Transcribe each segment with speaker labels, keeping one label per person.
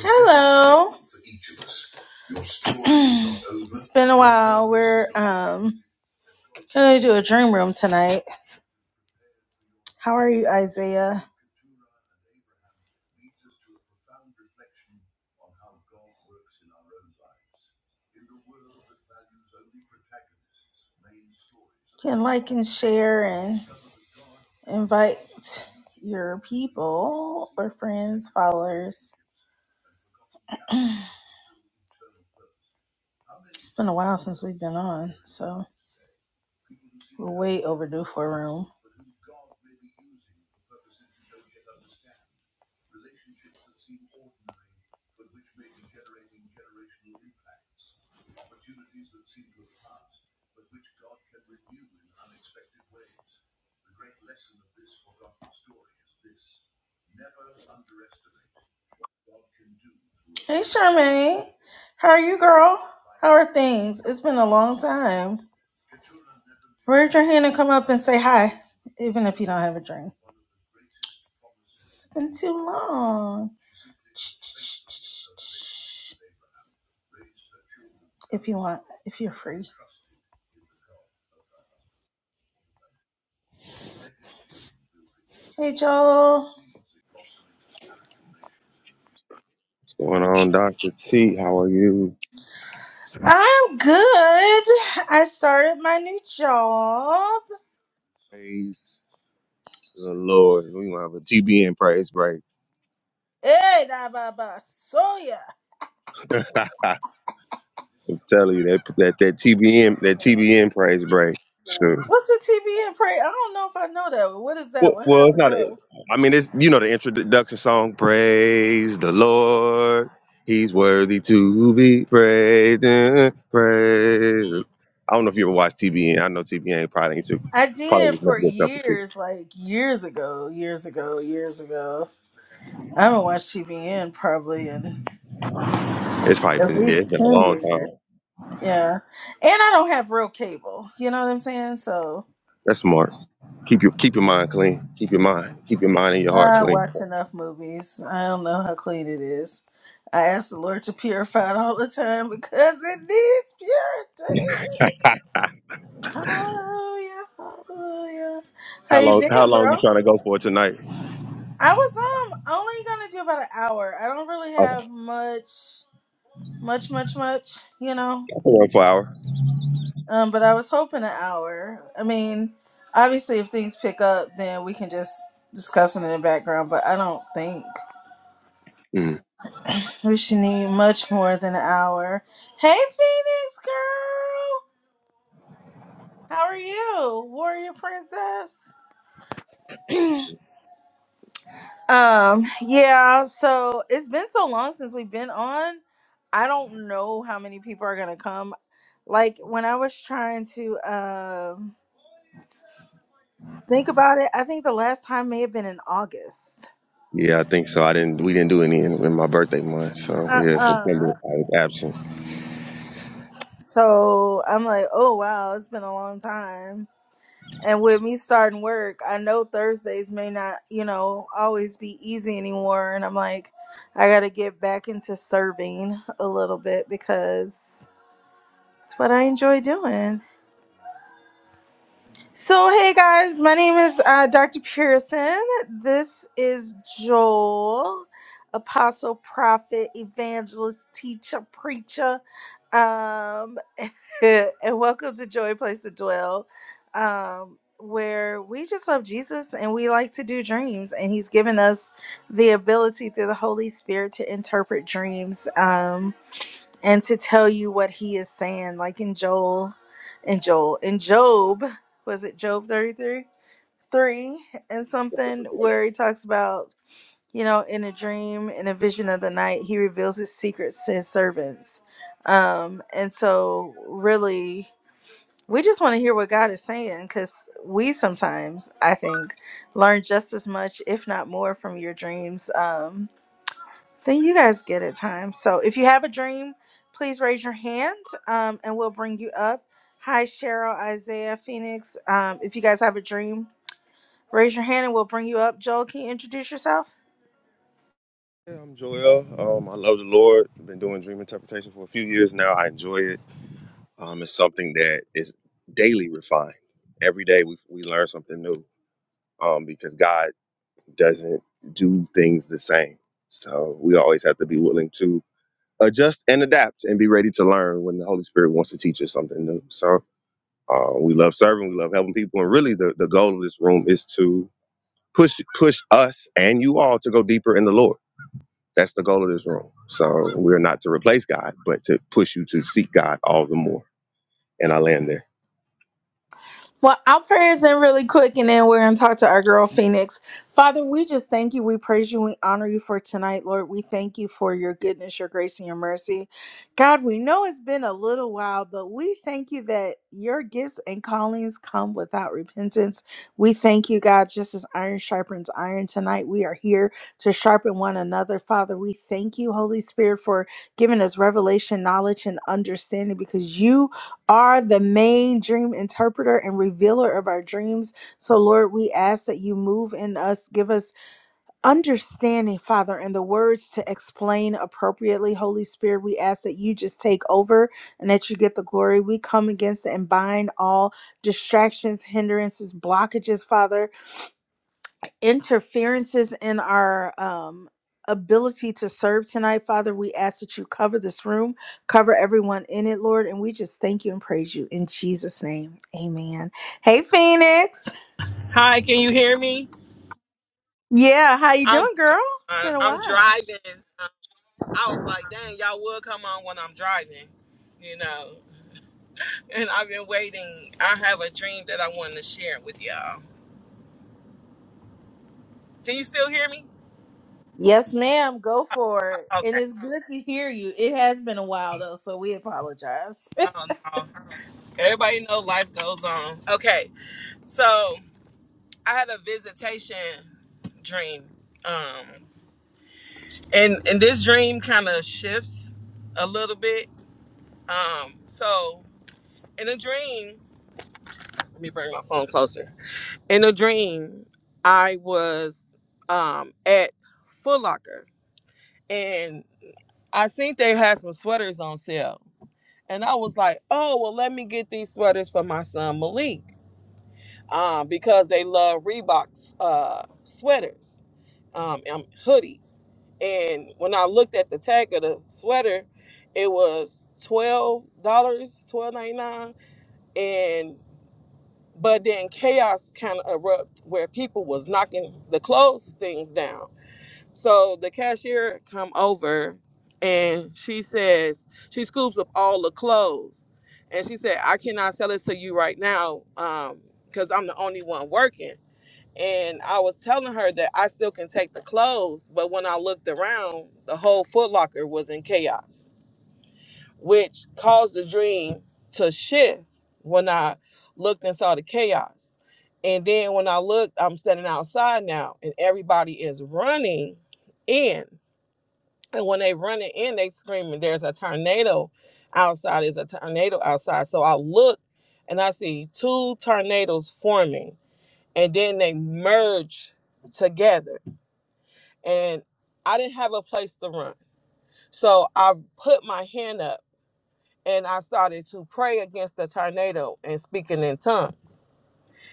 Speaker 1: Hello. It's been a while. We're um gonna do a dream room tonight. How are you, Isaiah? You can like and share and invite your people or friends, followers. It's been a while since we've been on, so we're way overdue for a room. Hey, Charmaine. How are you, girl? How are things? It's been a long time. Raise your hand and come up and say hi, even if you don't have a drink. It's been too long. If you want, if you're free. Hey, Joel.
Speaker 2: Going on, Dr. T. How are you?
Speaker 1: I'm good. I started my new job.
Speaker 2: Praise the Lord. We're gonna have a TBN praise break.
Speaker 1: Hey, da ba ba soya.
Speaker 2: I'm telling you that that, that TBN that TBN praise break. Sure.
Speaker 1: What's the TBN pray? I don't know if I know that. one. What is
Speaker 2: Well,
Speaker 1: that? one? How
Speaker 2: well,
Speaker 1: does
Speaker 2: it's
Speaker 1: it
Speaker 2: not. A,
Speaker 1: go?
Speaker 2: I mean, it's you know the introduction song. Praise the Lord. He's worthy to be praised. and praised. I don't know if you ever watched TBN. I know TBN probably ain't too,
Speaker 1: I
Speaker 2: probably
Speaker 1: did
Speaker 2: was
Speaker 1: for
Speaker 2: never a cup of tea.
Speaker 1: years, like years ago, years ago, years ago. I haven't watched TVN probably in
Speaker 2: It's probably
Speaker 1: at
Speaker 2: been yeah, it's
Speaker 1: least
Speaker 2: been a
Speaker 1: ten
Speaker 2: long
Speaker 1: years.
Speaker 2: time.
Speaker 1: Yeah, and I don't have real cable. You know what I'm saying? So
Speaker 2: That's smart. Keep your keep your mind clean. Keep your mind. Keep your mind and your heart
Speaker 1: I
Speaker 2: clean.
Speaker 1: watch enough movies. I don't know how clean it is. I ask the Lord to purify it all the time because it needs purity. Hallelujah, hallelujah. How
Speaker 2: how
Speaker 1: you
Speaker 2: long how
Speaker 1: been,
Speaker 2: long you
Speaker 1: bro?
Speaker 2: trying to go for tonight?
Speaker 1: I was um only gonna do about an hour. I don't really
Speaker 2: Oh,
Speaker 1: have much, much, much, much, you know.
Speaker 2: one for hour.
Speaker 1: Um, but I was hoping an hour. I mean, obviously, if things pick up, then we can just discuss it in the background. But I don't think
Speaker 2: Mm.
Speaker 1: we should need much more than an hour. Hey, Phoenix girl, how are you, warrior princess? Um, yeah, so it's been so long since we've been on. I don't know how many people are gonna come. Like when I was trying to um think about it, I think the last time may have been in August.
Speaker 2: Yeah, I think so. I didn't we didn't do any in, in my birthday month. So yeah,
Speaker 1: Uh-uh.
Speaker 2: September I was absent.
Speaker 1: So I'm like, oh wow, it's been a long time. And with me starting work, I know Thursdays may not, you know, always be easy anymore. And I'm like, I gotta get back into serving a little bit because That's what I enjoy doing. So, hey guys, my name is uh, Dr. Pearson. This is Joel, apostle, prophet, evangelist, teacher, preacher. Um, and welcome to Joy Place to Dwell, um, where we just love Jesus and we like to do dreams. And He's given us the ability through the Holy Spirit to interpret dreams. Um, and to tell you what he is saying, like in Joel and Joel in Job, was it Job 33? Three and something where he talks about, you know, in a dream, in a vision of the night, he reveals his secrets to his servants. Um, and so really we just want to hear what God is saying because we sometimes, I think, learn just as much, if not more, from your dreams. Um, then you guys get it time. So if you have a dream, please raise your hand um, and we'll bring you up. Hi, Cheryl, Isaiah, Phoenix. Um, if you guys have a dream, raise your hand and we'll bring you up. Joel, can you introduce yourself?
Speaker 2: Yeah, I'm Joel. Um, I love the Lord. I've been doing dream interpretation for a few years now. I enjoy it. Um, it's something that is daily refined. Every day we we learn something new. Um, because God doesn't do things the same. So we always have to be willing to adjust and adapt and be ready to learn when the Holy Spirit wants to teach us something new. So uh, we love serving, we love helping people, and really the, the goal of this room is to push push us and you all to go deeper in the Lord. That's the goal of this room. So we're not to replace God, but to push you to seek God all the more and I land there.
Speaker 1: Well, our prayers in really quick, and then we're going to talk to our girl Phoenix. Father, we just thank you. We praise you. We honor you for tonight, Lord. We thank you for your goodness, your grace, and your mercy. God, we know it's been a little while, but we thank you that your gifts and callings come without repentance. We thank you, God, just as iron sharpens iron tonight. We are here to sharpen one another. Father, we thank you, Holy Spirit, for giving us revelation, knowledge, and understanding because you are the main dream interpreter and revealer of our dreams. So, Lord, we ask that you move in us, give us understanding, Father, and the words to explain appropriately. Holy Spirit, we ask that you just take over and that you get the glory. We come against and bind all distractions, hindrances, blockages, Father interferences in our um, ability to serve tonight, Father. We ask that you cover this room, cover everyone in it, Lord. And we just thank you and praise you in Jesus' name. Amen. Hey, Phoenix.
Speaker 3: Hi, can you hear me?
Speaker 1: Yeah, how you
Speaker 3: I'm
Speaker 1: doing, girl? It's been a
Speaker 3: I'm
Speaker 1: while.
Speaker 3: driving. Um, I was like, dang, y'all will come on when I'm driving, you know. And I've been waiting. I have a dream that I wanted to share with y'all. Can you still hear me?
Speaker 1: Yes, ma'am. Go for it. And
Speaker 3: Okay.
Speaker 1: it's good to hear you. It has been a while though, so we apologize.
Speaker 3: Oh no. Everybody know life goes on. Okay. So I had a visitation dream. Um and and this dream kind of shifts a little bit. Um so in a dream, let me bring my phone closer In a dream, I was um, at Foot Locker and I seen they had some sweaters on sale. And I was like, oh, well, let me get these sweaters for my son Malik um, because they love Reebok's uh, sweaters, um, and hoodies. And when I looked at the tag of the sweater, it was $12, dollars twelve ninety-nine, and but then chaos kind of erupted where people was knocking the clothes things down so the cashier come over and she says she scoops up all the clothes and she said i cannot sell it to you right now because i'm the only one working and i was telling her that i still can take the clothes but when i looked around the whole foot locker was in chaos which caused the dream to shift when I looked and saw the chaos. And then when I looked, I'm standing outside now, and everybody is running in. And when they running in, they screaming, "There's a tornado outside! There's a tornado outside!" So I look, and I see two tornadoes forming, and then they merge together. And I didn't have a place to run, so I put my hand up and I started to pray against the tornado and speaking in tongues.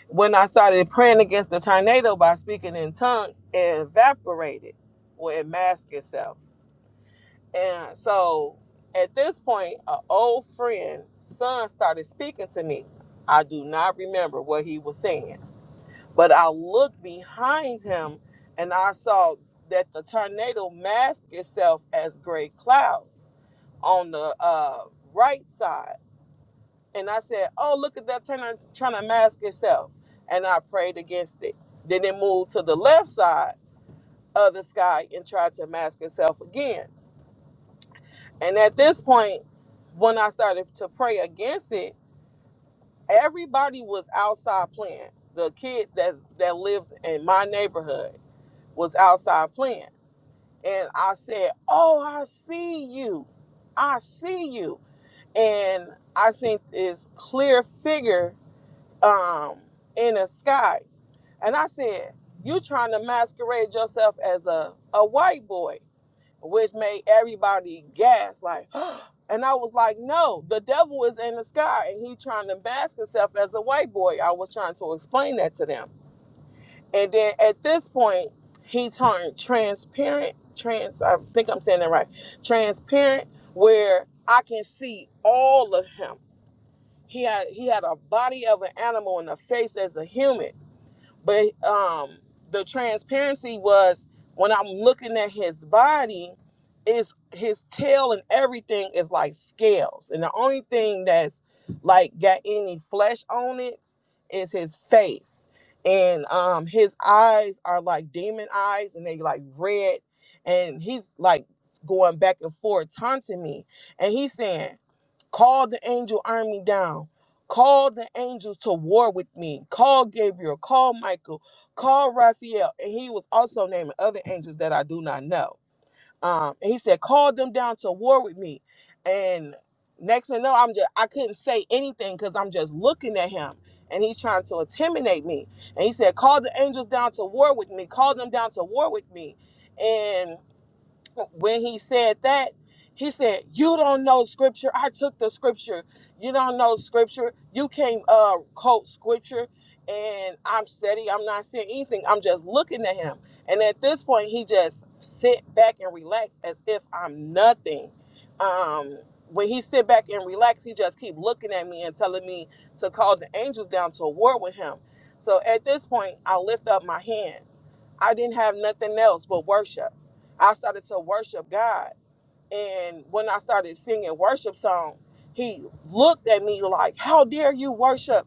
Speaker 3: When I started praying against the tornado by speaking in tongues, it evaporated or it masked itself. And so at this point, an old friend, son, started speaking to me. I do not remember what he was saying, but I looked behind him and I saw that the tornado masked itself as gray clouds on the uh, right side and I said, "Oh, look at that turn trying to mask itself," and I prayed against it. Then it moved to the left side of the sky and tried to mask itself again. And at this point, when I started to pray against it, everybody was outside playing. The kids that that lives in my neighborhood was outside playing, and I said, "Oh, I see you, I see you," and I seen this clear figure um in the sky. And I said, You trying to masquerade yourself as a, a white boy, which made everybody gasp, like, and I was like, No, the devil is in the sky and he trying to mask himself as a white boy. I was trying to explain that to them. And then at this point, he turned transparent, trans I think I'm saying that right. Transparent, where I can see all of him. He had he had a body of an animal and a face as a human but um, the transparency was when I'm looking at his body, is his tail and everything is like scales, and the only thing that's like got any flesh on it is his face, and um, his eyes are like demon eyes, and they like red, and he's like going back and forth taunting me, and he's saying. Call the angel army down. Call the angels to war with me. Call Gabriel. Call Michael. Call Raphael. And he was also naming other angels that I do not know. Um, and he said, Call them down to war with me. And next thing I know, I'm just I couldn't say anything because I'm just looking at him and he's trying to intimidate me. And he said, Call the angels down to war with me, call them down to war with me. And when he said that, he said, "You don't know scripture. I took the scripture. You don't know scripture. You can't uh, quote scripture." And I'm steady. I'm not saying anything. I'm just looking at him. And at this point, he just sit back and relax as if I'm nothing. Um, when he sit back and relax, he just keep looking at me and telling me to call the angels down to war with him. So at this point, I lift up my hands. I didn't have nothing else but worship. I started to worship God. And when I started singing worship song, he looked at me like, How dare you worship?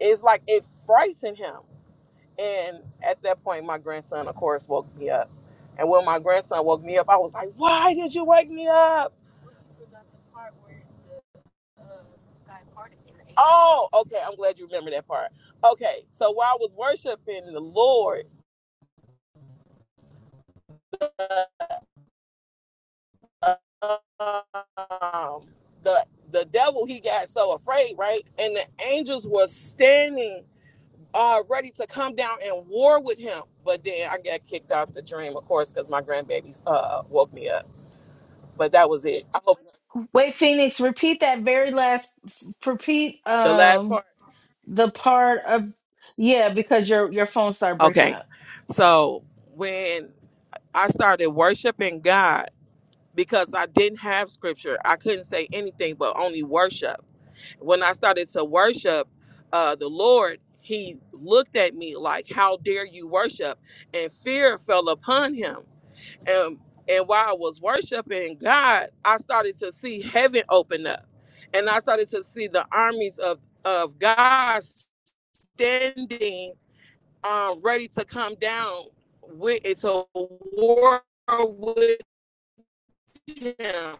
Speaker 3: It's like it frightened him. And at that point, my grandson, of course, woke me up. And when my grandson woke me up, I was like, Why did you wake me up? Oh, okay. I'm glad you remember that part. Okay. So while I was worshiping the Lord, um, the the devil he got so afraid, right? And the angels were standing uh ready to come down and war with him. But then I got kicked out the dream, of course, because my grandbabies uh woke me up. But that was it. I hope
Speaker 1: Wait, Phoenix, repeat that very last f- repeat
Speaker 3: the last
Speaker 1: um
Speaker 3: part.
Speaker 1: the part of yeah, because your your phone started breaking
Speaker 3: Okay.
Speaker 1: up.
Speaker 3: So when I started worshiping God because I didn't have scripture, I couldn't say anything but only worship when I started to worship uh, the Lord, he looked at me like, How dare you worship? And fear fell upon him. And, and while I was worshiping God, I started to see heaven open up. And I started to see the armies of, of God standing um, ready to come down with it's a war with him.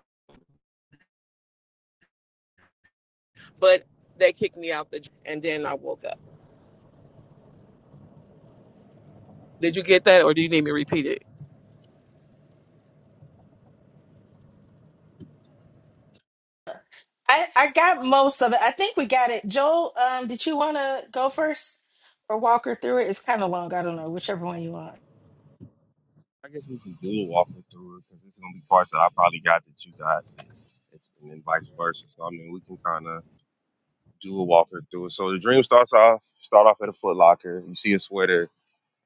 Speaker 3: But they kicked me out the and then I woke up. Did you get that or do you need me to repeat it?
Speaker 1: I, I got most of it. I think we got it. Joel, um, did you want to go first or walk her through it? It's kind of long. I don't know, whichever one you want.
Speaker 2: I guess we can dual walk it through it because it's gonna be parts that I probably got that you got, that, it's, and then vice versa. So I mean, we can kind of do a walk it through it. So the dream starts off, start off at a Foot Locker. You see a sweater,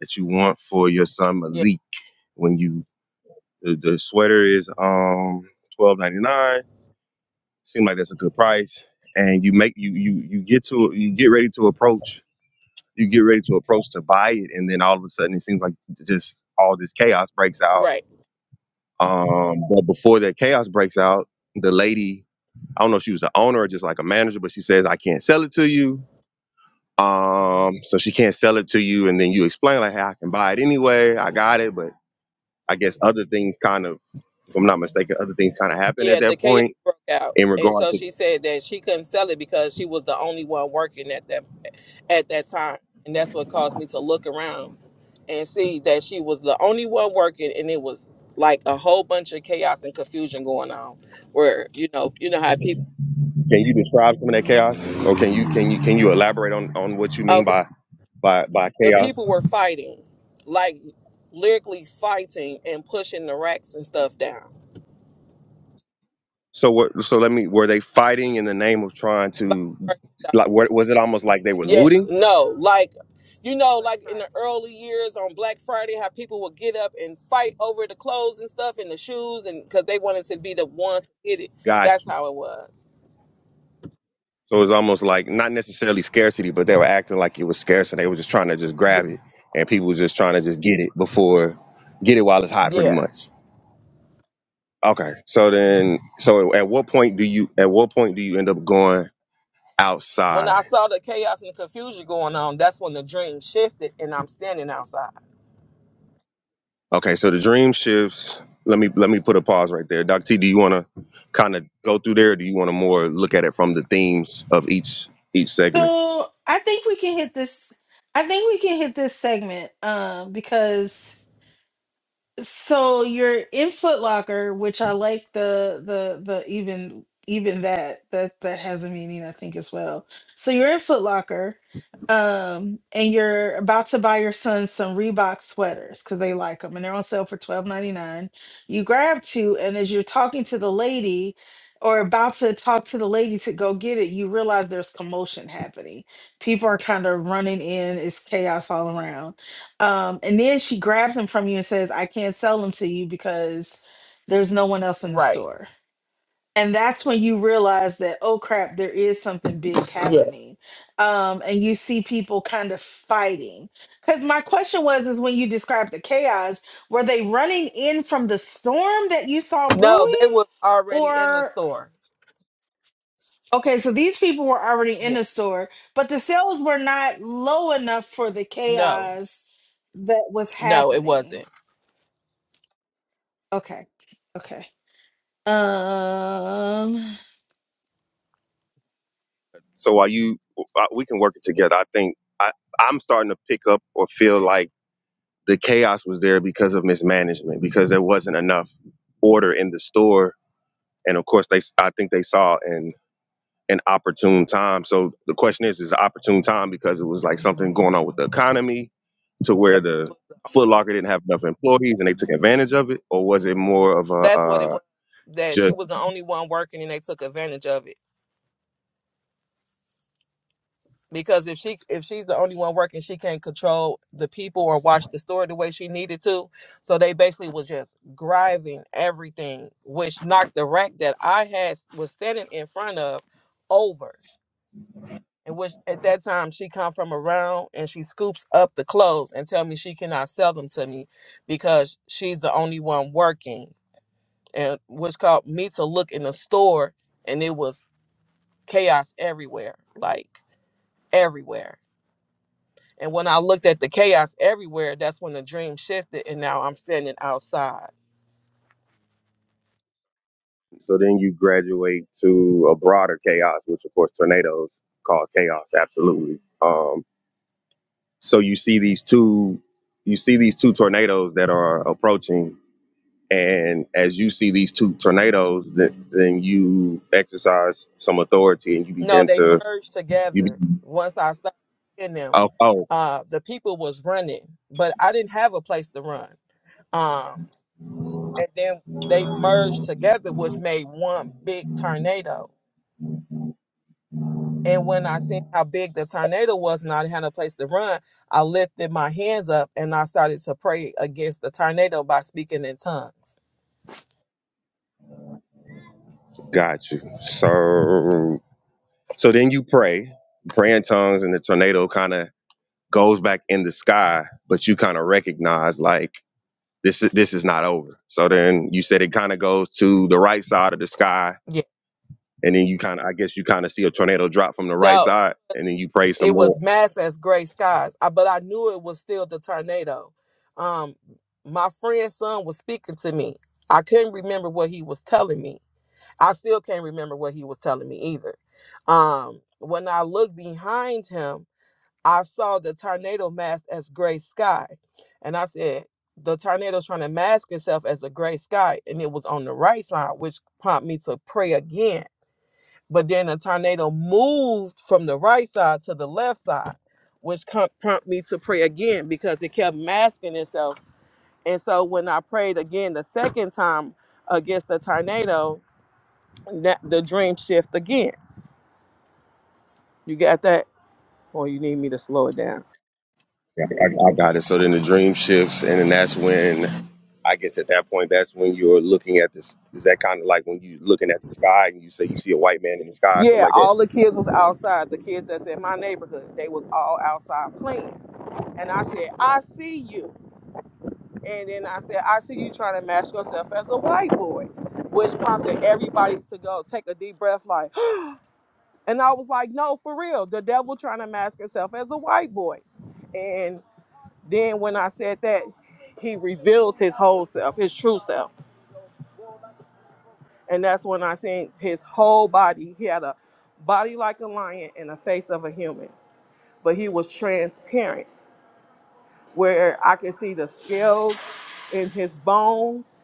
Speaker 2: that you want for your son
Speaker 3: Yeah,
Speaker 2: Malik. When you the, the sweater is um twelve ninety nine, Seems like that's a good price, and you make you you you get to you get ready to approach you get ready to approach to buy it, and then all of a sudden it seems like just all this chaos breaks out.
Speaker 3: right.
Speaker 2: Um, but before that chaos breaks out, the lady I don't know if she was the owner or just like a manager, but she says I can't sell it to you. Um, so she can't sell it to you, and then you explain like, hey, I can buy it anyway. I got it, but I guess other things kind of, if I'm not mistaken, other things kind of happened at
Speaker 3: Yeah, the
Speaker 2: that
Speaker 3: chaos
Speaker 2: point.
Speaker 3: broke out,
Speaker 2: In
Speaker 3: and
Speaker 2: regard
Speaker 3: so
Speaker 2: to,
Speaker 3: she said that she couldn't sell it because she was the only one working at that at that time, and that's what caused me to look around and see that she was the only one working, and it was like a whole bunch of chaos and confusion going on, where you know you know how people.
Speaker 2: can you describe some of that chaos, or can you can you can you elaborate on on what you mean
Speaker 3: okay.
Speaker 2: by by by
Speaker 3: The
Speaker 2: chaos?
Speaker 3: people were fighting, like lyrically fighting and pushing the racks and stuff down.
Speaker 2: So what? So let me. Were they fighting in the name of trying
Speaker 3: By
Speaker 2: to,
Speaker 3: the merchandise.
Speaker 2: like, wa- was it almost like they
Speaker 3: Like
Speaker 2: were
Speaker 3: yeah,
Speaker 2: looting?
Speaker 3: no, like you know, like in the early years on Black Friday, how people would get up and fight over the clothes and stuff and the shoes, and because they wanted to be the ones to get it.
Speaker 2: Gotcha.
Speaker 3: That's how it was.
Speaker 2: So it was almost like not necessarily scarcity, but they were acting like it was scarce, and they were just trying to just
Speaker 3: Yeah,
Speaker 2: grab it, and people were just trying to just get it before, get it while it's hot, pretty
Speaker 3: yeah.
Speaker 2: much. Okay. So then, so at what point do you at what point do you end up going
Speaker 3: When
Speaker 2: outside?
Speaker 3: I saw the chaos and the confusion going on, that's when the dream shifted, and I'm standing outside.
Speaker 2: Okay. So the dream shifts. Let me let me put a pause right there. Doc T, do you want to kind of go through there? Or do you want to more look at it from the themes of each each segment?
Speaker 1: So I think we can hit this. I think we can hit this segment um, because So you're in Foot Locker, which I like the the the even even that that that has a meaning I think as well. So you're in Foot Locker, um, and you're about to buy your son some Reebok sweaters because they like them and they're on sale for twelve ninety nine. You grab two, and as you're talking to the lady or about to talk to the lady to go get it, you realize there's commotion happening. People are kind of running in. It's chaos all around um, and then she grabs him from you and says, I can't sell them to you because there's no one else in the
Speaker 3: Right.
Speaker 1: store. And that's when you realize that, oh crap, there is something big
Speaker 3: Yeah.
Speaker 1: happening. Um, and you see people kind of fighting. Because my question was, is when you described the chaos, were they running in from the storm that you saw
Speaker 3: No, they
Speaker 1: brewing?
Speaker 3: was already in the
Speaker 1: Or,
Speaker 3: store.
Speaker 1: okay, so these people were already in
Speaker 3: Yeah.
Speaker 1: the store, but the sales were not low enough for the
Speaker 3: No.
Speaker 1: chaos that was
Speaker 3: No, it
Speaker 1: happening.
Speaker 3: wasn't.
Speaker 1: Okay. Okay. Um.
Speaker 2: So while you uh, we can work it together. I think I I'm starting to pick up or feel like the chaos was there because of mismanagement because there wasn't enough order in the store, and of course they s- I think they saw in an opportune time. So the question is, is it an opportune time because it was like something going on with the economy to where
Speaker 3: That-
Speaker 2: the Foot Locker didn't have enough employees and they took advantage of it, or was it more of a
Speaker 3: That's what it
Speaker 2: uh,
Speaker 3: was. That she
Speaker 2: just
Speaker 3: was the only one working, and they took advantage of it. Because if she if she's the only one working, she can't control the people or watch the store the way she needed to. So they basically was just driving everything, which knocked the rack that I had was standing in front of over. And which at that time she come from around and she scoops up the clothes and tell me she cannot sell them to me because she's the only one working and which called me to look in the store and it was chaos everywhere like everywhere and when i looked at the chaos everywhere that's when the dream shifted and now i'm standing outside
Speaker 2: so then you graduate to a broader chaos, which of course tornadoes cause chaos, absolutely. Um, so you see these two, you see these two tornadoes that are approaching, and as you see these two tornadoes, then, then you exercise some authority and you
Speaker 3: no
Speaker 2: begin
Speaker 3: they
Speaker 2: to
Speaker 3: merged
Speaker 2: you.
Speaker 3: together once i started in them
Speaker 2: Oh, oh,
Speaker 3: uh the people was running but i didn't have a place to run um and then they merged together which made one big tornado And when I seen how big the tornado was and I had a place to run, I lifted my hands up and I started to pray against the tornado by speaking in tongues.
Speaker 2: got you. So, so then you pray, pray in tongues, and the tornado kind of goes back in the sky, but you kind of recognize like this is this is not over. So then you said it kind of goes to the right side of the sky,
Speaker 3: Yeah.
Speaker 2: and then you kind of, I guess you kind of see a tornado drop from the right
Speaker 3: No,
Speaker 2: side, and then you pray some
Speaker 3: it was
Speaker 2: more.
Speaker 3: masked as gray skies, I, but I knew it was still the tornado. Um, my friend's son was speaking to me. I couldn't remember what he was telling me. I still can't remember what he was telling me either. Um, when I looked behind him, I saw the tornado masked as gray sky. And I said, the tornado's trying to mask itself as a gray sky. And it was on the right side, which prompted me to pray again. But then the tornado moved from the right side to the left side, which com- prompted me to pray again because it kept masking itself. And so when I prayed again the second time against the tornado, that, the dream shift again. You got that? Or you need me to slow it down?
Speaker 2: Yeah, I, I got it. So then the dream shifts, and then that's when. I guess at that point, that's when you're looking at this. Is that kind of like when you're looking at the sky and you say you see a white man in the sky, something
Speaker 3: Yeah,
Speaker 2: like that?
Speaker 3: all the kids was outside. The kids that's in my neighborhood, they was all outside playing. And I said, I see you. And then I said, I see you trying to mask yourself as a white boy, which prompted everybody to go take a deep breath, like, and I was like, no, for real, the devil trying to mask himself as a white boy. And then when I said that, he revealed his whole self, his true self. And that's when I seen his whole body. He had a body like a lion and a face of a human but he was transparent where I could see the scales in his bones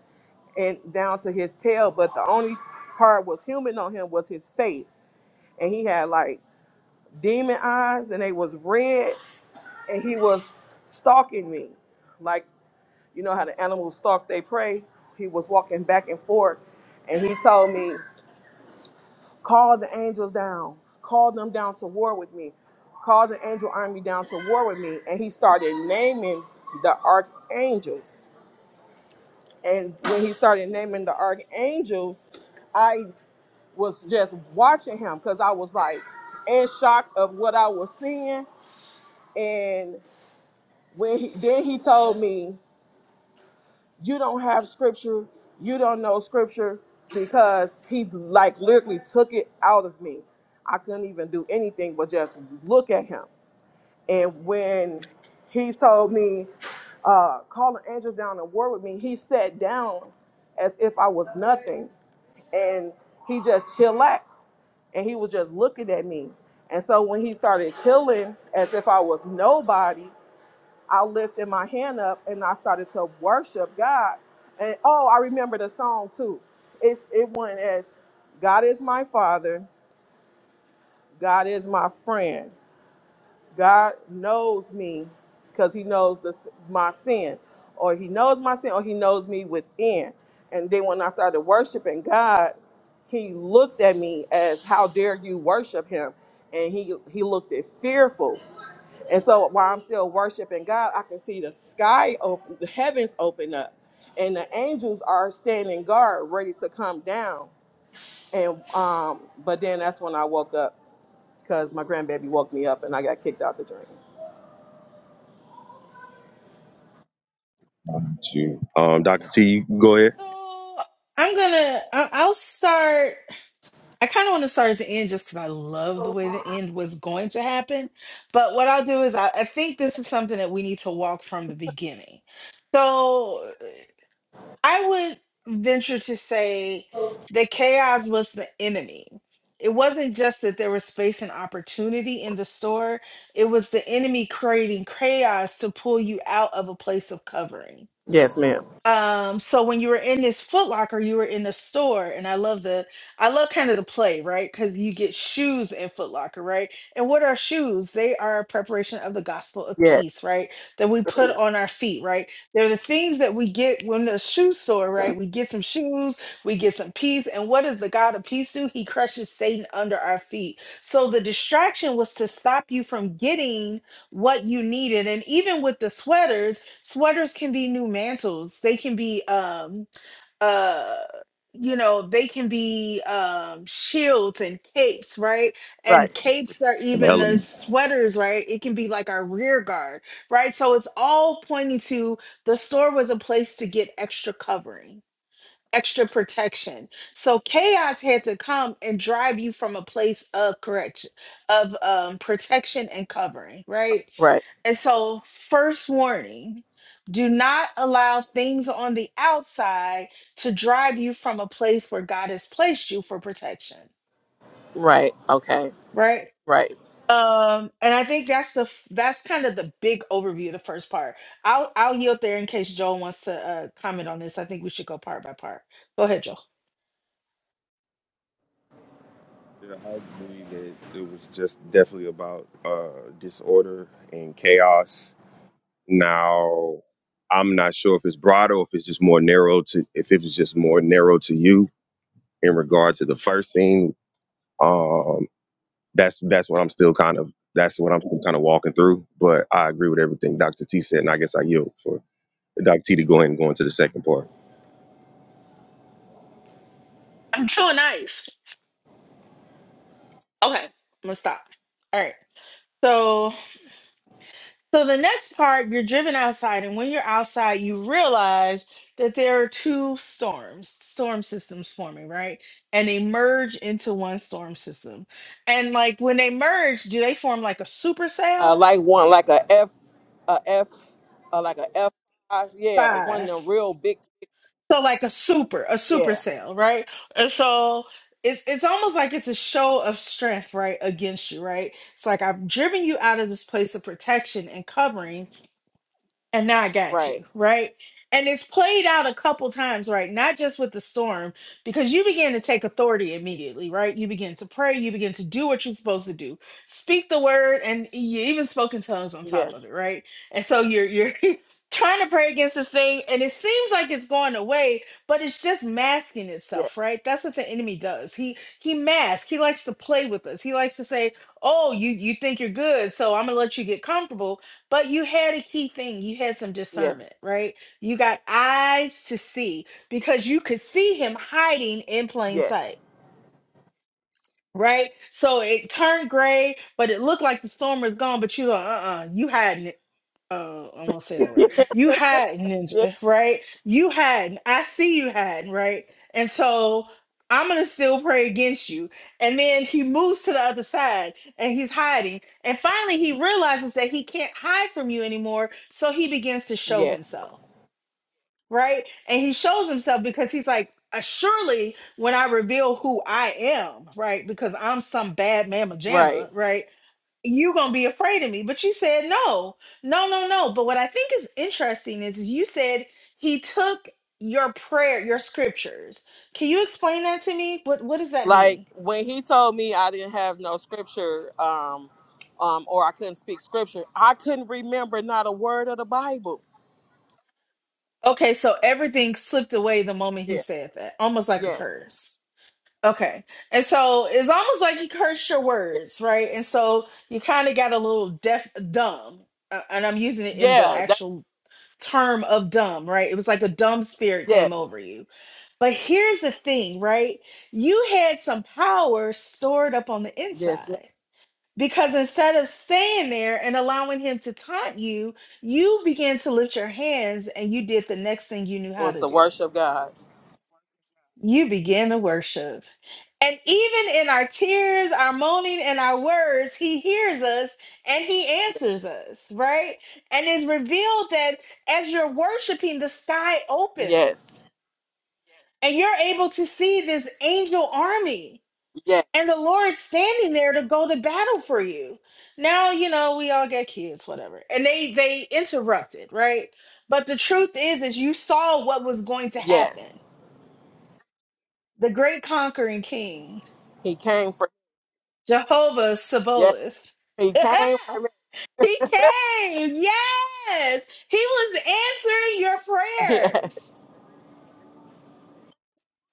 Speaker 3: and down to his tail. But the only part was human on him was his face. And he had like demon eyes and they was red and he was stalking me. Like you know how the animals stalk they prey. He was walking back and forth and he told me Call the angels down. Call them down to war with me. Call the angel army down to war with me. And he started naming the archangels. And when he started naming the archangels, I was just watching him because I was like in shock of what I was seeing. And when he, then he told me. you don't have scripture, you don't know scripture, because he like literally took it out of me. I couldn't even do anything but just look at him. And when he told me, uh, call the angels down to war with me, he sat down as if I was nothing. And he just chillaxed and he was just looking at me. And so when he started chilling as if I was nobody, I lifted my hand up and I started to worship God. And oh, I remember the song too. It's it went as God is my father, God is my friend. God knows me because he knows the, s- my sins or he knows my sin or he knows me within. And then when I started worshiping God, he looked at me as how dare you worship him and he he looked at fearful. And so while I'm still worshiping God, I can see the sky open, the heavens open up, and the angels are standing guard, ready to come down. And um, but then that's when I woke up because my grandbaby woke me up, and I got kicked out the dream.
Speaker 2: Shoot. Um, Dr. T, you can go ahead.
Speaker 1: So I'm gonna. I- I'll start. I kind of want to start at the end just because I love the way the end was going to happen. But what I'll do is I, I think this is something that we need to walk from the beginning. So I would venture to say that chaos was the enemy. It wasn't just that there was space and opportunity in the store. It was the enemy creating chaos to pull you out of a place of covering
Speaker 3: Yes, ma'am.
Speaker 1: um so when you were in this Foot Locker, you were in the store and i love the i love kind of the play right because you get shoes in Foot Locker, right and what are shoes they are a preparation of the gospel of
Speaker 3: Yeah.
Speaker 1: peace right that we put on our feet right they're the things that we get when the shoe store right we get some shoes we get some peace and what does the god of peace do he crushes satan under our feet so the distraction was to stop you from getting what you needed. And even with the sweaters, sweaters can be new mantles. They can be um uh you know they can be um shields and capes right
Speaker 3: Right.
Speaker 1: and capes are
Speaker 2: On
Speaker 1: even the
Speaker 2: elements.
Speaker 1: sweaters right it can be like our rear guard right so it's all pointing to the store was a place to get extra covering extra protection. So chaos had to come and drive you from a place of correction, of um, protection and covering, right?
Speaker 3: Right.
Speaker 1: And so, first warning do not allow things on the outside to drive you from a place where God has placed you for protection,
Speaker 3: Right. Okay.
Speaker 1: right?
Speaker 3: Right.
Speaker 1: Um, and I think that's the f- that's kind of the big overview the first part. I'll I'll yield there in case Joel wants to uh, comment on this. I think we should go part by part. Go ahead, Joel.
Speaker 2: Yeah, I believe that it was just definitely about uh, disorder and chaos. Now, I'm not sure if it's broad or if it's just more narrow to if it was just more narrow to you in regard to the first scene. Um, that's that's what I'm still kind of that's what I'm still kind of walking through. But I agree with everything Dr. T said, and I guess I yield for Dr. T to go ahead and go into the second part.
Speaker 1: I'm chewing nice. Okay, I'm gonna stop. All right. So, so the next part, you're driven outside, and when you're outside, you realize that there are two storms, storm systems forming, right? And they merge into one storm system. And like when they merge, do they form like a
Speaker 3: Uh,
Speaker 1: supercell?
Speaker 3: like one, like a F, a F, uh, like a F. Uh, yeah,
Speaker 1: Five.
Speaker 3: one of the real big.
Speaker 1: So like a super, a super
Speaker 3: Yeah.
Speaker 1: sale, right? And so it's it's almost like it's a show of strength, right, against you, right? It's like I've driven you out of this place of protection and covering and now I got
Speaker 3: Right.
Speaker 1: you, right? And it's played out a couple times, right? Not just with the storm, because you begin to take authority
Speaker 3: Yes.
Speaker 1: immediately, right? You begin to pray, you begin to do what you're supposed to do, speak the word, and you even spoke in tongues on top
Speaker 3: Yes.
Speaker 1: of it, right? And so you're you're trying to pray against this thing, and it seems like it's going away, but it's just masking
Speaker 3: Yes.
Speaker 1: itself, right? That's what the enemy does. He he masks. He likes to play with us. He likes to say, "Oh, you you think you're good, so I'm gonna let you get comfortable." But you had a key thing. You had some
Speaker 3: Yes.
Speaker 1: discernment, right? You got eyes to see because you could see him hiding in plain sight,
Speaker 3: Yes.
Speaker 1: right? So it turned gray, but it looked like the storm was gone. But you go, uh, uh you hiding. Oh, I won't say that word. You hide, ninja, right? You hide. I see you hiding, right? And so I'm gonna still pray against you. And then he moves to the other side and he's hiding. And finally he realizes that he can't hide from you anymore. So he begins to show
Speaker 3: Yes.
Speaker 1: himself, right? And he shows himself because he's like, "Uh, surely when I reveal who I am, right? Because I'm some bad mamma
Speaker 3: Right.
Speaker 1: jamma, right? you gonna be afraid of me but you said no no no no but what i think is interesting is, is you said he took your prayer your scriptures can you explain that to me what what does that
Speaker 3: Like
Speaker 1: mean
Speaker 3: when he told me I didn't have no scripture, um, um, or I couldn't speak scripture, I couldn't remember not a word of the Bible.
Speaker 1: okay so everything slipped away the moment he
Speaker 3: Yeah.
Speaker 1: said that almost like a
Speaker 3: Yes.
Speaker 1: curse okay and so it's almost like he cursed your
Speaker 3: Yeah.
Speaker 1: words right and so you kind of got a little deaf dumb uh, and i'm using it in the
Speaker 3: yeah that,
Speaker 1: actual term of dumb right it was like a dumb spirit came
Speaker 3: yes.
Speaker 1: over you But here's the thing, right? You had some power stored up on the
Speaker 3: Yes. It
Speaker 1: inside because instead of staying there and allowing him to taunt you, you began to lift your hands and you did the next thing you knew how
Speaker 3: Was
Speaker 1: to
Speaker 3: the
Speaker 1: do.
Speaker 3: worship God.
Speaker 1: You began to worship. And even in our tears, our moaning, and our words, he hears us and he
Speaker 3: Yeah.
Speaker 1: answers us, right? And it's revealed that as you're worshiping, the sky
Speaker 3: Yes.
Speaker 1: opens and you're able to see this angel army
Speaker 3: Yes.
Speaker 1: and the Lord's standing there to go to battle for you. Now, you know, we all get kids, whatever. And they they interrupted, right? But the truth is is you saw what was going to
Speaker 3: Yes.
Speaker 1: happen. The great conquering king,
Speaker 3: He came for.
Speaker 1: Jehovah
Speaker 3: Yes.
Speaker 1: Sabaoth.
Speaker 3: He came for me.
Speaker 1: he came. Yes. He was answering your
Speaker 3: Yeah.
Speaker 1: prayers.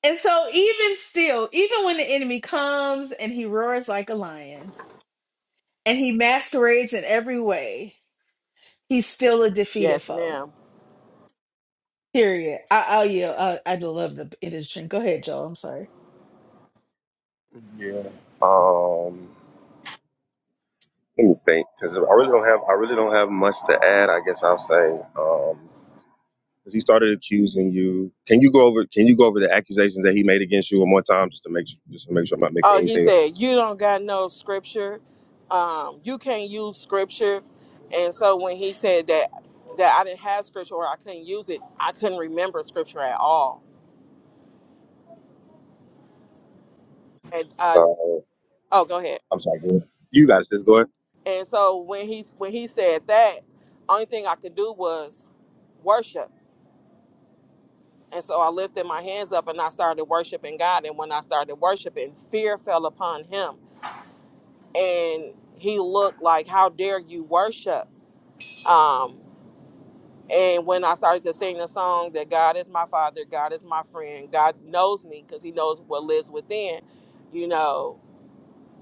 Speaker 1: And so even still, even when the enemy comes and he roars like a lion and he masquerades in every way, He's still a defeated
Speaker 3: Yes,
Speaker 1: foe.
Speaker 3: ma'am.
Speaker 1: Period. I, I'll yield. I, I love the edition. Go ahead, Joel. I'm sorry.
Speaker 2: Yeah. Um, let me think, because I really don't have I really don't have much to add. I guess I'll say um, because he started accusing you. Can you go over Can you go over the accusations that he made against you one more time, just to make su- just to make sure I'm not mixing
Speaker 3: Oh, he
Speaker 2: anything up?
Speaker 3: said, You don't got no scripture. Um, you can't use scripture. And so when he said that that I didn't have scripture or I couldn't use it, I couldn't remember scripture at all. And uh
Speaker 2: So
Speaker 3: oh go ahead.
Speaker 2: I'm sorry. Go ahead. You got it. Just go ahead.
Speaker 3: And so when he when he said that, only thing I could do was worship. And so I lifted my hands up and I started worshiping God. And when I started worshiping, fear fell upon him. And he looked like, How dare you worship? Um, And when I started to sing the song that God is my father, God is my friend, God knows me because he knows what lives within, you know,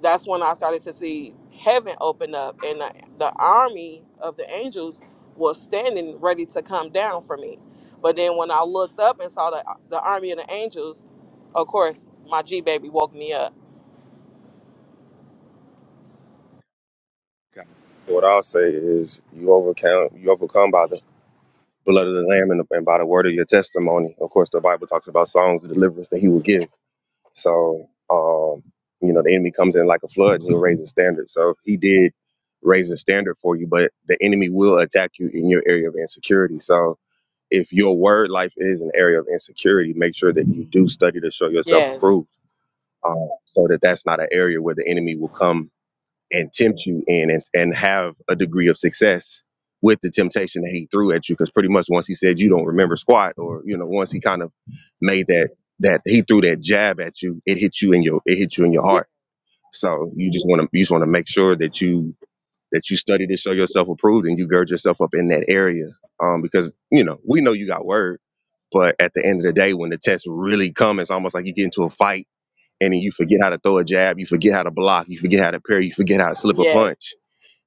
Speaker 3: that's when I started to see heaven open up and the, the army of the angels was standing ready to come down for me. But then when I looked up and saw the, the army of the angels, of course, my G baby woke me up.
Speaker 2: Got it. So What I'll say is, you overcome you overcome by the blood of the lamb and, the, and by the word of your testimony. Of course, the Bible talks about songs of deliverance that he will give. So, um, you know, the enemy comes in like a flood and he'll raise the standard. So he did raise the standard for you, but the enemy will attack you in your area of insecurity. So if your word life is an area of insecurity, make sure that you do study to show yourself
Speaker 3: Yes.
Speaker 2: approved. Um, so that that's not an area where the enemy will come and tempt you and and and have a degree of success with the temptation that he threw at you because pretty much once he said you don't remember squat or you know once he kind of made that that he threw that jab at you it hit you in your it hit you in your
Speaker 3: Yes.
Speaker 2: heart so you just want to you just want to make sure that you that you study to show yourself approved and you gird yourself up in that area um because you know we know you got word but at the end of the day when the test really comes it's almost like you get into a fight and then you forget how to throw a jab you forget how to block you forget how to parry you forget how to slip a
Speaker 3: Yes.
Speaker 2: punch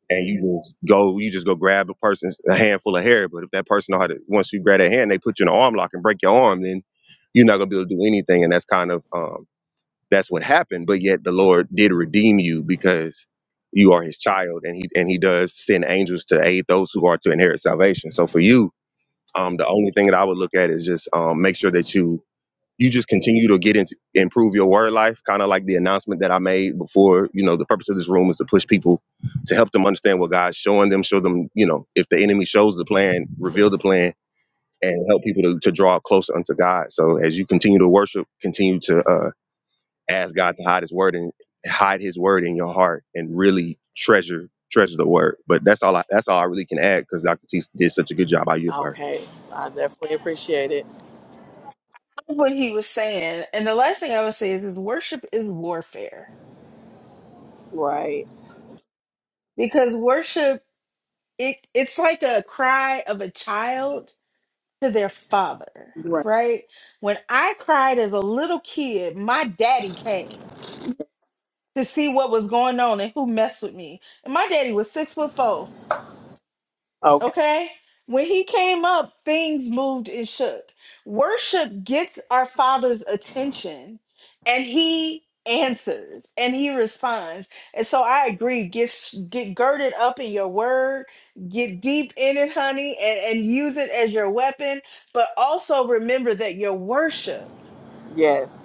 Speaker 2: and you just go, you just go grab a person's a handful of hair. But if that person know how to, once you grab that hand, they put you in an arm lock and break your arm, then you're not gonna be able to do anything. And that's kind of um, that's what happened. But yet the Lord did redeem you because you are His child, and He and He does send angels to aid those who are to inherit salvation. So for you, um, the only thing that I would look at is just um, make sure that you you just continue to get into improve your word life kind of like the announcement that i made before you know the purpose of this room is to push people to help them understand what god's showing them show them you know if the enemy shows the plan reveal the plan and help people to, to draw closer unto god so as you continue to worship continue to uh, ask god to hide his word and hide his word in your heart and really treasure treasure the word but that's all i that's all i really can add because dr t did such a good job by you
Speaker 3: Okay. I definitely appreciate it.
Speaker 1: What he was saying, and the last thing I would say is, is worship is warfare
Speaker 3: Right.
Speaker 1: because worship it it's like a cry of a child to their father.
Speaker 3: Right.
Speaker 1: Right? When I cried as a little kid, my daddy came to see what was going on and who messed with me. And my daddy was six foot four.
Speaker 3: Okay.
Speaker 1: Okay? When he came up, things moved and shook. Worship gets our Father's attention and he answers and he responds. And so I agree, get s- get girded up in your word, get deep in it, honey, and, and use it as your weapon, but also remember that your worship
Speaker 3: Yes.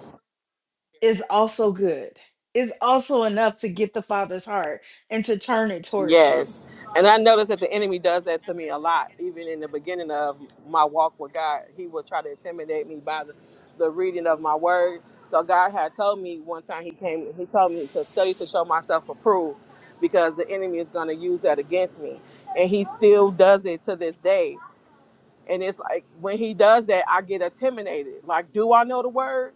Speaker 1: is also good. Is also enough to get the Father's heart and to turn it towards you.
Speaker 3: Yes. And I notice that the enemy does that to me a lot. Even in the beginning of my walk with God, he would try to intimidate me by the, the reading of my word. So God had told me one time he came, he told me to study to show myself approved because the enemy is going to use that against me. And he still does it to this day. And it's like when he does that, I get intimidated. Like, do I know the word?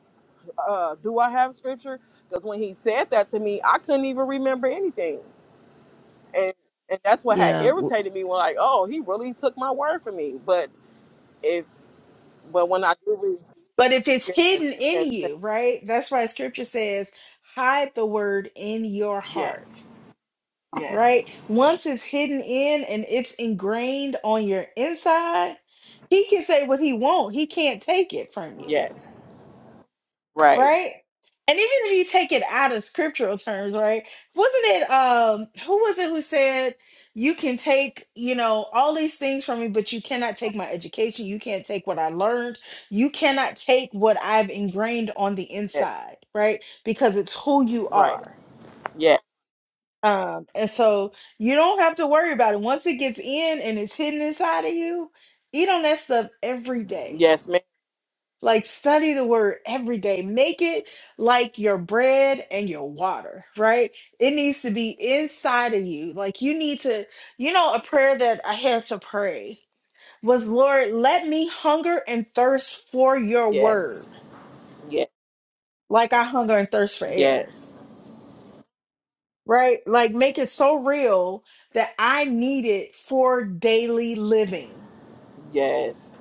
Speaker 3: Uh, do I have scripture? Because when he said that to me, I couldn't even remember anything and and that's what had
Speaker 1: Yeah.
Speaker 3: irritated me. When like, oh, he really took my word for me. But if but when I do
Speaker 1: But if it's
Speaker 3: read,
Speaker 1: hidden
Speaker 3: yes,
Speaker 1: in
Speaker 3: yes,
Speaker 1: you, right? That's why scripture says, hide the word in your heart,
Speaker 3: yes, yes,
Speaker 1: right? Once it's hidden in and it's ingrained on your inside, he can say what he wants. He can't take it from you
Speaker 3: yes, right,
Speaker 1: right? And even if you take it out of scriptural terms, right? Wasn't it um who was it who said you can take, you know, all these things from me, but you cannot take my education, you can't take what I learned, you cannot take what I've ingrained on the
Speaker 3: yes,
Speaker 1: inside, right? Because it's who you
Speaker 3: right,
Speaker 1: are.
Speaker 3: yes,
Speaker 1: Um, and so you don't have to worry about it. Once it gets in and it's hidden inside of you, eat on that stuff every day
Speaker 3: yes, ma'am,
Speaker 1: like, study the word every day. Make it like your bread and your water, right? It needs to be inside of you. Like, you need to, you know, a prayer that I had to pray was, Lord, let me hunger and thirst for your word,
Speaker 3: yes, yes,
Speaker 1: like I hunger and thirst for air,
Speaker 3: yes,
Speaker 1: right? Like, make it so real that I need it for daily living
Speaker 3: yes,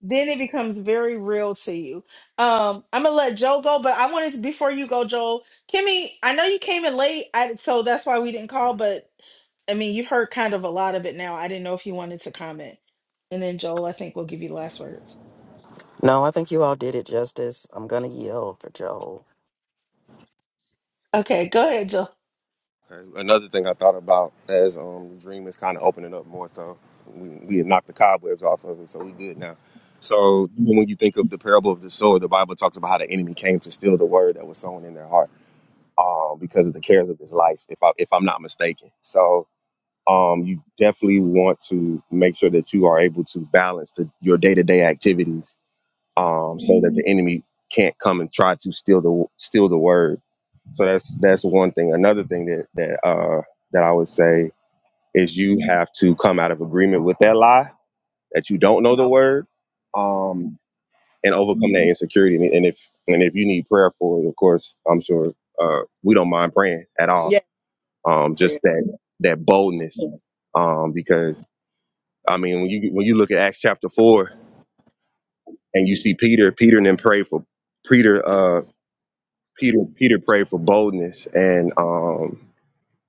Speaker 1: then it becomes very real to you. Um, I'm gonna let Joe go, but I wanted to, before you go, Joel, Kimmy, I know you came in late, I, so that's why we didn't call. But I mean, you've heard kind of a lot of it now. I didn't know if you wanted to comment, and then Joel, I think we'll give you the last words.
Speaker 4: No, I think you all did it justice. I'm gonna yell for Joel.
Speaker 1: Okay, go ahead, Joel.
Speaker 2: Okay. Another thing I thought about as um, Dream is kind of opening up more, so we, we had knocked the cobwebs off of it, so we good now. So even when you think of the parable of the sower, the Bible talks about how the enemy came to steal the word that was sown in their heart, uh, because of the cares of this life. If I if I'm not mistaken, so um, you definitely want to make sure that you are able to balance the, your day to day activities, um, so that the enemy can't come and try to steal the steal the word so that's that's one thing. Another thing that that uh, that I would say is you have to come out of agreement with that lie that you don't know the
Speaker 3: oh,
Speaker 2: word, um, and overcome that insecurity. And and if and if you need prayer for it, of course, I'm sure uh, we don't mind praying at all.
Speaker 3: yes,
Speaker 2: Um, just
Speaker 3: prayer,
Speaker 2: that that boldness, um, because I mean, when you when you look at Acts chapter four and you see Peter, Peter and then pray for Peter, uh, Peter, Peter prayed for boldness and um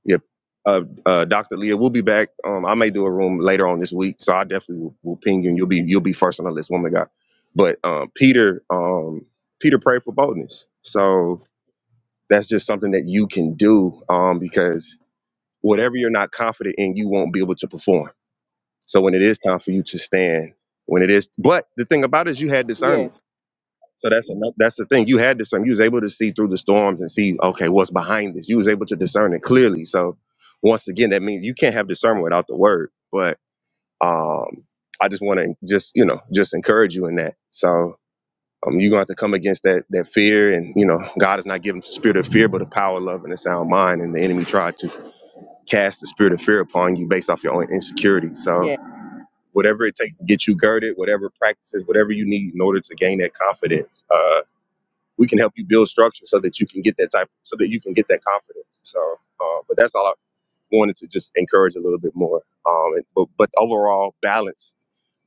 Speaker 2: Yep. Uh, uh, Dr. Leah, we'll be back. Um, I may do a room later on this week, so I definitely will, will ping you, and you'll be you'll be first on the list, woman of God. But um, Peter, um, Peter prayed for boldness, so that's just something that you can do um, because whatever you're not confident in, you won't be able to perform. So when it is time for you to stand, when it is, but the thing about it is you had discernment.
Speaker 3: yes,
Speaker 2: So that's another, that's the thing. You had discernment. You was able to see through the storms and see, okay, what's behind this. You was able to discern it clearly. So once again, that means you can't have discernment without the word. But um, I just want to just you know just encourage you in that. So um, you're gonna have to come against that that fear, and you know God is not giving the spirit of fear, but a power, of love, and a sound mind. And the enemy tried to cast the spirit of fear upon you based off your own insecurity. So
Speaker 3: yes,
Speaker 2: whatever it takes to get you girded, whatever practices, whatever you need in order to gain that confidence. uh, we can help you build structure so that you can get that type so that you can get that confidence so uh, but that's all i wanted to just encourage a little bit more um and, but but overall balance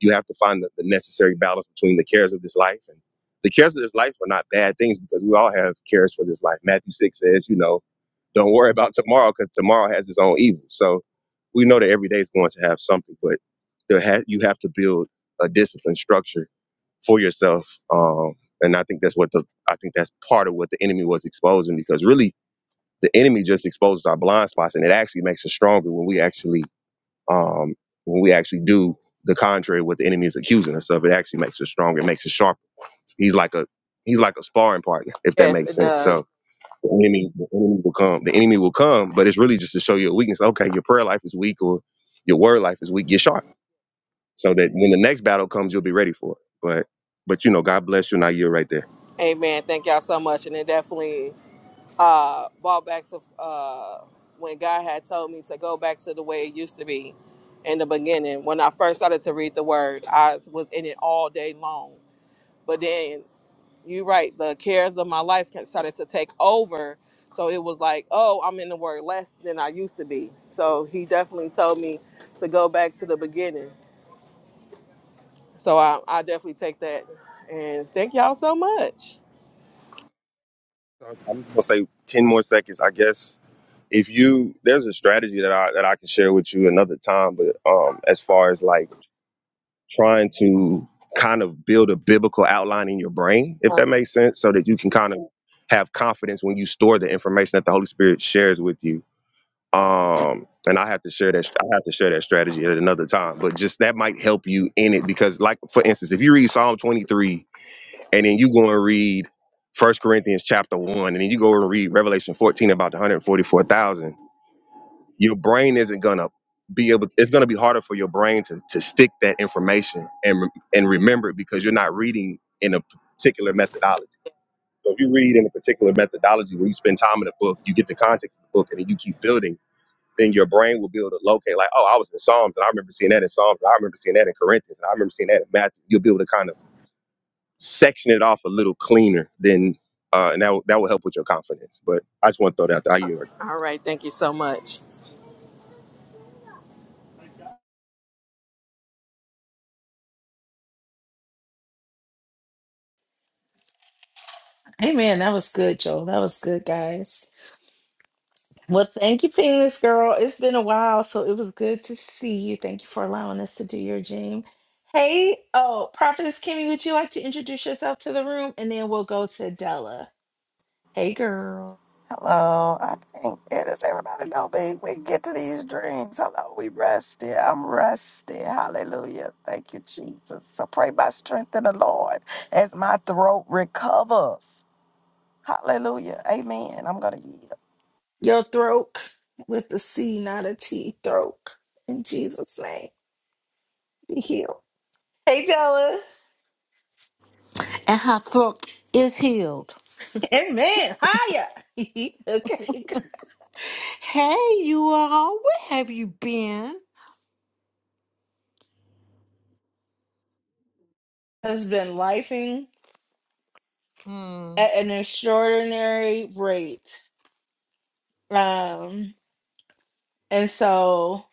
Speaker 2: you have to find the, the necessary balance between the cares of this life and the cares of this life are not bad things because we all have cares for this life matthew 6 says you know don't worry about tomorrow because tomorrow has its own evil so we know that every day is going to have something but there ha- you have to build a disciplined structure for yourself. Um, and I think that's what the I think that's part of what the enemy was exposing because really the enemy just exposes our blind spots and it actually makes us stronger when we actually um, when we actually do the contrary of what the enemy is accusing us of. It actually makes us stronger, it makes us sharper. He's like a he's like a sparring partner, if that
Speaker 3: yes,
Speaker 2: makes
Speaker 3: it
Speaker 2: sense.
Speaker 3: does.
Speaker 2: So the enemy the enemy will come. The enemy will come, but it's really just to show you a weakness. Okay, your prayer life is weak or your word life is weak. Get sharp so that when the next battle comes, you'll be ready for it. But but you know, God bless you, and I yield right there.
Speaker 3: Amen. Thank y'all so much, and it definitely. uh, brought back to uh, when God had told me to go back to the way it used to be in the beginning. When I first started to read the Word, I was in it all day long. But then you're right, the cares of my life ca- started to take over. So it was like, oh, I'm in the Word less than I used to be. So He definitely told me to go back to the beginning. So I, I definitely take that. And thank y'all so much.
Speaker 2: I'm gonna say ten more seconds, I guess. If you there's a strategy that I that I can share with you another time, but um, as far as like trying to kind of build a biblical outline in your brain, if that makes sense, so that you can kind of have confidence when you store the information that the Holy Spirit shares with you. Um, and I have to share that I have to share that strategy at another time, but just that might help you in it because, like for instance, if you read Psalm 23 and then you go and read First Corinthians chapter one, and then you go and read Revelation fourteen about the one hundred forty four thousand, your brain isn't gonna be able. It's gonna be harder for your brain to to stick that information and re- and remember it because you're not reading in a particular methodology. So if you read in a particular methodology where you spend time in a book, you get the context of the book, and then you keep building. Then your brain will be able to locate, like, oh, I was in Psalms, and I remember seeing that in Psalms, and I remember seeing that in Corinthians, and I remember seeing that in Matthew. You'll be able to kind of section it off a little cleaner then uh and that will that will help with your confidence but i just want to throw that out there I yield right there.
Speaker 3: All right, thank you so much.
Speaker 1: Hey, man, that was good, Joel. That was good, guys. Well, thank you, Phoenix girl. It's been a while, so it was good to see you. Thank you for allowing us to do your dream. Hey, oh, Prophetess Kimmy, would you like to introduce yourself to the room? And then we'll go to Della. Hey, girl.
Speaker 4: To these dreams, hello, we rested. I'm rested. Hallelujah. Thank you, Jesus. So pray by strength in the Lord as my throat recovers. Hallelujah. Amen. I'm gonna yield.
Speaker 1: Your throat with the C, not a T, throat. In Jesus' name, be healed. Hey, Della.
Speaker 5: and her throat is healed.
Speaker 1: Amen. Hiya. okay.
Speaker 5: Hey, you all, where have you been?
Speaker 1: Has been lifing
Speaker 5: Hmm.
Speaker 1: at an extraordinary rate. Um, and so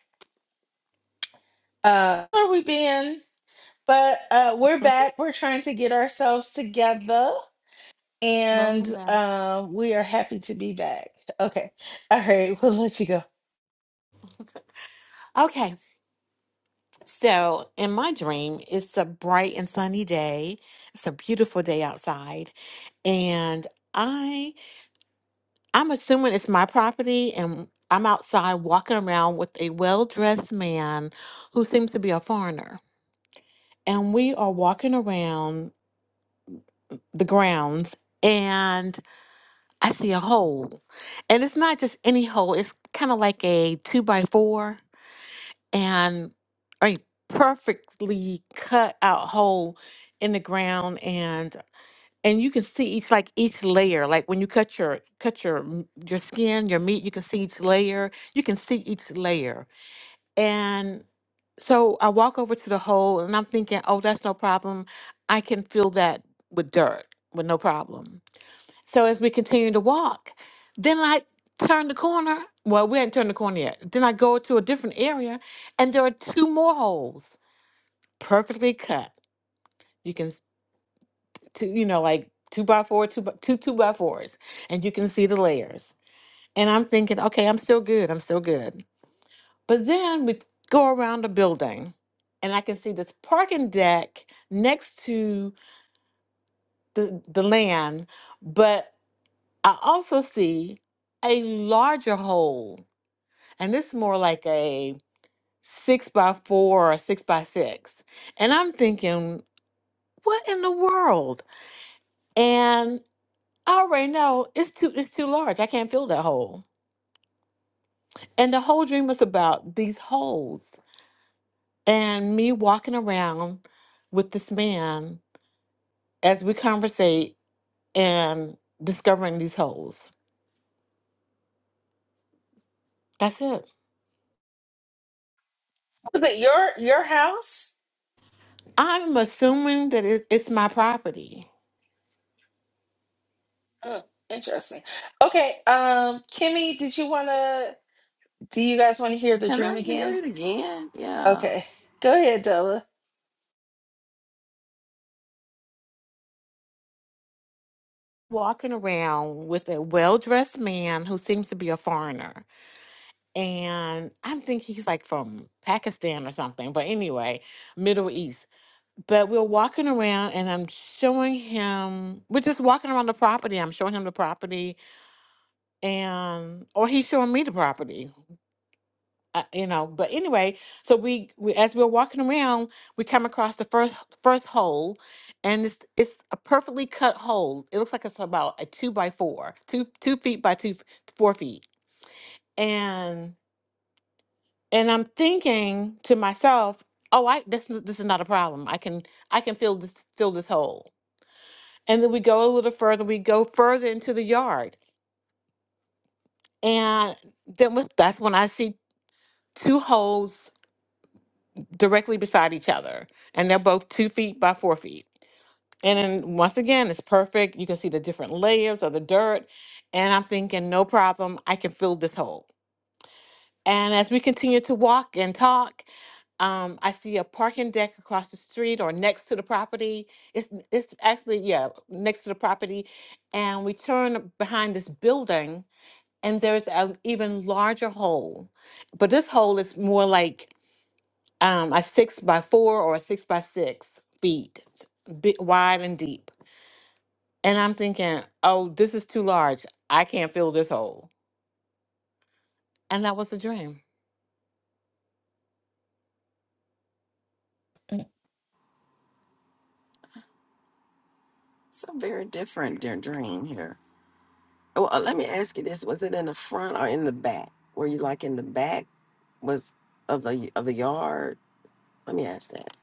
Speaker 1: Uh, where we been? But uh, we're back. We're trying to get ourselves together, and
Speaker 5: Welcome back.
Speaker 1: uh, we are happy to be back. Okay, all right. We'll let you go.
Speaker 5: Okay, so in my dream, it's a bright and sunny day. It's a beautiful day outside, and I I'm assuming it's my property, and I'm outside walking around with a well dressed man who seems to be a foreigner, and we are walking around the grounds, and I see a hole. And it's not just any hole, it's kind of like a two by four and a perfectly cut out hole in the ground and and you can see each like each layer like when you cut your cut your m- your skin your meat you can see each layer you can see each layer and so i walk over to the hole and i'm thinking oh that's no problem i can fill that with dirt with no problem so as we continue to walk, then I turn the corner. Well, we hadn't turned the corner yet. Then I go to a different area, and there are two more holes, perfectly cut. You can, s- two, you know, like two by four, two by, two two by fours, and you can see the layers. And I'm thinking, okay, I'm still good. I'm still good. But then we go around the building, and I can see this parking deck next to the the land, but I also see a larger hole and this is more like a six by four or six by six. And I'm thinking, what in the world? And I already know it's too it's too large. I can't fill that hole. And the whole dream was about these holes and me walking around with this man as we conversate and discovering these holes. That's it.
Speaker 1: Was it your your house?
Speaker 5: I'm assuming that it, it's my property.
Speaker 1: Oh, interesting. Okay, um, Kimmy, did you wanna? Do you guys want to hear the
Speaker 4: Can
Speaker 1: dream
Speaker 4: I hear
Speaker 1: again?
Speaker 4: it again? Yeah.
Speaker 1: Okay, go ahead, Della.
Speaker 5: Walking around with a well dressed man who seems to be a foreigner and I think he's like from Pakistan or something, but anyway, Middle East. But we're walking around and I'm showing him, we're just walking around the property. I'm showing him the property and, or he's showing me the property, uh, you know. But anyway, so we, we, as we're walking around, we come across the first, first hole and it's, it's a perfectly cut hole. It looks like it's about a two by four, two, two feet by two, f- four feet. And and I'm thinking to myself, "Oh, I this is- this is not a problem. I can I can fill this fill this hole." And then we go a little further. We go further into the yard, and then with, that's when I see two holes directly beside each other, and they're both two feet by four feet. And then once again, it's perfect. You can see the different layers of the dirt, and I'm thinking, "No problem. I can fill this hole." And as we continue to walk and talk, um, I see a parking deck across the street or next to the property. It's it's actually yeah next to the property, and we turn behind this building, and there's an even larger hole, but this hole is more like um, a six by four or a six by six feet big, wide and deep. And I'm thinking, oh, this is too large. I can't fill this hole. And that was a dream.
Speaker 4: It's a very different dear dream here. Well, uh, let me ask you this. Was it in the front or in the back? Were you like in the back was of the of the yard? Let me ask that.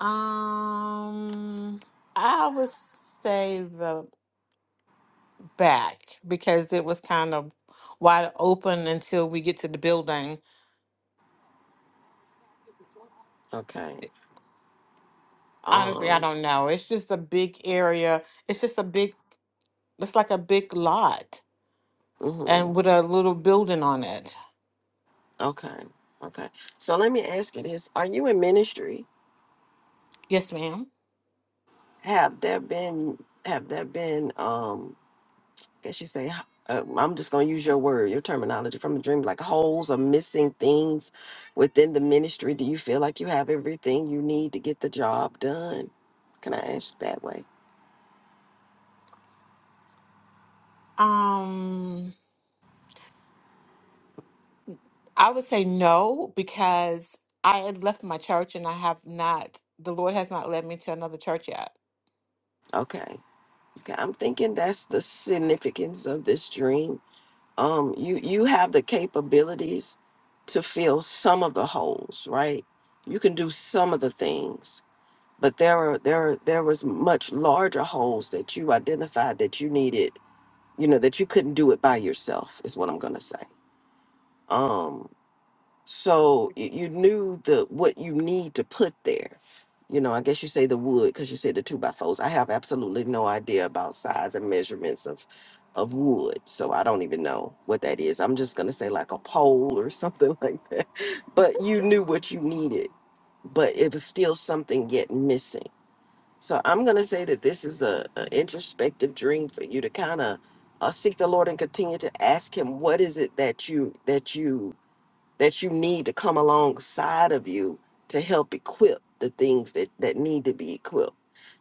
Speaker 5: Um, I would say the back because it was kind of wide open until we get to the building.
Speaker 4: Okay.
Speaker 5: Honestly, I
Speaker 4: Um,
Speaker 5: don't know. It's just a big area. It's just a big, it's like a big lot
Speaker 4: Mm-hmm.
Speaker 5: and with a little building on it.
Speaker 4: Okay. Okay. So let me ask you this: Are you in ministry?
Speaker 5: Yes, ma'am.
Speaker 4: Have there been have there been um? I guess you say h- uh, I'm just gonna use your word, your terminology from the dream, like holes or missing things within the ministry. Do you feel like you have everything you need to get the job done? Can I ask that way?
Speaker 5: Um, I would say no because I had left my church and I have not, the Lord has not led me to another church yet.
Speaker 4: Okay. Okay. I'm thinking that's the significance of this dream um, you you have the capabilities to fill some of the holes, right? You can do some of the things, but there are there are, there was much larger holes that you identified that you needed, you know, that you couldn't do it by yourself. Is what I'm gonna say. Um, so y- you knew the what you need to put there you know i guess you say the wood because you said the two by fours i have absolutely no idea about size and measurements of of wood so i don't even know what that is i'm just going to say like a pole or something like that but you knew what you needed but it was still something yet missing so i'm going to say that this is a, a introspective dream for you to kind of uh, seek the lord and continue to ask him what is it that you that you that you need to come alongside of you to help equip the things that, that need to be equipped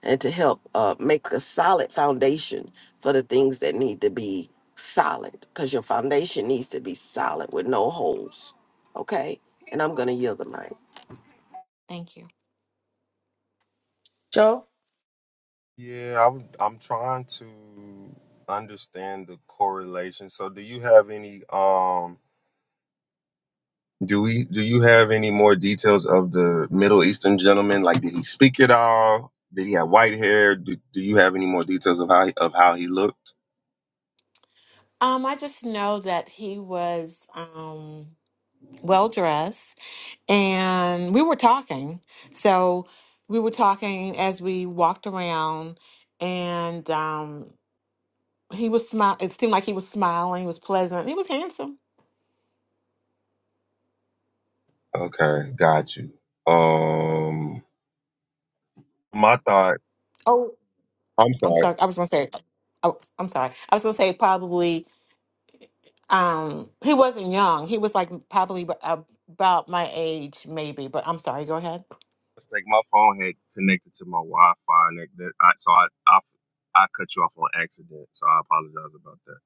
Speaker 4: and to help uh, make a solid foundation for the things that need to be solid because your foundation needs to be solid with no holes. Okay? And I'm going to yield the mic.
Speaker 5: Thank you.
Speaker 1: Joe.
Speaker 2: Yeah, I'm I'm trying to understand the correlation. So do you have any um do we do you have any more details of the Middle Eastern gentleman? Like did he speak at all? Did he have white hair? Do, do you have any more details of how he- of how he looked?
Speaker 5: Um, I just know that he was um well dressed and we were talking. So we were talking as we walked around and um he was smile it seemed like he was smiling, he was pleasant, he was handsome.
Speaker 2: Okay, got you. Um my thought
Speaker 5: Oh,
Speaker 2: I'm sorry.
Speaker 5: I'm sorry. I was gonna say oh I'm sorry. I was gonna say probably um he wasn't young. He was like probably ab- about my age maybe, but I'm sorry, go ahead.
Speaker 2: mistake. My phone had connected to my Wi-Fi, and it, that, I, so I, I I cut you off on accident. So I apologize about that.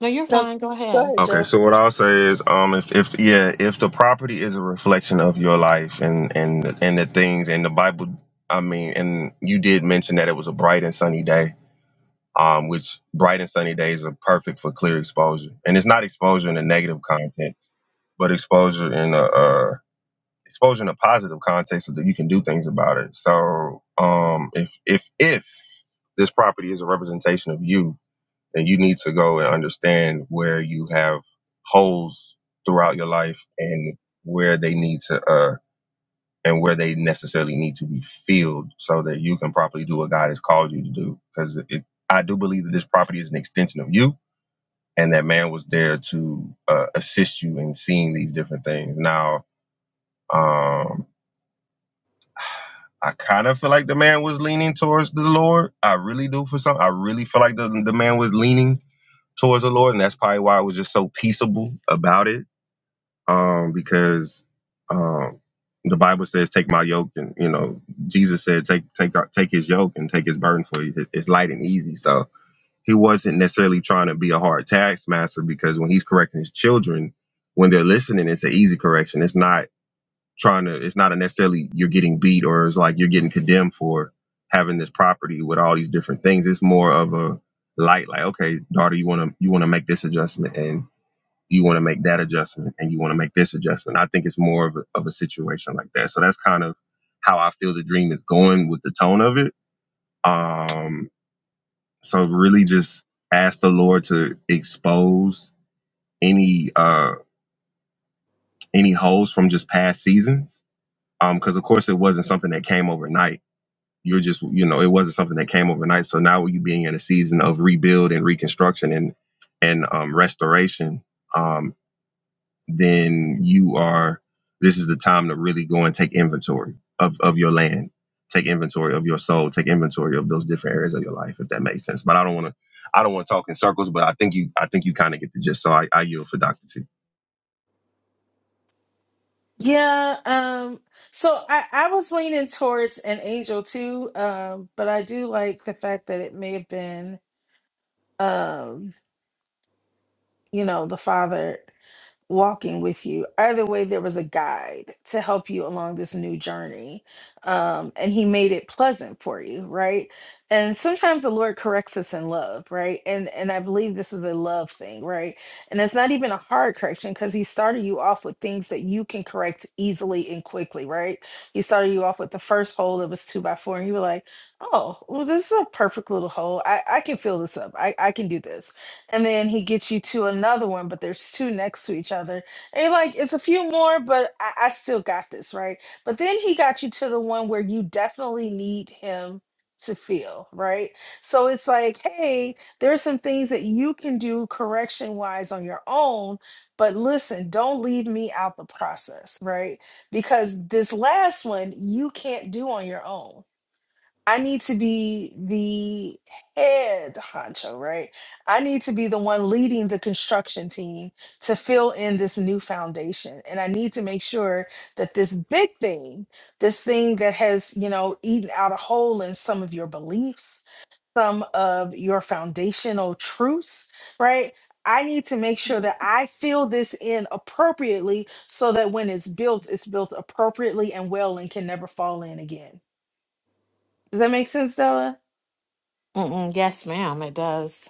Speaker 5: No, you're
Speaker 1: No,
Speaker 5: fine, go
Speaker 1: go
Speaker 5: ahead.
Speaker 1: ahead,
Speaker 2: Okay,
Speaker 1: Joe.
Speaker 2: so what I'll say is, um, if, if yeah, if the property is a reflection of your life and and and the things and the Bible, I mean, and you did mention that it was a bright and sunny day, um, which bright and sunny days are perfect for clear exposure, and it's not exposure in a negative context, but exposure in a, uh exposure in a positive context so that you can do things about it. So um, if if if this property is a representation of you, then you need to go and understand where you have holes throughout your life and where they need to uh and where they necessarily need to be filled so that you can properly do what God has called you to do. Because it, I do believe that this property is an extension of you, and that man was there to uh, assist you in seeing these different things. Now, um, I kind of feel like the man was leaning towards the Lord. I really do for some. I really feel like the, the man was leaning towards the Lord, and that's probably why I was just so peaceable about it. Um, because um, the Bible says, "Take my yoke," and you know, Jesus said, "Take take uh, take his yoke and take his burden for you. It- It's light and easy." So he wasn't necessarily trying to be a hard taskmaster because when he's correcting his children, when they're listening, it's an easy correction. It's not trying to it's not necessarily you're getting beat or it's like you're getting condemned for having this property with all these different things it's more of a light like okay daughter you want to you want to make this adjustment and you want to make that adjustment and you want to make this adjustment i think it's more of a, of a situation like that so that's kind of how i feel the dream is going with the tone of it um so really just ask the lord to expose any uh any holes from just past seasons um because of course it wasn't something that came overnight you're just you know it wasn't something that came overnight so now you being in a season of rebuild and reconstruction and and um, restoration um, then you are this is the time to really go and take inventory of of your land take inventory of your soul take inventory of those different areas of your life if that makes sense but i don't want to i don't want to talk in circles but i think you i think you kind of get the gist so i, I yield for dr t
Speaker 1: Yeah, um, so I, I was leaning towards an angel too, um, but I do like the fact that it may have been um, you know, the father walking with you. Either way, there was a guide to help you along this new journey. Um, and he made it pleasant for you, right? And sometimes the Lord corrects us in love, right? And and I believe this is a love thing, right? And it's not even a hard correction because he started you off with things that you can correct easily and quickly, right? He started you off with the first hole that was two by four, and you were like, oh, well, this is a perfect little hole. I, I can fill this up. I, I can do this and then he gets you to another one, but there's two next to each other. And you're like, it's a few more, but I, I still got this, right? But then he got you to the one where you definitely need him to feel, right? So it's like, hey, there are some things that you can do correction wise on your own, but listen, don't leave me out the process, right? Because this last one you can't do on your own I need to be the head honcho, right? I need to be the one leading the construction team to fill in this new foundation. And I need to make sure that this big thing, this thing that has, you know, eaten out a hole in some of your beliefs, some of your foundational truths, right? I need to make sure that I fill this in appropriately so that when it's built, it's built appropriately and well and can never fall in again. Does that make sense, Stella?
Speaker 5: Mm-mm, yes, ma'am, it does.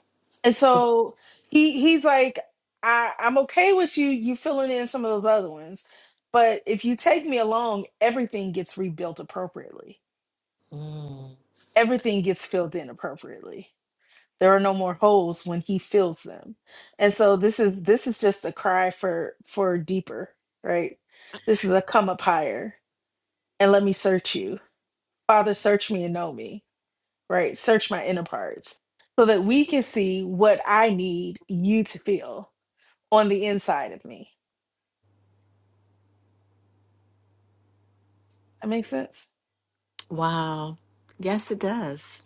Speaker 1: And so he he's like, I, I'm okay with you you filling in some of those other ones, but if you take me along, everything gets rebuilt appropriately.
Speaker 5: Mm,
Speaker 1: Everything gets filled in appropriately. There are no more holes when he fills them. And so this is this is just a cry for for deeper, right? This is a come up higher and let me search you. Father, search me and know me, right? Search my inner parts so that we can see what I need you to feel on the inside of me. That makes sense.
Speaker 5: wow. Yes, it does.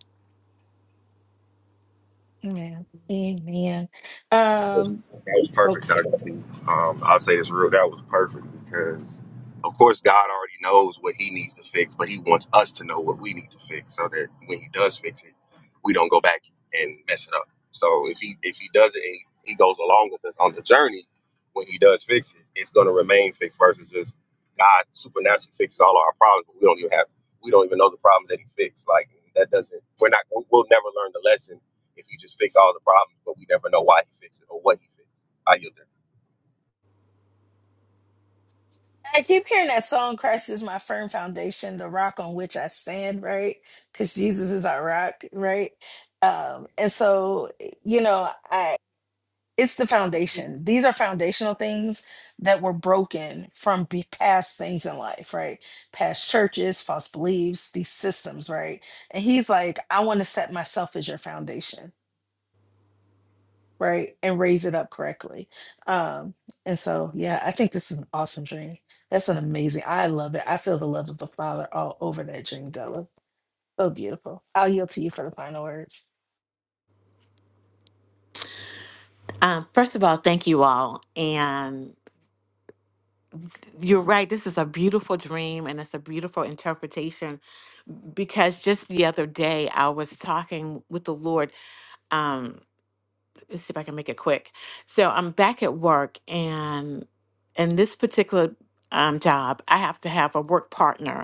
Speaker 1: Amen. Amen.
Speaker 2: That was,
Speaker 1: Um,
Speaker 2: that was perfect,
Speaker 1: okay.
Speaker 2: Dr. T. Um, I'll say this real. That was perfect because, of course, God already knows what He needs to fix, but He wants us to know what we need to fix so that when He does fix it, we don't go back and mess it up. So if He if He does it, and He goes along with us on the journey. When He does fix it, it's going to remain fixed versus just God supernaturally fixes all of our problems, but we don't even have we don't even know the problems that He fixed. Like that doesn't. We're not. We'll never learn the lesson if you just fix all the problems, but we never know why he fixed it or what he fixed. I yield there.
Speaker 1: I keep hearing that song, Christ is my firm foundation, the rock on which I stand, right? Because Jesus is our rock, right? Um, and so, you know, I it's the foundation. These are foundational things that were broken from be- past things in life, right? Past churches, false beliefs, these systems, right? And he's like, I want to set myself as your foundation right? And raise it up correctly. Um, and so, yeah, I think this is an awesome dream. That's an amazing. I love it. I feel the love of the Father all over that dream, Della. So beautiful. I'll yield to you for the final words.
Speaker 5: Um, first of all, thank you all. And you're right, this is a beautiful dream and it's a beautiful interpretation because just the other day I was talking with the Lord. Um, let's see if I can make it quick. So I'm back at work and in this particular um, job, I have to have a work partner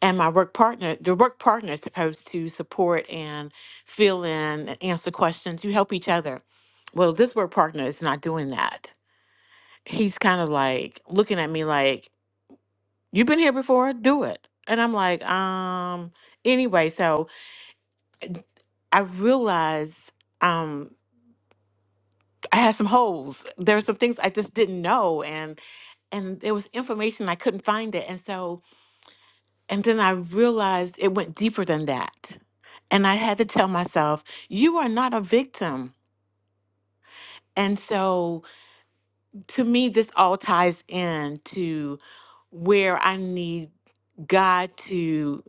Speaker 5: and my work partner the work partner is supposed to support and fill in and answer questions you help each other well this work partner is not doing that he's kind of like looking at me like you've been here before do it and i'm like um anyway so i realized um i had some holes there were some things i just didn't know and and there was information i couldn't find it and so And then I realized it went deeper than that. And I had to tell myself, you are not a victim. And so to me, this all ties in to where I need God to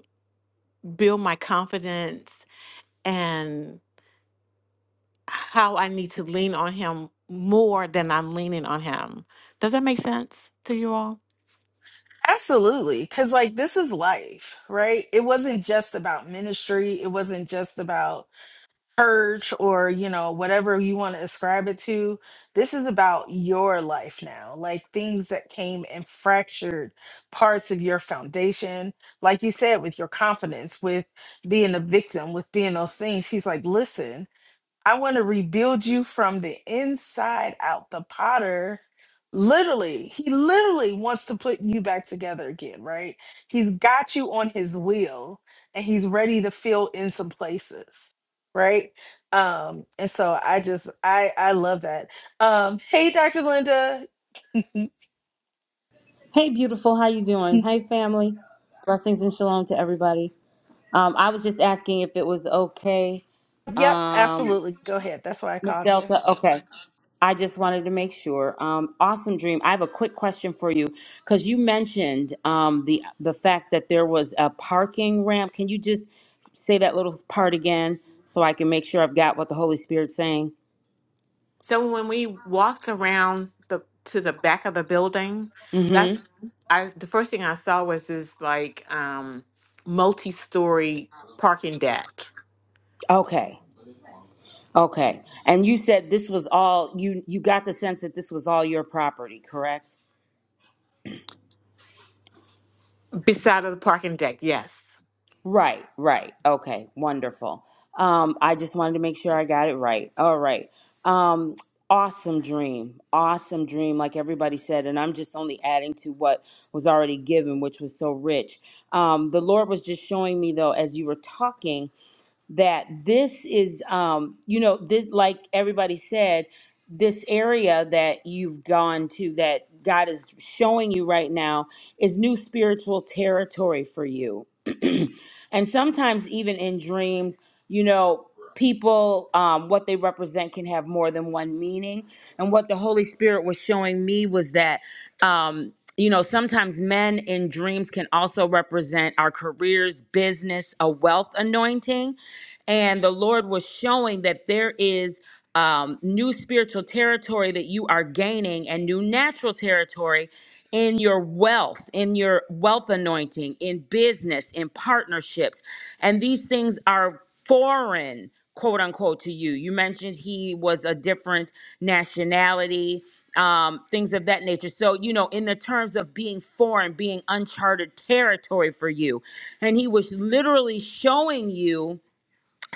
Speaker 5: build my confidence and how I need to lean on Him more than I'm leaning on Him. Does that make sense to you all?
Speaker 1: Absolutely. Because, like, this is life, right? It wasn't just about ministry, it wasn't just about church or you know whatever you want to ascribe it to this is about your life now like things that came and fractured parts of your foundation like you said with your confidence with being a victim with being those things he's like listen I want to rebuild you from the inside out. The potter, literally, he literally wants to put you back together again, right? He's got you on his wheel and he's ready to fill in some places, right? Um, and so I just I I love that. Um, hey Dr. Linda.
Speaker 6: Hey, beautiful. How you doing? Hey, family. Blessings and shalom to everybody. Um, I was just asking if it was okay,
Speaker 1: yep,
Speaker 6: um,
Speaker 1: absolutely. Go ahead. That's why I
Speaker 6: Miss
Speaker 1: called you.
Speaker 6: Delta. Okay. I just wanted to make sure. Um, awesome dream. I have a quick question for you because you mentioned um, the the fact that there was a parking ramp. Can you just say that little part again so I can make sure I've got what the Holy Spirit's saying?
Speaker 5: So when we walked around the to the back of the building,
Speaker 6: hmm
Speaker 5: that's Mhm. I the first thing I saw was this like um multi-story parking deck.
Speaker 6: Okay. Okay. And you said this was all you you got the sense that this was all your property, correct?
Speaker 5: Beside of the parking deck, yes.
Speaker 6: Right, right. Okay, wonderful. Um, I just wanted to make sure I got it right. All right. Um, awesome dream. Awesome dream, like everybody said. And I'm just only adding to what was already given, which was so rich. Um, the Lord was just showing me, though, as you were talking that this is, um, you know, this, like everybody said, this area that you've gone to that God is showing you right now is new spiritual territory for you. and sometimes, even in dreams, you know, people, um, what they represent can have more than one meaning. And what the Holy Spirit was showing me was that, um, you know, sometimes men in dreams can also represent our careers, business, a wealth anointing. And the Lord was showing that there is um, new spiritual territory that you are gaining and new natural territory in your wealth, in your wealth anointing, in business, in partnerships. And these things are foreign, quote unquote, to you. You mentioned he was a different nationality um, things of that nature. So, you know, in the terms of being foreign, being uncharted territory for you. And he was literally showing you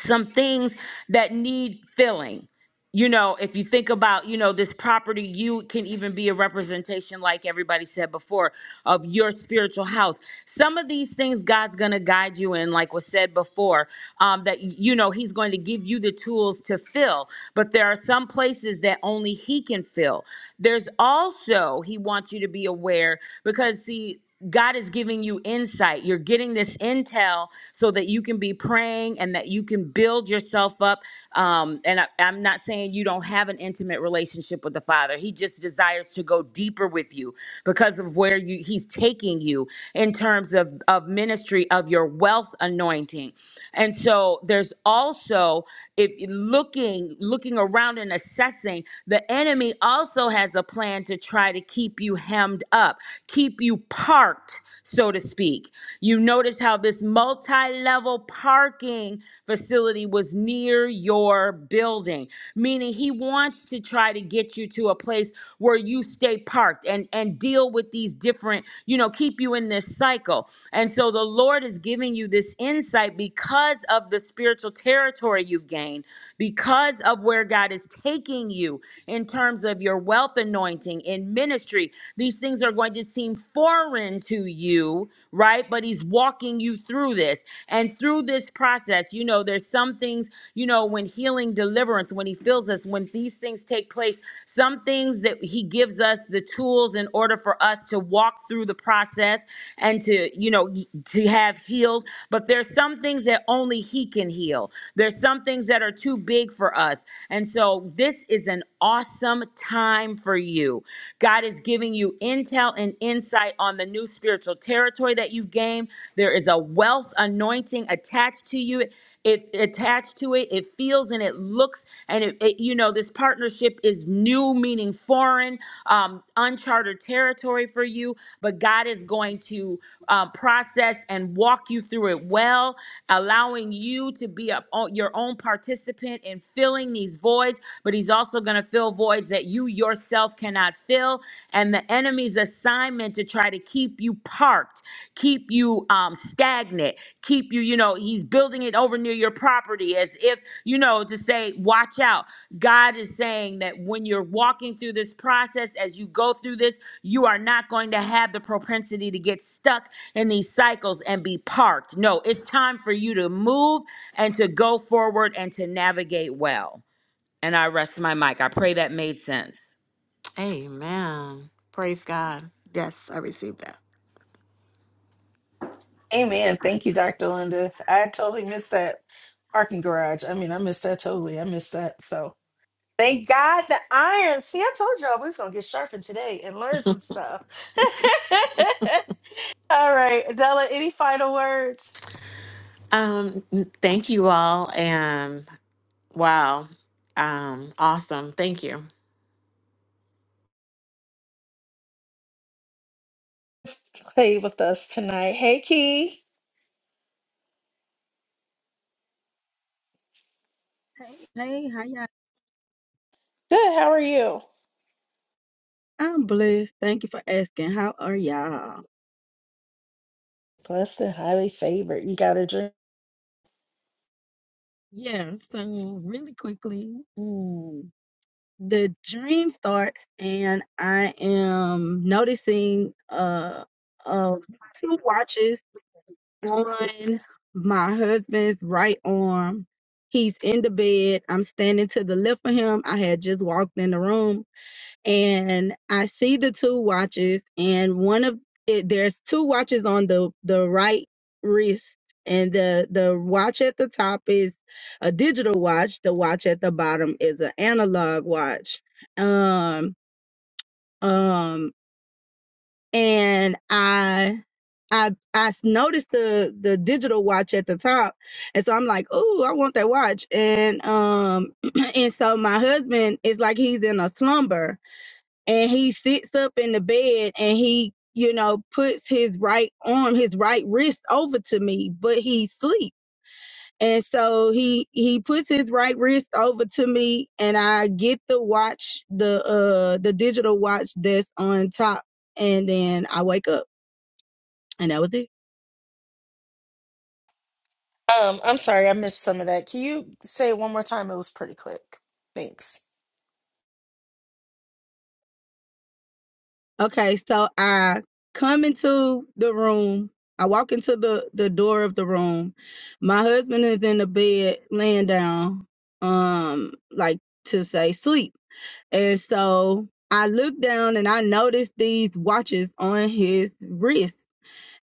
Speaker 6: some things that need filling. You know, if you think about, you know, this property, you can even be a representation, like everybody said before, of your spiritual house. Some of these things God's going to guide you in, like was said before, um, that, you know, He's going to give you the tools to fill. But there are some places that only He can fill. There's also, He wants you to be aware because, see, God is giving you insight. You're getting this intel so that you can be praying and that you can build yourself up. Um, and I, I'm not saying you don't have an intimate relationship with the Father. He just desires to go deeper with you because of where you, He's taking you in terms of, of ministry of your wealth anointing. And so there's also if looking looking around and assessing the enemy also has a plan to try to keep you hemmed up keep you parked so to speak you notice how this multi-level parking facility was near your building meaning he wants to try to get you to a place where you stay parked and and deal with these different you know keep you in this cycle cycle. And so the Lord is giving you this insight because of the spiritual territory you've gained, because of where God is taking you in terms of your wealth anointing in ministry. These things are going to seem foreign to you, right? But He's walking you through this. And through this process, you know, there's some things, you know, when healing, deliverance, when He fills us, when these things take place, some things that he gives us the tools in order for us to walk through the process and to, you know, to have healed. But there's some things that only he can heal. There's some things that are too big for us. And so this is an awesome time for you. God is giving you intel and insight on the new spiritual territory that you've gained. There is a wealth anointing attached attached to you. It attached to it. It feels and it looks and it, it- you know this partnership is new, meaning foreign, um, uncharted territory for you. But God is going to uh, process and walk you through it well, allowing you to be a, o- your own participant in filling these voids. But He's also going to fill voids that you yourself cannot fill, and the enemy's assignment assignment to try to keep you parked, keep you um, stagnant, keep you, you know, he's building it over near your property as if, you know, to say, watch out. God is saying that when you're walking through this process, as you go through this, you are not going to have the propensity to get stuck in these cycles and be parked. No, it's time for you to move and to go forward and to navigate well. And I rest my mic. I pray that made sense.
Speaker 5: Amen. Praise God. Yes, I received that.
Speaker 1: Amen. Thank you, Dr. Linda. I totally missed that parking garage. I mean, I missed that totally. I missed that. So Thank God the iron. See, I told y'all we was gonna get sharpened today and learn some stuff. All right, Adela, any final words?
Speaker 5: Um n- thank you all and wow. Um awesome. Thank you.
Speaker 1: Play with us tonight. Hey Key.
Speaker 7: Hey, hey, how y'all?
Speaker 1: Good, how are you?
Speaker 7: I'm blessed. Thank you for asking. How are y'all?
Speaker 1: Blessed and highly favored. You got a drink.
Speaker 7: Yeah, so really quickly, um, the dream starts, and I am noticing uh, uh, two watches on my husband's right arm. He's in the bed. I'm standing to the left of him. I had just walked in the room and I see the two watches, and one of it, there's two watches on the the right wrist, and the the watch at the top is a digital watch. The watch at the bottom is an analog watch. Um, um, and I. I I s- noticed the the digital watch at the top, and so I'm like, oh, I want that watch." And um, and so my husband is like he's in a slumber, and he sits up in the bed and he you know puts his right arm his right wrist over to me but he sleep and so he he puts his right wrist over to me and i get the watch the uh the digital watch that's on top and then i wake up and that was it
Speaker 1: Um, I'm sorry, I missed some of that. Can you say it one more time? It was pretty quick. Thanks.
Speaker 7: Okay, so I come into the room. I walk into the the door of the room. My husband is in the bed, laying down, um, like to say sleep. And so I look down and I notice these watches on his wrist.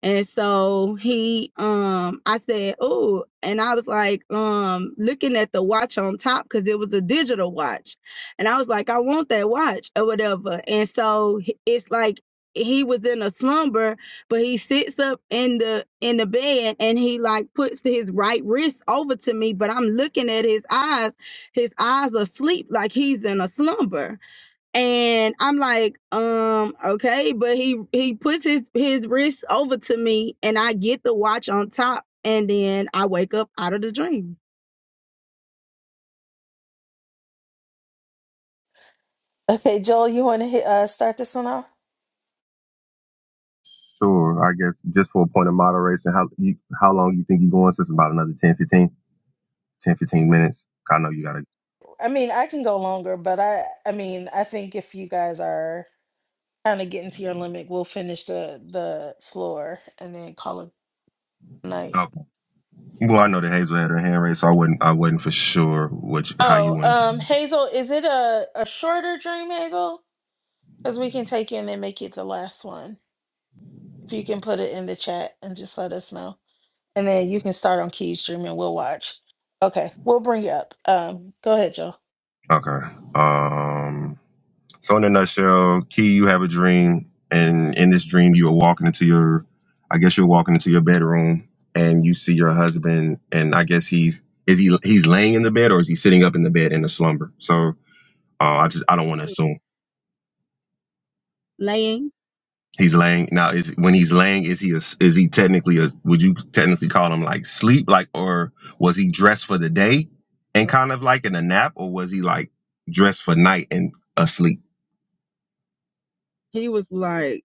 Speaker 7: And so he, um, I said, oh, and I was like, um, looking at the watch on top because it was a digital watch. And I was like, I want that watch or whatever. And so h- it's like he was in a slumber, but he sits up in the in the bed and he like puts his right wrist over to me, but I'm looking at his eyes. His eyes are asleep, like he's in a slumber. And I'm like, um, okay, but he he puts his his wrist over to me, and I get the watch on top, and then I wake up out of the dream,
Speaker 1: Okay, Joel, you want to hit uh start this one off?
Speaker 2: Sure. I guess just for a point of moderation, how you, how long you think you're going? Since about another 10, 15, 10, 15 minutes. I know you gotta.
Speaker 1: I mean, I can go longer, but I I mean, I think if you guys are kind of getting to your limit, we'll finish the the floor and then call it a night.
Speaker 2: Oh, well, I know that Hazel had her hand raised, so I wasn't. I wasn't for sure which how you
Speaker 1: Oh,
Speaker 2: want to.
Speaker 1: um, Hazel, is it a a shorter dream, Hazel? Because we can take you and then make it the last one. If you can put it in the chat and just let us know, and then you can start on Key's dream and we'll watch. Okay, we'll bring you up. Um, go ahead, Joel.
Speaker 2: Okay. Um. So in a nutshell, Key, you have a dream, and in this dream, you are walking into your, I guess you're walking into your bedroom, and you see your husband, and I guess he's is he he's laying in the bed or is he sitting up in the bed in a slumber? So uh, I just I don't want to
Speaker 7: laying.
Speaker 2: assume
Speaker 7: laying.
Speaker 2: he's laying now. Is when he's laying, is he a, is he technically a, would you technically call him like sleep like or was he dressed for the day and kind of like in a nap or was he like dressed for night and asleep?
Speaker 7: He was like,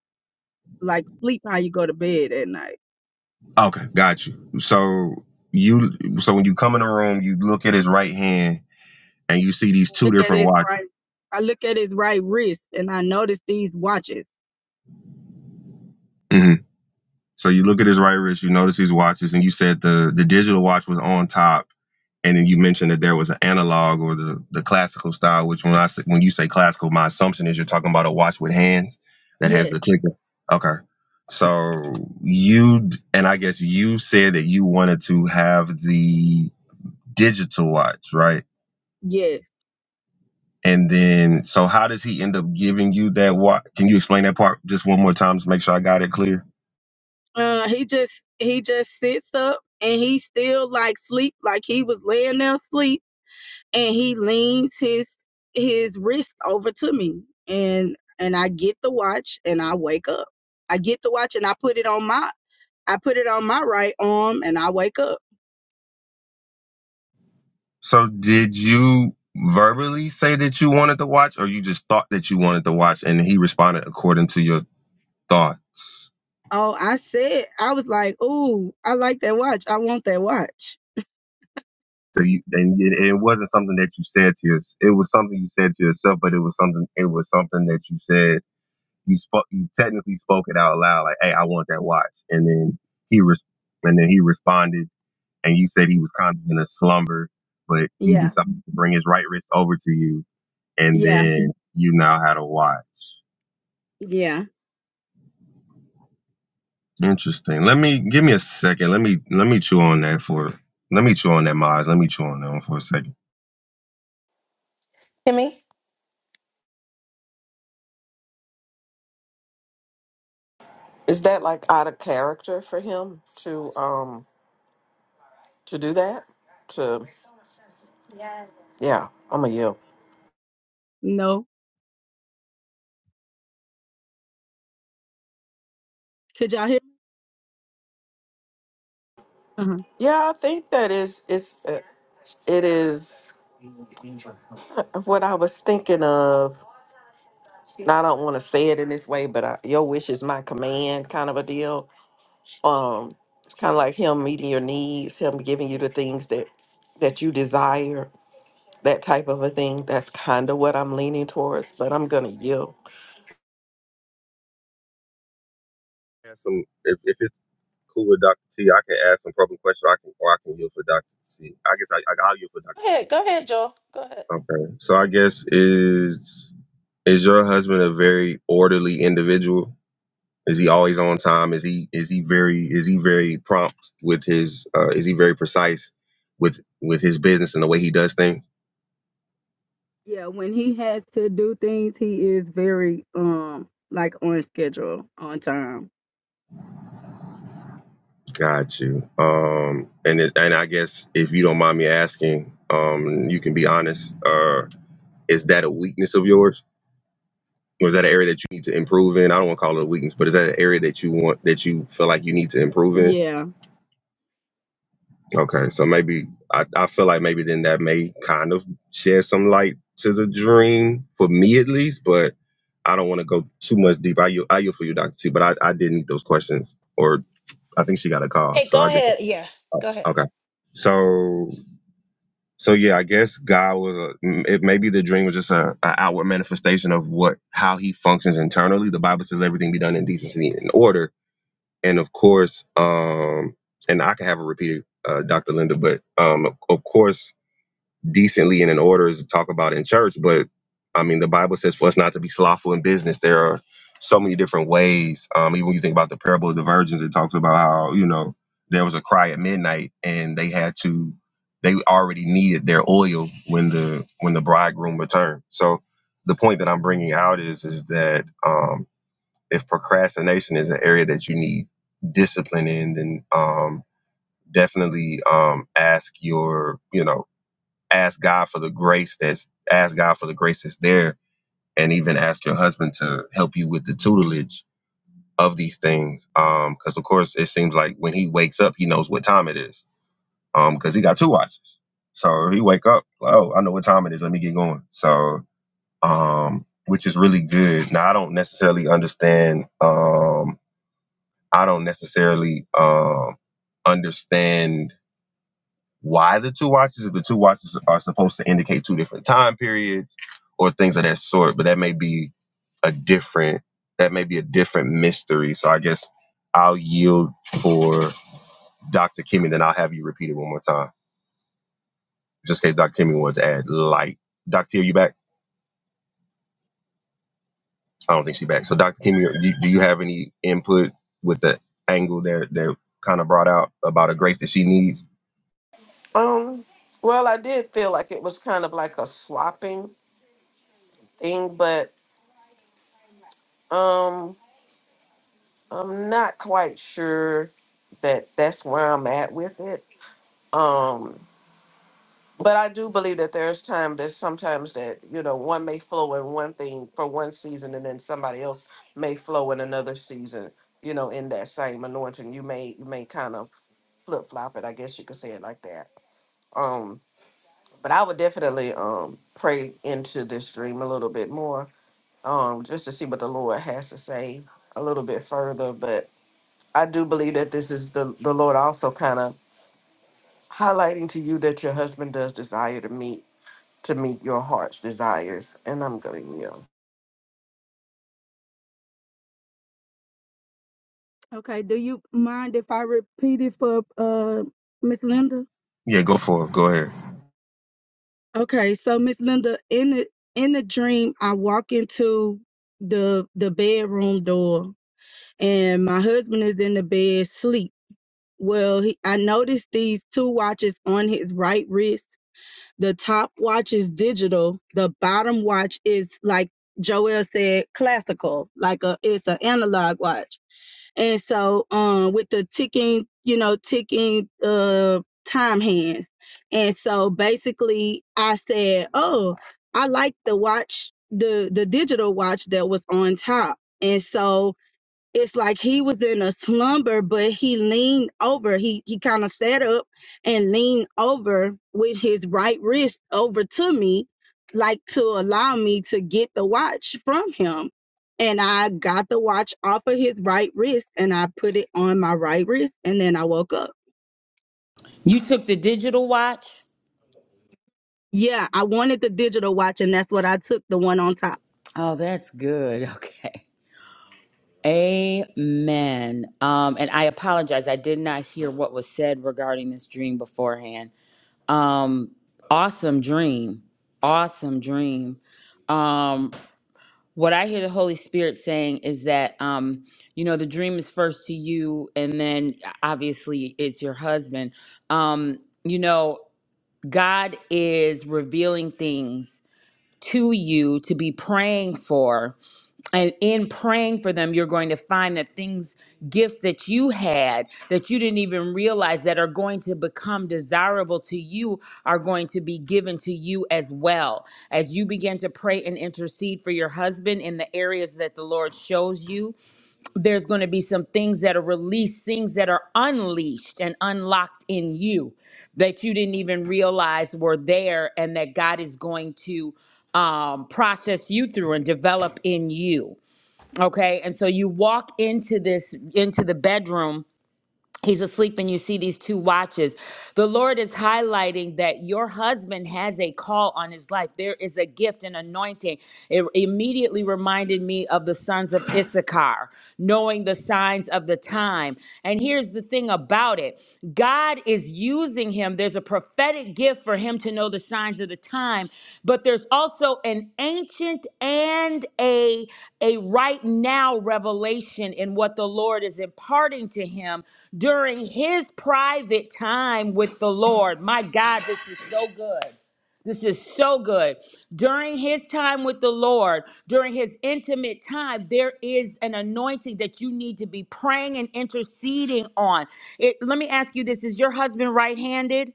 Speaker 7: like sleep how you go to bed at night.
Speaker 2: Okay, got you. So you so when you come in the room, you look at his right hand and you see these
Speaker 7: I
Speaker 2: two
Speaker 7: Look at
Speaker 2: different
Speaker 7: his
Speaker 2: watches.
Speaker 7: right. I look at his right wrist, and I notice these watches.
Speaker 2: hmm So you look at his right wrist, you notice these watches, and you said the the digital watch was on top, and then you mentioned that there was an analog or the the classical style. Which when I say, when you say classical, my assumption is you're talking about a watch with hands that has
Speaker 7: Yes,
Speaker 2: the clicker. Okay. So you d- and I guess you said that you wanted to have the digital watch, right?
Speaker 7: yes.
Speaker 2: And then, so how does he end up giving you that? What can you explain that part just one more time to make sure I got it clear?
Speaker 7: Uh, he just he just sits up, and he still like sleep, like he was laying there asleep and he leans his his wrist over to me and and I get the watch and I wake up. I get the watch and I put it on my I put it on my right arm and I wake up.
Speaker 2: So, did you verbally say that you wanted to watch, or you just thought that you wanted to watch, and he responded according to your thoughts?
Speaker 7: Oh, I said I was like, "Ooh, I like that watch. I want that watch."
Speaker 2: So you, and it, it wasn't something that you said to yourself. It was something you said to yourself, but it was something. It was something that you said. You spoke. You technically spoke it out loud, like, "Hey, I want that watch," and then he res- and then he responded and you said he was kind of in a slumber, but he
Speaker 7: Yeah.
Speaker 2: decided to bring his right wrist over to you, and
Speaker 7: Yeah.
Speaker 2: then you now had a watch.
Speaker 7: Yeah.
Speaker 2: Interesting. Let me give me a second. Let me let me chew on that for. Let me chew on that, Miles. Let me chew on that one for a second.
Speaker 1: Kimmy,
Speaker 4: Is that like out of character for him to um to do that? To yeah, I'm a you.
Speaker 7: No. Could y'all hear me? Uh-huh.
Speaker 4: Yeah, I think that is it's uh, it is what I was thinking of I don't want to say it in this way, but I, your wish is my command, kind of a deal. Um, it's kind of like him meeting your needs, him giving you the things that that you desire, that type of a thing. That's kind of what I'm leaning towards, but I'm gonna yield.
Speaker 2: Ask some, if, if it's cool with Doctor T, I can ask some probing questions. I can or I can yield for Doctor T. I guess I, I I'll yield for
Speaker 1: go
Speaker 2: Doctor.
Speaker 1: ahead, go ahead, Joel, go ahead.
Speaker 2: Okay. So I guess is is your husband a very orderly individual? Is he always on time? Is he is he very is he very prompt with his uh is he very precise with with his business and the way he does things?
Speaker 7: Yeah, when he has to do things, he is very um like on schedule, on time.
Speaker 2: Got you. Um and it, and I guess if you don't mind me asking, um you can be honest, uh is that a weakness of yours? Or is that an area that you need to improve in? I don't want to call it a weakness, but is that an area that you want that you feel like you need to improve in?
Speaker 7: Yeah.
Speaker 2: Okay, so maybe I, I feel like maybe then that may kind of shed some light to the dream for me at least, but I don't want to go too much deep. I you I you for you, Doctor T, but I, I did need those questions, or I think she got a call,
Speaker 1: Hey,
Speaker 2: so
Speaker 1: go
Speaker 2: I guess
Speaker 1: ahead. Yeah,
Speaker 2: oh,
Speaker 1: go ahead.
Speaker 2: okay. So so yeah, I guess God was a m- it maybe the dream was just a, a outward manifestation of what how He functions internally. The Bible says everything be done in decency and order, and of course, um, and I can have a repeated uh, Dr. Linda, but um, of of course, decently and in order is to talk about in church. But I mean, the Bible says for us not to be slothful in business. There are so many different ways. Um, even when you think about the parable of the virgins, it talks about how you know there was a cry at midnight, and they had to. They already needed their oil when the when the bridegroom returned. So the point that I'm bringing out is is that um, if procrastination is an area that you need discipline in, then um, definitely um, ask your, you know, ask God for the grace that's, ask God for the grace that's there, and even ask your husband to help you with the tutelage of these things. Because of course, it seems like when he wakes up, he knows what time it is, because he got two watches. So he wake up, oh, I know what time it is. Let me get going. So, um, which is really good. Now I don't necessarily understand. Um, I don't necessarily um, understand why the two watches, if the two watches are supposed to indicate two different time periods or things of that sort, but that may be a different that may be a different mystery. So I guess I'll yield for Dr. Kimmy, then I'll have you repeat it one more time, just in case Dr. Kimmy wants to add light. Dr. T, are you back? I don't think she's back. So Dr. Kimmy, do you, do you have any input with the angle that that kind of brought out about a grace that she needs?
Speaker 4: Um, well, I did feel like it was kind of like a swapping thing, but um, I'm not quite sure that that's where I'm at with it. Um, But I do believe that there's time that sometimes that, you know, one may flow in one thing for one season and then somebody else may flow in another season, you know, in that same anointing. You may you may kind of flip flop it, I guess you could say it like that. Um, but I would definitely um pray into this dream a little bit more, um, just to see what the Lord has to say a little bit further. But I do believe that this is the the Lord also kind of highlighting to you that your husband does desire to meet to meet your heart's desires. And I'm going to yield.
Speaker 7: Okay, do you mind if I repeat it for uh Miss Linda?
Speaker 2: Yeah, go for it. Go ahead.
Speaker 7: Okay, so Miss Linda, in the in the dream, I walk into the the bedroom door, and my husband is in the bed sleep. Well, he, I noticed these two watches on his right wrist. The top watch is digital. The bottom watch is like Joel said, classical, like a it's an analog watch And so um with the ticking, you know, ticking uh time hands. And so basically I said, Oh, I like the watch, the the digital watch that was on top. And so it's like he was in a slumber, but he leaned over. He he kind of sat up and leaned over with his right wrist over to me, like to allow me to get the watch from him. And I got the watch off of his right wrist and I put it on my right wrist and then I woke up.
Speaker 6: You took the digital watch?
Speaker 7: Yeah, I wanted the digital watch and that's what I took, the one on top.
Speaker 6: Oh, that's good. Okay. Amen. Um, and I apologize. I did not hear what was said regarding this dream beforehand. Um, awesome dream. Awesome dream. Um, what I hear the Holy Spirit saying is that, um, you know, the dream is first to you, and then obviously it's your husband. Um, you know, God is revealing things to you to be praying for. And in praying for them, you're going to find that things, gifts that you had that you didn't even realize that are going to become desirable to you are going to be given to you as well. As you begin to pray and intercede for your husband in the areas that the Lord shows you, there's going to be some things that are released, things that are unleashed and unlocked in you that you didn't even realize were there, and that God is going to um, process you through and develop in you. Okay, and so you walk into this into the bedroom He's asleep, and you see these two watches. The Lord is highlighting that your husband has a call on his life. There is a gift and anointing. It immediately reminded me of the sons of Issachar, knowing the signs of the time. And here's the thing about it God is using using him. There's a prophetic gift for him to know the signs of the time, but there's also an ancient and a a right now revelation in what the Lord is imparting to him during his private time with the Lord. My God, this is so good. This is so good. During his time with the Lord, during his intimate time, there is an anointing that you need to be praying and interceding on. It, let me ask you this Is your husband right handed?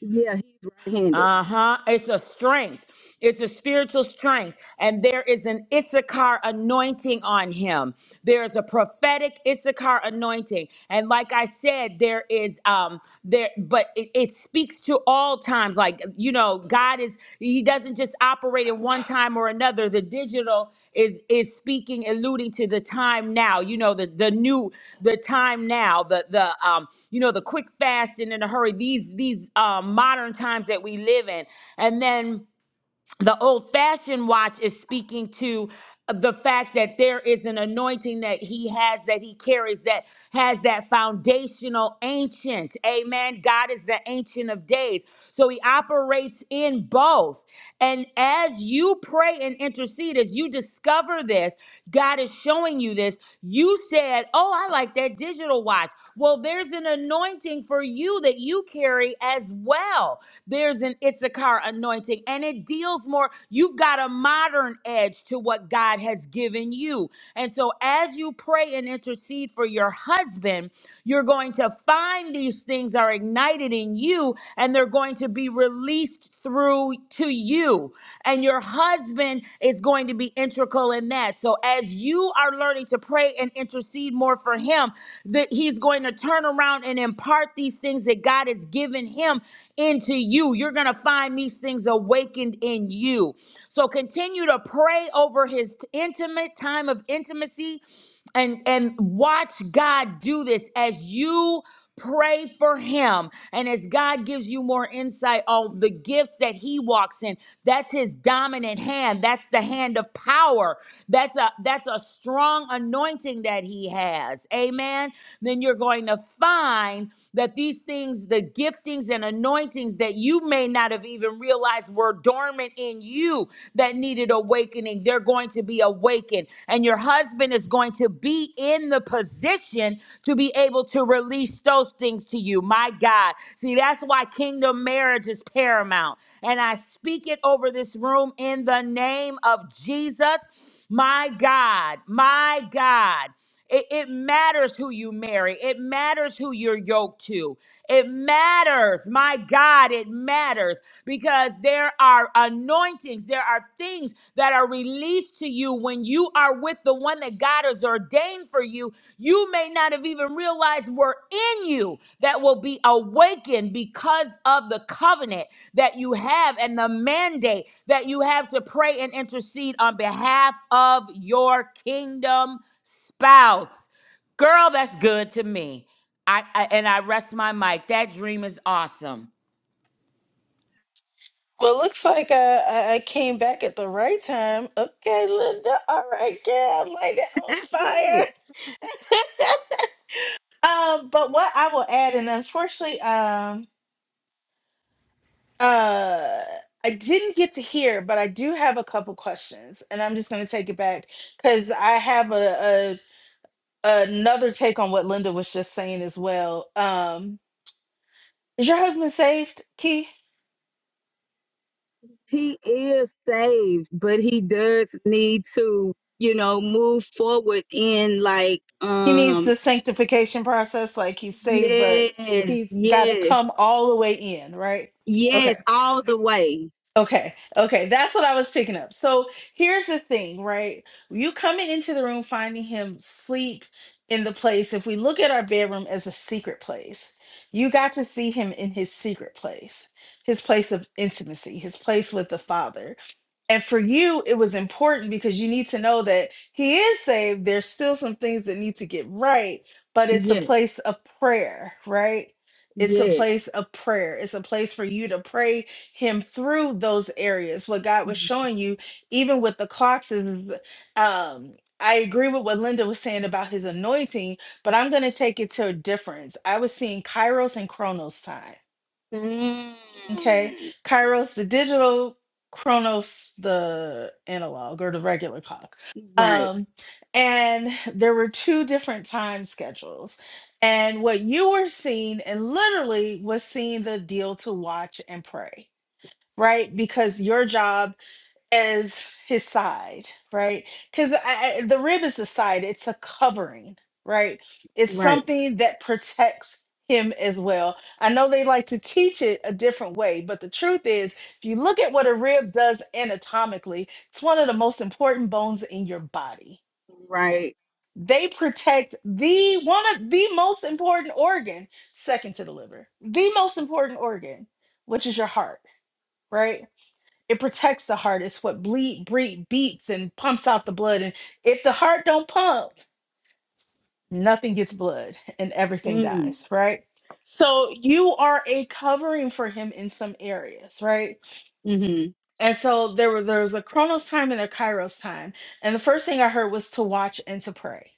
Speaker 7: Yeah, he's right handed.
Speaker 6: Uh huh. It's a strength. It's a spiritual strength, and there is an Issachar anointing on him. There is a prophetic Issachar anointing, and like I said, there is um there, but it, it speaks to all times. Like you know, God. God is he doesn't just operate in one time or another. The digital is is speaking alluding to the time now. You know the the new the time now, the the um you know the quick fast and in a hurry. These these um modern times that we live in. And then the old fashioned watch is speaking to the fact that there is an anointing that he has that he carries that has that foundational ancient amen god is the ancient of days so he operates in both and as you pray and intercede as you discover this god is showing you this you said oh i sound like that digital watch. Well, there's an anointing for you that you carry as well. There's an Issachar anointing, and it deals more. You've got a modern edge to what God has given you. And so, as you pray and intercede for your husband, you're going to find these things are ignited in you, and they're going to be released through to you. And your husband is going to be integral in that. So as you are learning to pray and intercede more for him, that he's going to turn around and impart these things that God has given him into you. You're going to find these things awakened in you. So continue to pray over his intimate time of intimacy and and watch God do this as you pray for him and as God gives you more insight on the gifts that he walks in that's his dominant hand that's the hand of power that's a that's a strong anointing that he has amen then you're going to find that these things the giftings and anointings that you may not have even realized were dormant in you you that needed awakening, they're going to be awakened. And your husband is going to be in the position to be able to release those things to you. My God. See, that's why kingdom marriage is paramount. And I speak it over this room in the name of Jesus. My God, my God. It, it matters who you marry. It matters who you're yoked to. It matters. My God, it matters because there are anointings, there are things that are released to you when you are with the one that God has ordained for you. You may not have even realized were in you that will be awakened because of the covenant that you have and the mandate that you have to pray and intercede on behalf of your kingdom spouse. Girl, that's good to me. I, I and I rest my mic. That dream is awesome.
Speaker 1: Well, looks like I, I I came back at the right time. Okay, Linda. All right, girl, light it on fire. um, but what I will add, and unfortunately, um, uh, I didn't get to hear, but I do have a couple questions, and I'm just going to take it back because I have a, a another take on what Linda was just saying as well. Um, is your husband saved, Key?
Speaker 7: he is saved, but he does need to, you know, move forward in like
Speaker 1: he needs
Speaker 7: um
Speaker 1: the sanctification process like he's saved but
Speaker 7: yes,
Speaker 1: he's got to
Speaker 7: yes,
Speaker 1: come all the way in right okay
Speaker 7: yes, all the way.
Speaker 1: Okay, okay, that's what I was picking up. So here's the thing, right? You coming into the room, finding him sleep in the place. If we look at our bedroom as a secret place, you got to see him in his secret place, his place of intimacy, his place with the Father. And for you, it was important because you need to know that he is saved. There's still some things that need to get right, but it's a
Speaker 7: Yes,
Speaker 1: place of prayer, right? It's a
Speaker 7: yes.
Speaker 1: place of prayer. It's a place for you to pray him through those areas what god was showing you even with the clocks is um i agree with what linda was saying about his anointing but i'm going to take it to a difference i was seeing kairos and chronos time
Speaker 7: Mm.
Speaker 1: okay kairos the digital chronos the analog or the regular clock
Speaker 7: Right,
Speaker 1: um and there were two different time schedules and what you were seeing and literally was seeing the deal to watch and pray right? Because your job is his side, right? Because the rib is the side, it's a covering, right? It's
Speaker 7: right,
Speaker 1: something that protects him as well. I know they like to teach it a different way, but the truth is, if you look at what a rib does anatomically, it's one of the most important bones in your body.
Speaker 7: right.
Speaker 1: They protect the one of the most important organ, second to the liver, the most important organ, which is your heart, right? It protects the heart. It's what bleed, breed, beats and pumps out the blood. And if the heart don't pump, nothing gets blood and everything
Speaker 7: Mm.
Speaker 1: dies, right? So you are a covering for him in some areas, right?
Speaker 7: Mm-hmm.
Speaker 1: And so there were there was a Chronos time and a Kairos time. And the first thing I heard was to watch and to pray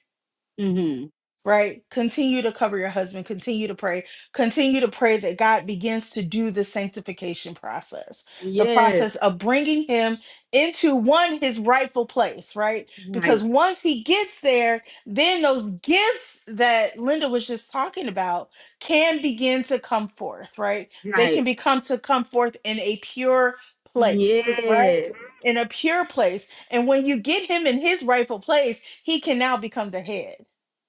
Speaker 7: Mm-hmm.
Speaker 1: right? Continue to cover your husband, continue to pray, continue to pray that God begins to do the sanctification process, the
Speaker 7: Yes.
Speaker 1: process of bringing him into one, his rightful place, right? Because
Speaker 7: Right.
Speaker 1: once he gets there, then those gifts that Linda was just talking about can begin to come forth, right? They can
Speaker 7: Right.
Speaker 1: become to come forth in a pure place, right?
Speaker 7: Yes.
Speaker 1: In a pure place. And when you get him in his rightful place, he can now become the head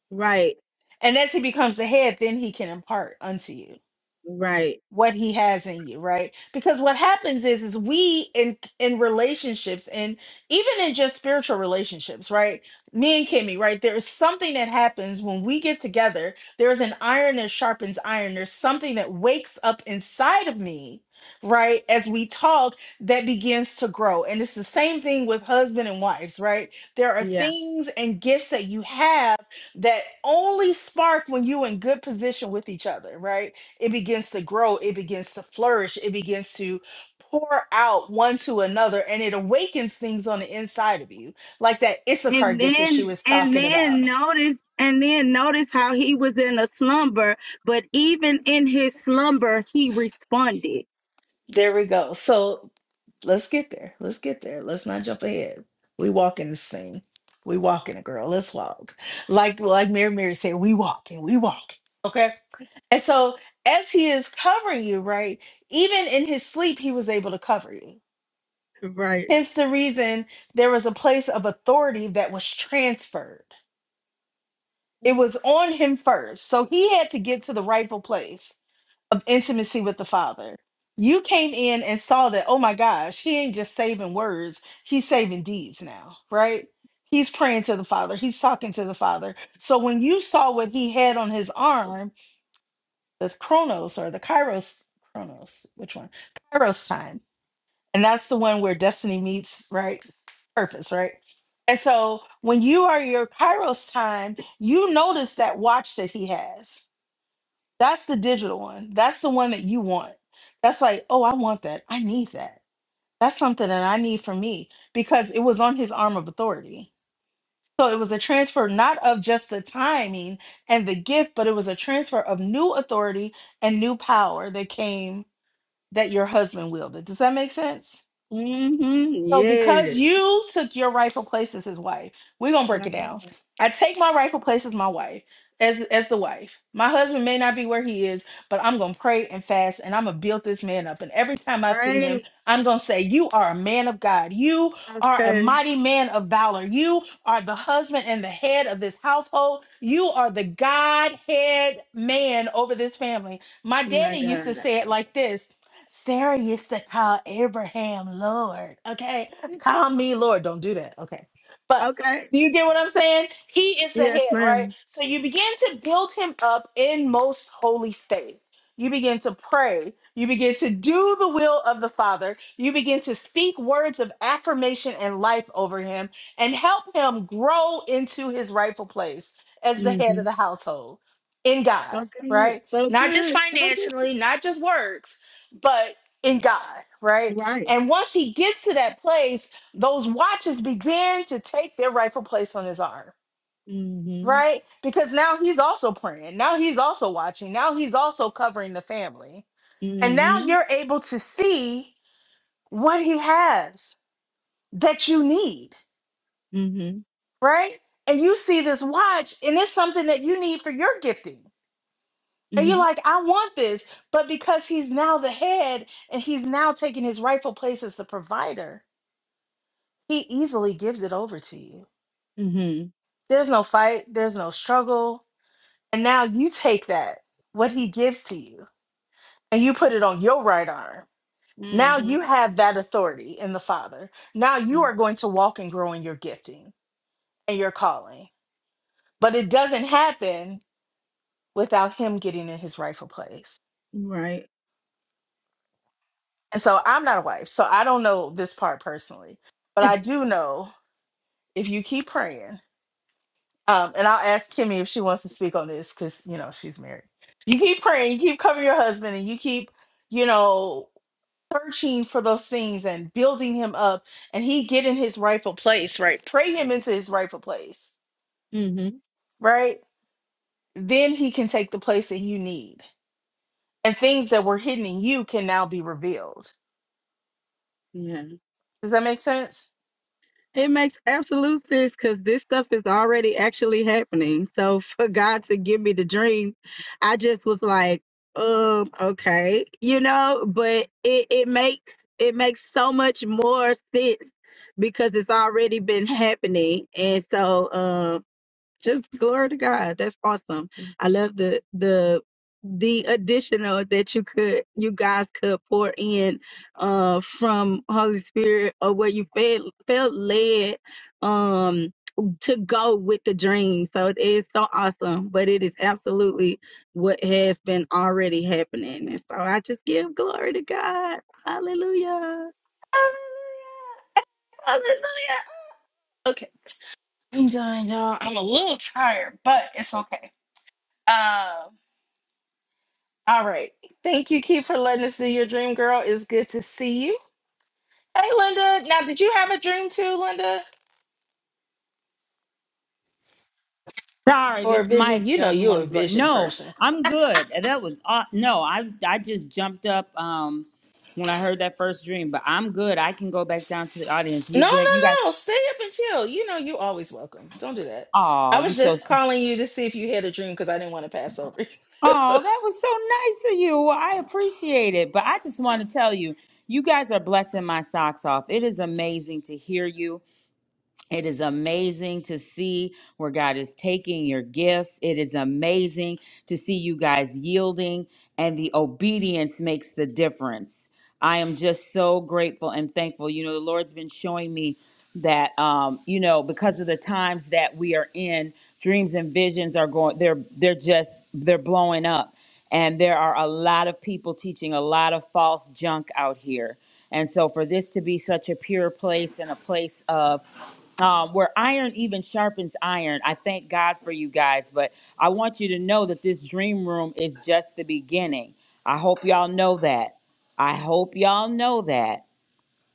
Speaker 7: Right.
Speaker 1: and as he becomes the head, then he can impart unto you
Speaker 7: Right.
Speaker 1: what he has in you right because what happens is is we in in relationships and even in just spiritual relationships right me and kimmy right there's something that happens when we get together there's an iron that sharpens iron there's something that wakes up inside of me right as we talk that begins to grow and it's the same thing with husband and wives right there are
Speaker 7: Yeah.
Speaker 1: things and gifts that you have that only spark when you in good position with each other right it begins to grow, it begins to flourish, it begins to pour out one to another, and it awakens things on the inside of you, like that Issachar
Speaker 7: and
Speaker 1: gift that she
Speaker 7: then
Speaker 1: was
Speaker 7: and
Speaker 1: talking
Speaker 7: then
Speaker 1: about.
Speaker 7: notice and then notice how he was in a slumber but even in his slumber he responded
Speaker 1: There we go. So let's get there. Let's get there. Let's not jump ahead. We walk in this thing. We walking, it, girl. Let's walk. Like like Mary Mary said, we walking, we walking. Okay. And so as he is covering you, right? Even in his sleep, he was able to cover you
Speaker 7: Right.
Speaker 1: Hence the reason there was a place of authority that was transferred. It was on him first. So he had to get to the rightful place of intimacy with the Father. You came in and saw that, oh my gosh, he ain't just saving words, he's saving deeds now, right? He's praying to the Father, he's talking to the Father. So when you saw what he had on his arm, the Chronos or the Kairos, Chronos, which one? Kairos time and that's the one where destiny meets, right? Purpose, right? And so when you are your Kairos time, you notice that watch that he has. That's the digital one. That's the one that you want. That's like, oh, I want that. I need that. That's something that I need for me because it was on his arm of authority. So it was a transfer not of just the timing and the gift, but it was a transfer of new authority and new power that came that your husband wielded. Does that make sense?
Speaker 7: mm-hmm
Speaker 1: So because
Speaker 7: yes
Speaker 1: you took your rightful place as his wife, we're gonna break
Speaker 7: Wow.
Speaker 1: it down. I take my rightful place as my wife, as as the wife. My husband may not be where he is, but I'm gonna pray and fast and I'm gonna build this man up. And every time I see him,
Speaker 7: Right.
Speaker 1: I'm gonna say, You are a man of God, you are a
Speaker 7: Okay.
Speaker 1: mighty man of valor, you are the husband and the head of this household, you are the Godhead man over this family. My
Speaker 7: Oh My
Speaker 1: daddy used to
Speaker 7: God.
Speaker 1: say it like this. Sarah used to call Abraham Lord. Okay. Call me Lord. Don't do that. Okay. But
Speaker 7: Okay.
Speaker 1: do you get what I'm saying? He is the
Speaker 7: Yes,
Speaker 1: head, right?
Speaker 7: ma'am.
Speaker 1: So you begin to build him up in most holy faith. You begin to pray. You begin to do the will of the Father. You begin to speak words of affirmation and life over him and help him grow into his rightful place as the head
Speaker 7: mm-hmm
Speaker 1: of the household in God,
Speaker 7: So good.
Speaker 1: right?
Speaker 7: So
Speaker 1: Not just
Speaker 7: good. So good.
Speaker 1: financially, not just works, but in God, right?
Speaker 7: Right.
Speaker 1: And once he gets to that place, those watches begin to take their rightful place on his arm,
Speaker 7: mm-hmm
Speaker 1: right? Because now he's also praying. Now he's also watching. Now he's also covering the family. And now
Speaker 7: mm-hmm
Speaker 1: you're able to see what he has that you need,
Speaker 7: mm-hmm
Speaker 1: right? And you see this watch, and it's something that you need for your gifting. And you're
Speaker 7: mm-hmm
Speaker 1: like, I want this. But because he's now the head and he's now taking his rightful place as the provider, He easily gives it over to you.
Speaker 7: mm-hmm
Speaker 1: There's no fight, there's no struggle. And now you take that, what he gives to you, and you put it on your right arm. Now you
Speaker 7: Mm-hmm.
Speaker 1: have that authority in the Father. Now you are going to walk and grow in your gifting and your calling. But it doesn't happen without him getting in his rightful place.
Speaker 7: Mm-hmm. Right.
Speaker 1: And so I'm not a wife, so I don't know this part personally. But I do know if you keep praying Um, and I'll ask Kimmy if she wants to speak on this because you know she's married. You keep praying, you keep covering your husband, and you keep, you know, searching for those things and building him up, and he get in his rightful place, right? Pray him into his rightful place,
Speaker 7: mm-hmm
Speaker 1: right? Then he can take the place that you need, and things that were hidden in you can now be revealed.
Speaker 7: Yeah.
Speaker 1: Does that make sense?
Speaker 7: It makes absolute sense because this stuff is already actually happening. So for God to give me the dream, I just was like, um, okay, you know, but it, it makes it makes so much more sense because it's already been happening. And so um just glory to God. That's awesome. I love the the the additional that you could you guys could pour in uh from Holy Spirit or where you felt felt led um to go with the dream. So it is so awesome, but it is absolutely what has been already happening. And so I just give glory to God. Hallelujah.
Speaker 1: Hallelujah! Hallelujah! Okay, I'm done, y'all. I'm a little tired, but it's okay. Um, All right. Thank you, Keith, for letting us do your dream, girl. It's good to see you. Hey, Linda. Now, did you have a dream too, Linda?
Speaker 6: Sorry,
Speaker 1: Or a
Speaker 6: this
Speaker 1: vision?
Speaker 6: mic
Speaker 1: You know
Speaker 6: doesn't
Speaker 1: you're a
Speaker 6: want to work.
Speaker 1: vision
Speaker 6: No,
Speaker 1: person.
Speaker 6: I'm good. That was aw- no. I I just jumped up um when I heard that first dream, but I'm good. I can go back down to the audience. You
Speaker 1: No, no,
Speaker 6: been you guys.
Speaker 1: no. Stay up and chill. You know you always welcome. Don't do that.
Speaker 6: Oh,
Speaker 1: I
Speaker 6: you
Speaker 1: was
Speaker 6: so.
Speaker 1: just calling you to see if you had a dream because I didn't want to pass over you.
Speaker 6: Oh, that was so nice of you. Well, I appreciate it, but I just want to tell you, you guys are blessing my socks off. It is amazing to hear you. It is amazing to see where God is taking your gifts. It is amazing to see you guys yielding, and the obedience makes the difference. I am just so grateful and thankful. You know, the Lord's been showing me that, um, you know, because of the times that we are in, dreams and visions are going. They're they're just they're blowing up, and there are a lot of people teaching a lot of false junk out here. And so, for this to be such a pure place and a place of um, where iron even sharpens iron. I thank God for you guys, but I want you to know that this dream room is just the beginning. I hope y'all know that. I hope y'all know that.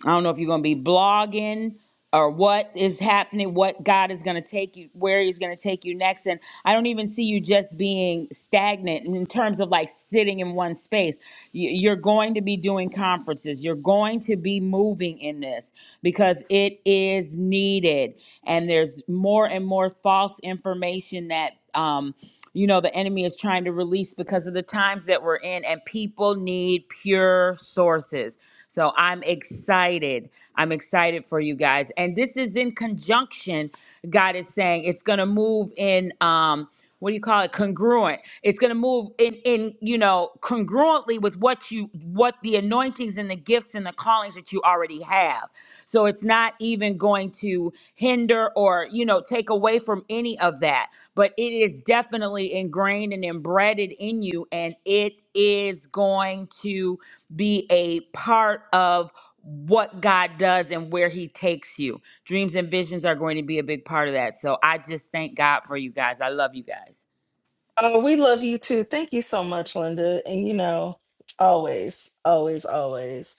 Speaker 6: I don't know if you're going to be blogging or what is happening, what God is going to take you, where He's going to take you next. And I don't even see you just being stagnant in terms of like sitting in one space. You- You're going to be doing conferences, you're going to be moving in this because it is needed. And there's more and more false information that, um, you know the enemy is trying to release because of the times that we're in and people need pure sources so i'm excited i'm excited for you guys and this is in conjunction god is saying it's going to move in um what do you call it congruent it's going to move in in you know congruently with what you what the anointings and the gifts and the callings that you already have so it's not even going to hinder or you know take away from any of that but it is definitely ingrained and embedded in you, and it is going to be a part of what God does and where He takes you. Dreams and visions are going to be a big part of that. So I just thank God for you guys. I love you guys.
Speaker 1: oh, we love you too. Thank you so much, Linda. And you know, always, always, always.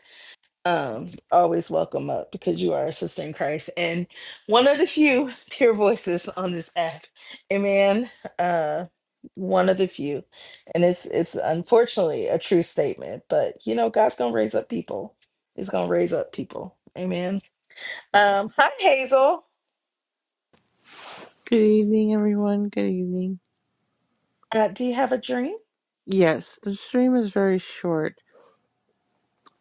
Speaker 1: um, always welcome up because you are a sister in Christ and one of the few pure voices on this app. Amen. Uh, one of the few, and it's it's unfortunately a true statement, but you know God's gonna raise up people. He's gonna raise up people. Amen. Um, hi Hazel.
Speaker 8: Good evening, everyone. Good evening.
Speaker 1: Uh, do you have a dream?
Speaker 8: Yes, the stream is very short.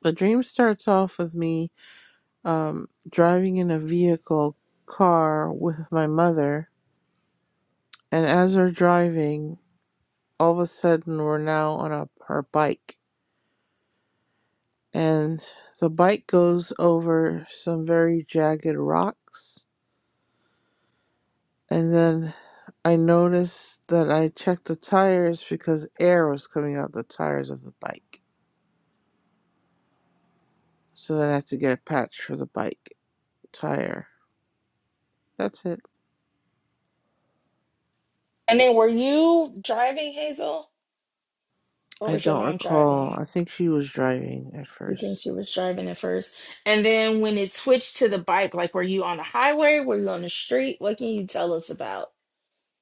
Speaker 8: The dream starts off with me um, driving in a vehicle car with my mother, and as we're driving, all of a sudden we're now on a her bike, and the bike goes over some very jagged rocks, and then I noticed that I checked the tires because air was coming out the tires of the bike, so then I had to get a patch for the bike tire. That's it.
Speaker 1: And then were you driving, Hazel, or
Speaker 8: I
Speaker 1: was your
Speaker 8: don't
Speaker 1: mom
Speaker 8: recall.
Speaker 1: driving?
Speaker 8: I think she was driving at
Speaker 1: You think
Speaker 8: first.
Speaker 1: she was driving at first. And then when it switched to the bike, like were you on the highway? Were you on the street? What can you tell us about?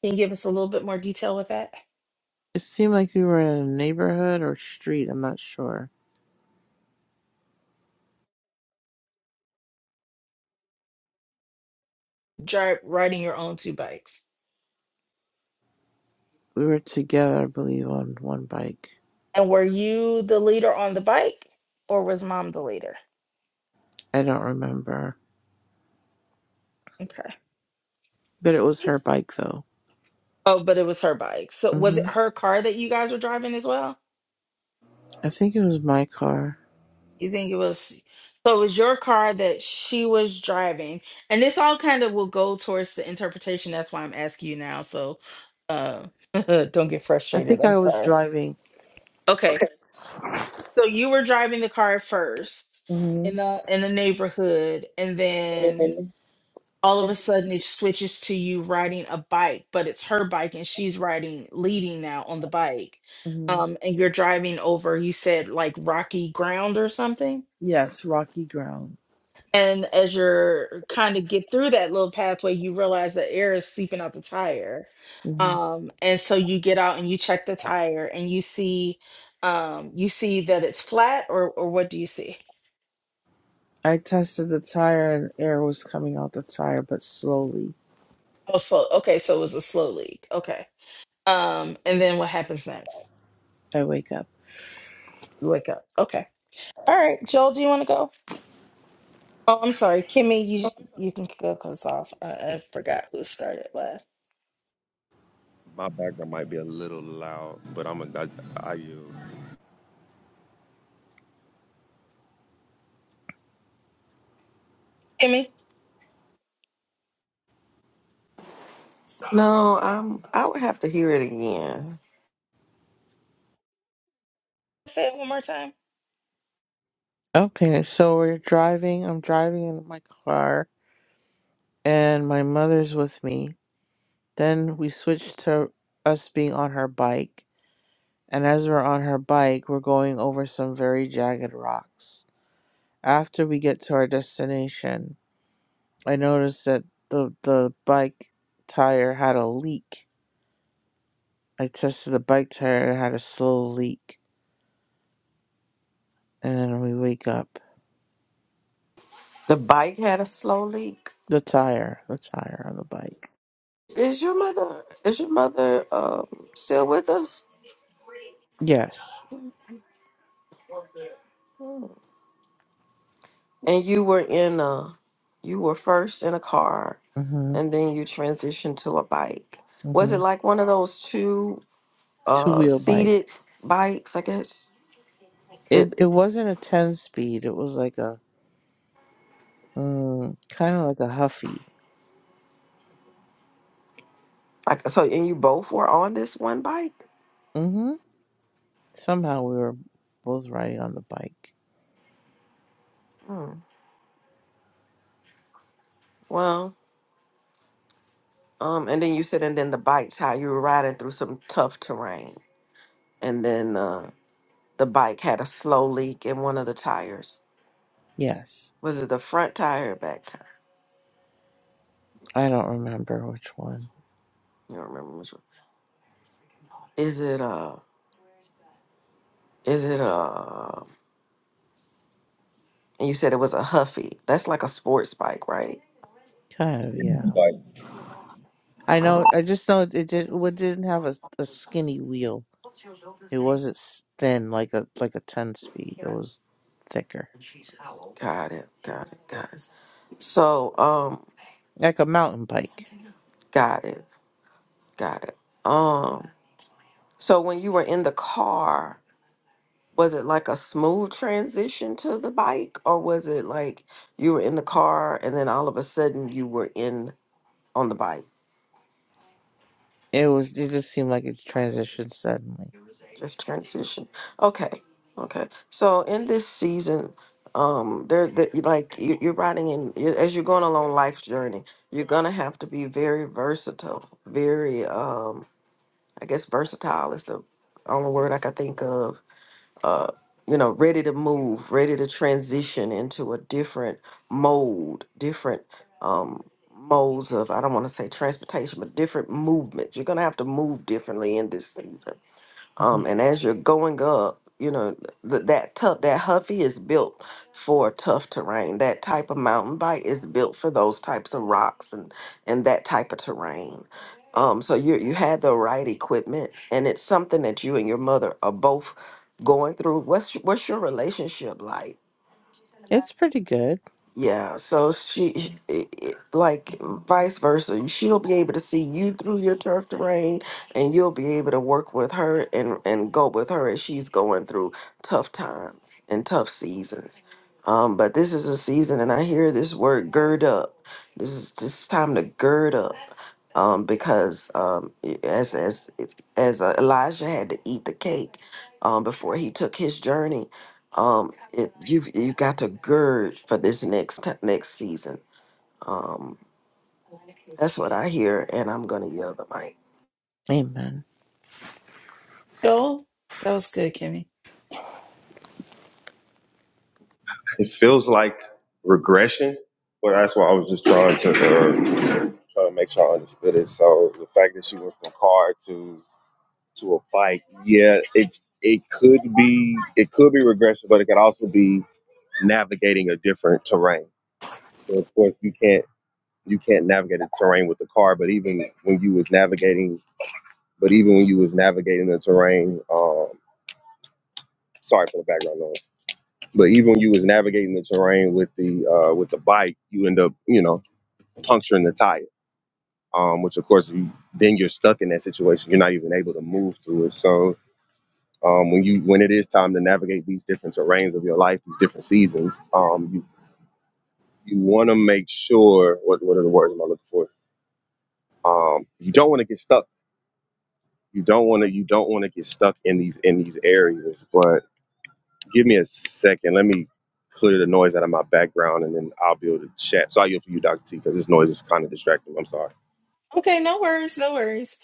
Speaker 1: Can you give us a little bit more detail with that?
Speaker 8: It seemed like we were in a neighborhood or street. I'm not sure.
Speaker 1: Drive riding your own two bikes.
Speaker 8: We were together, I believe, on one bike.
Speaker 1: And were you the leader on the bike or was mom the leader?
Speaker 8: I don't remember.
Speaker 1: Okay.
Speaker 8: But it was her bike, though.
Speaker 1: Oh, but it was her bike. So was
Speaker 8: hmm
Speaker 1: it her car that you guys were driving as well?
Speaker 8: I think it was my car.
Speaker 1: You think it was so it was your car that she was driving. And this all kind of will go towards the interpretation. That's why I'm asking you now. So uh don't get
Speaker 8: I
Speaker 1: frustrated.
Speaker 8: think
Speaker 1: I'm
Speaker 8: I was
Speaker 1: sorry.
Speaker 8: driving.
Speaker 1: Okay.
Speaker 8: Okay.
Speaker 1: So you were driving the car first
Speaker 8: hmm
Speaker 1: in the in the neighborhood and then all of a sudden it switches to you riding a bike, but it's her bike and she's riding leading now on the bike.
Speaker 8: hmm
Speaker 1: Um and you're driving over you said like rocky ground or something?
Speaker 8: Yes, rocky ground.
Speaker 1: And as you're kind of get through that little pathway, you realize that air is seeping out the tire.
Speaker 8: hmm
Speaker 1: Um, and so you get out and you check the tire and you see um you see that it's flat or or what do you see?
Speaker 8: I tested the tire and air was coming out the tire, but slowly.
Speaker 1: Oh, slow. Okay, so it was a slow leak. Okay. Um, and then what happens next?
Speaker 8: I wake up.
Speaker 1: You wake up. Okay. All right, Joel, do you want to go? Oh, I'm sorry, Kimmy. You you can go cause off. I, I forgot who started last.
Speaker 2: My background might be a little loud, but I'm a, I, I yield.
Speaker 1: Kimmy,
Speaker 4: No, um, I would have to hear it again.
Speaker 1: say it one more time.
Speaker 8: Okay, so we're driving. I'm driving in my car, and my mother's with me. Then we switched to us being on her bike, and as we're on her bike, we're going over some very jagged rocks. After we get to our destination, I noticed that the the bike tire had a leak. I tested the bike tire; it had a slow leak, and then we wake up.
Speaker 4: The bike had a slow leak.
Speaker 8: The tire, the tire on the bike.
Speaker 4: Is your mother? Is your mother um, still with us?
Speaker 8: Yes.
Speaker 4: Hmm. And you were in a, you were first in a car,
Speaker 8: Mhm.
Speaker 4: and then you transitioned to a bike. Was it
Speaker 8: Mhm.
Speaker 4: like one of those two
Speaker 8: Two
Speaker 4: uh,
Speaker 8: wheel bike.
Speaker 4: seated bikes? I guess.
Speaker 8: It it
Speaker 4: It,
Speaker 8: wasn't a ten speed. It was like a mm, kind of like a huffy.
Speaker 4: like so, and you both were on this one bike.
Speaker 8: hmm Somehow we were both riding on the bike.
Speaker 4: Hmm. Well, Um, and then you said, and then the bikes, how you were riding through some tough terrain, and then uh, the bike had a slow leak in one of the tires.
Speaker 8: Yes,
Speaker 4: Was it the front tire or back tire?
Speaker 8: I don't remember which one.
Speaker 4: You don't remember which one. Is it uh? Is it uh? And you said it was a Huffy. That's like a sports bike, right?
Speaker 8: Kind of yeah.
Speaker 2: Like
Speaker 8: I know.
Speaker 4: Um,
Speaker 8: I just know it did. It didn't have a, a skinny wheel. It wasn't s- thin like a like a ten speed. It was thicker,
Speaker 4: got it. Got it. Got it. So um,
Speaker 8: like a mountain bike.
Speaker 4: got it. Got it. Um, so when you were in the car. was it like a smooth transition to the bike or was it like you were in the car and then all of a sudden you were in on the bike
Speaker 8: It was. It just seemed like it transitioned suddenly.
Speaker 4: just transition okay okay so in this season um there that like you, you're riding in you as you're going along life's journey you're gonna have to be very versatile very um i guess versatile is the only word i can think of uh, you know, ready to move, ready to transition into a different mode, different um, modes of, I don't want to say transportation, but different movements. You're going to have to move differently in this season.
Speaker 8: hmm
Speaker 4: Um, and as you're going up, you know th- that tough that Huffy is built for tough terrain. That type of mountain bike is built for those types of rocks and and that type of terrain. Um, so you you had the right equipment, and it's something that you and your mother are both going through. What's what's your relationship like?
Speaker 8: It's pretty good.
Speaker 4: Yeah, so she, she- i- i- like vice versa, she'll be able to see you through your turf terrain, and you'll be able to work with her and and go with her as she's going through tough times and tough seasons. Um, but this is a season, and I hear this word "gird up." This is this is time to gird up, um, because um, i- as as as uh, Elijah had to eat the cake um, before he took his journey um it, you've you've got to gird for this next t- next season um that's what i hear and i'm gonna yell the mic
Speaker 8: Amen.
Speaker 1: Joel, that was good, Kimmy.
Speaker 2: it feels like regression, but that's why I was just trying to uh, trying to make sure I understood it. So the fact that she went from car to to a bike, yeah, it it could be it could be regression, but it could also be navigating a different terrain. So of course you can't you can't navigate the terrain with the car, but even when you was navigating, but even when you was navigating the terrain, um, sorry for the background noise But even when you was navigating the terrain with the uh, with the bike, you end up you know puncturing the tire, um, which of course you, then you're stuck in that situation. You're not even able to move through it. So um, when you when it is time to navigate these different terrains of your life, these different seasons, um, you you want to make sure what what are the words am I looking for? Um, you don't want to get stuck. You don't want to you don't want to get stuck in these in these areas, but Give me a second. Let me clear the noise out of my background, and then I'll be able to chat. So I yield for you, Doctor T, because this noise is kind of distracting. I'm sorry.
Speaker 1: Okay, no worries, no worries.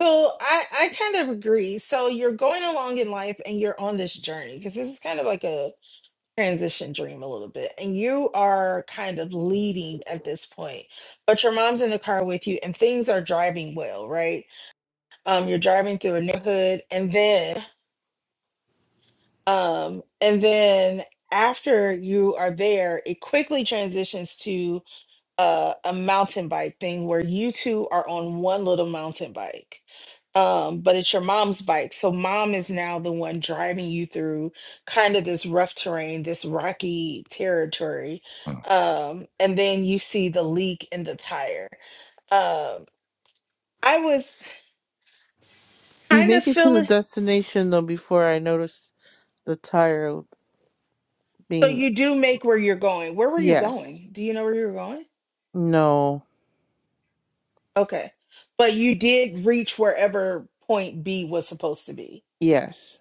Speaker 1: So I I kind of agree. So you're going along in life and you're on this journey because this is kind of like a transition dream a little bit. And you are kind of leading at this point. But your mom's in the car with you and things are driving well, right? Um you're driving through a neighborhood and then um and then after you are there, it quickly transitions to uh, a mountain bike thing where you two are on one little mountain bike. Um, but it's your mom's bike. So mom is now the one driving you through kind of this rough terrain, this rocky territory. Um, and then you see the leak in the tire. Um, I was
Speaker 8: We
Speaker 1: kind of
Speaker 8: make it to the
Speaker 1: feeling
Speaker 8: destination though before I notice the tire
Speaker 1: so
Speaker 8: being
Speaker 1: you do make where you're going. Where were you
Speaker 8: yes,
Speaker 1: going? Do you know where you were going?
Speaker 8: no,
Speaker 1: Okay. But you did reach wherever point B was supposed to be
Speaker 8: yes,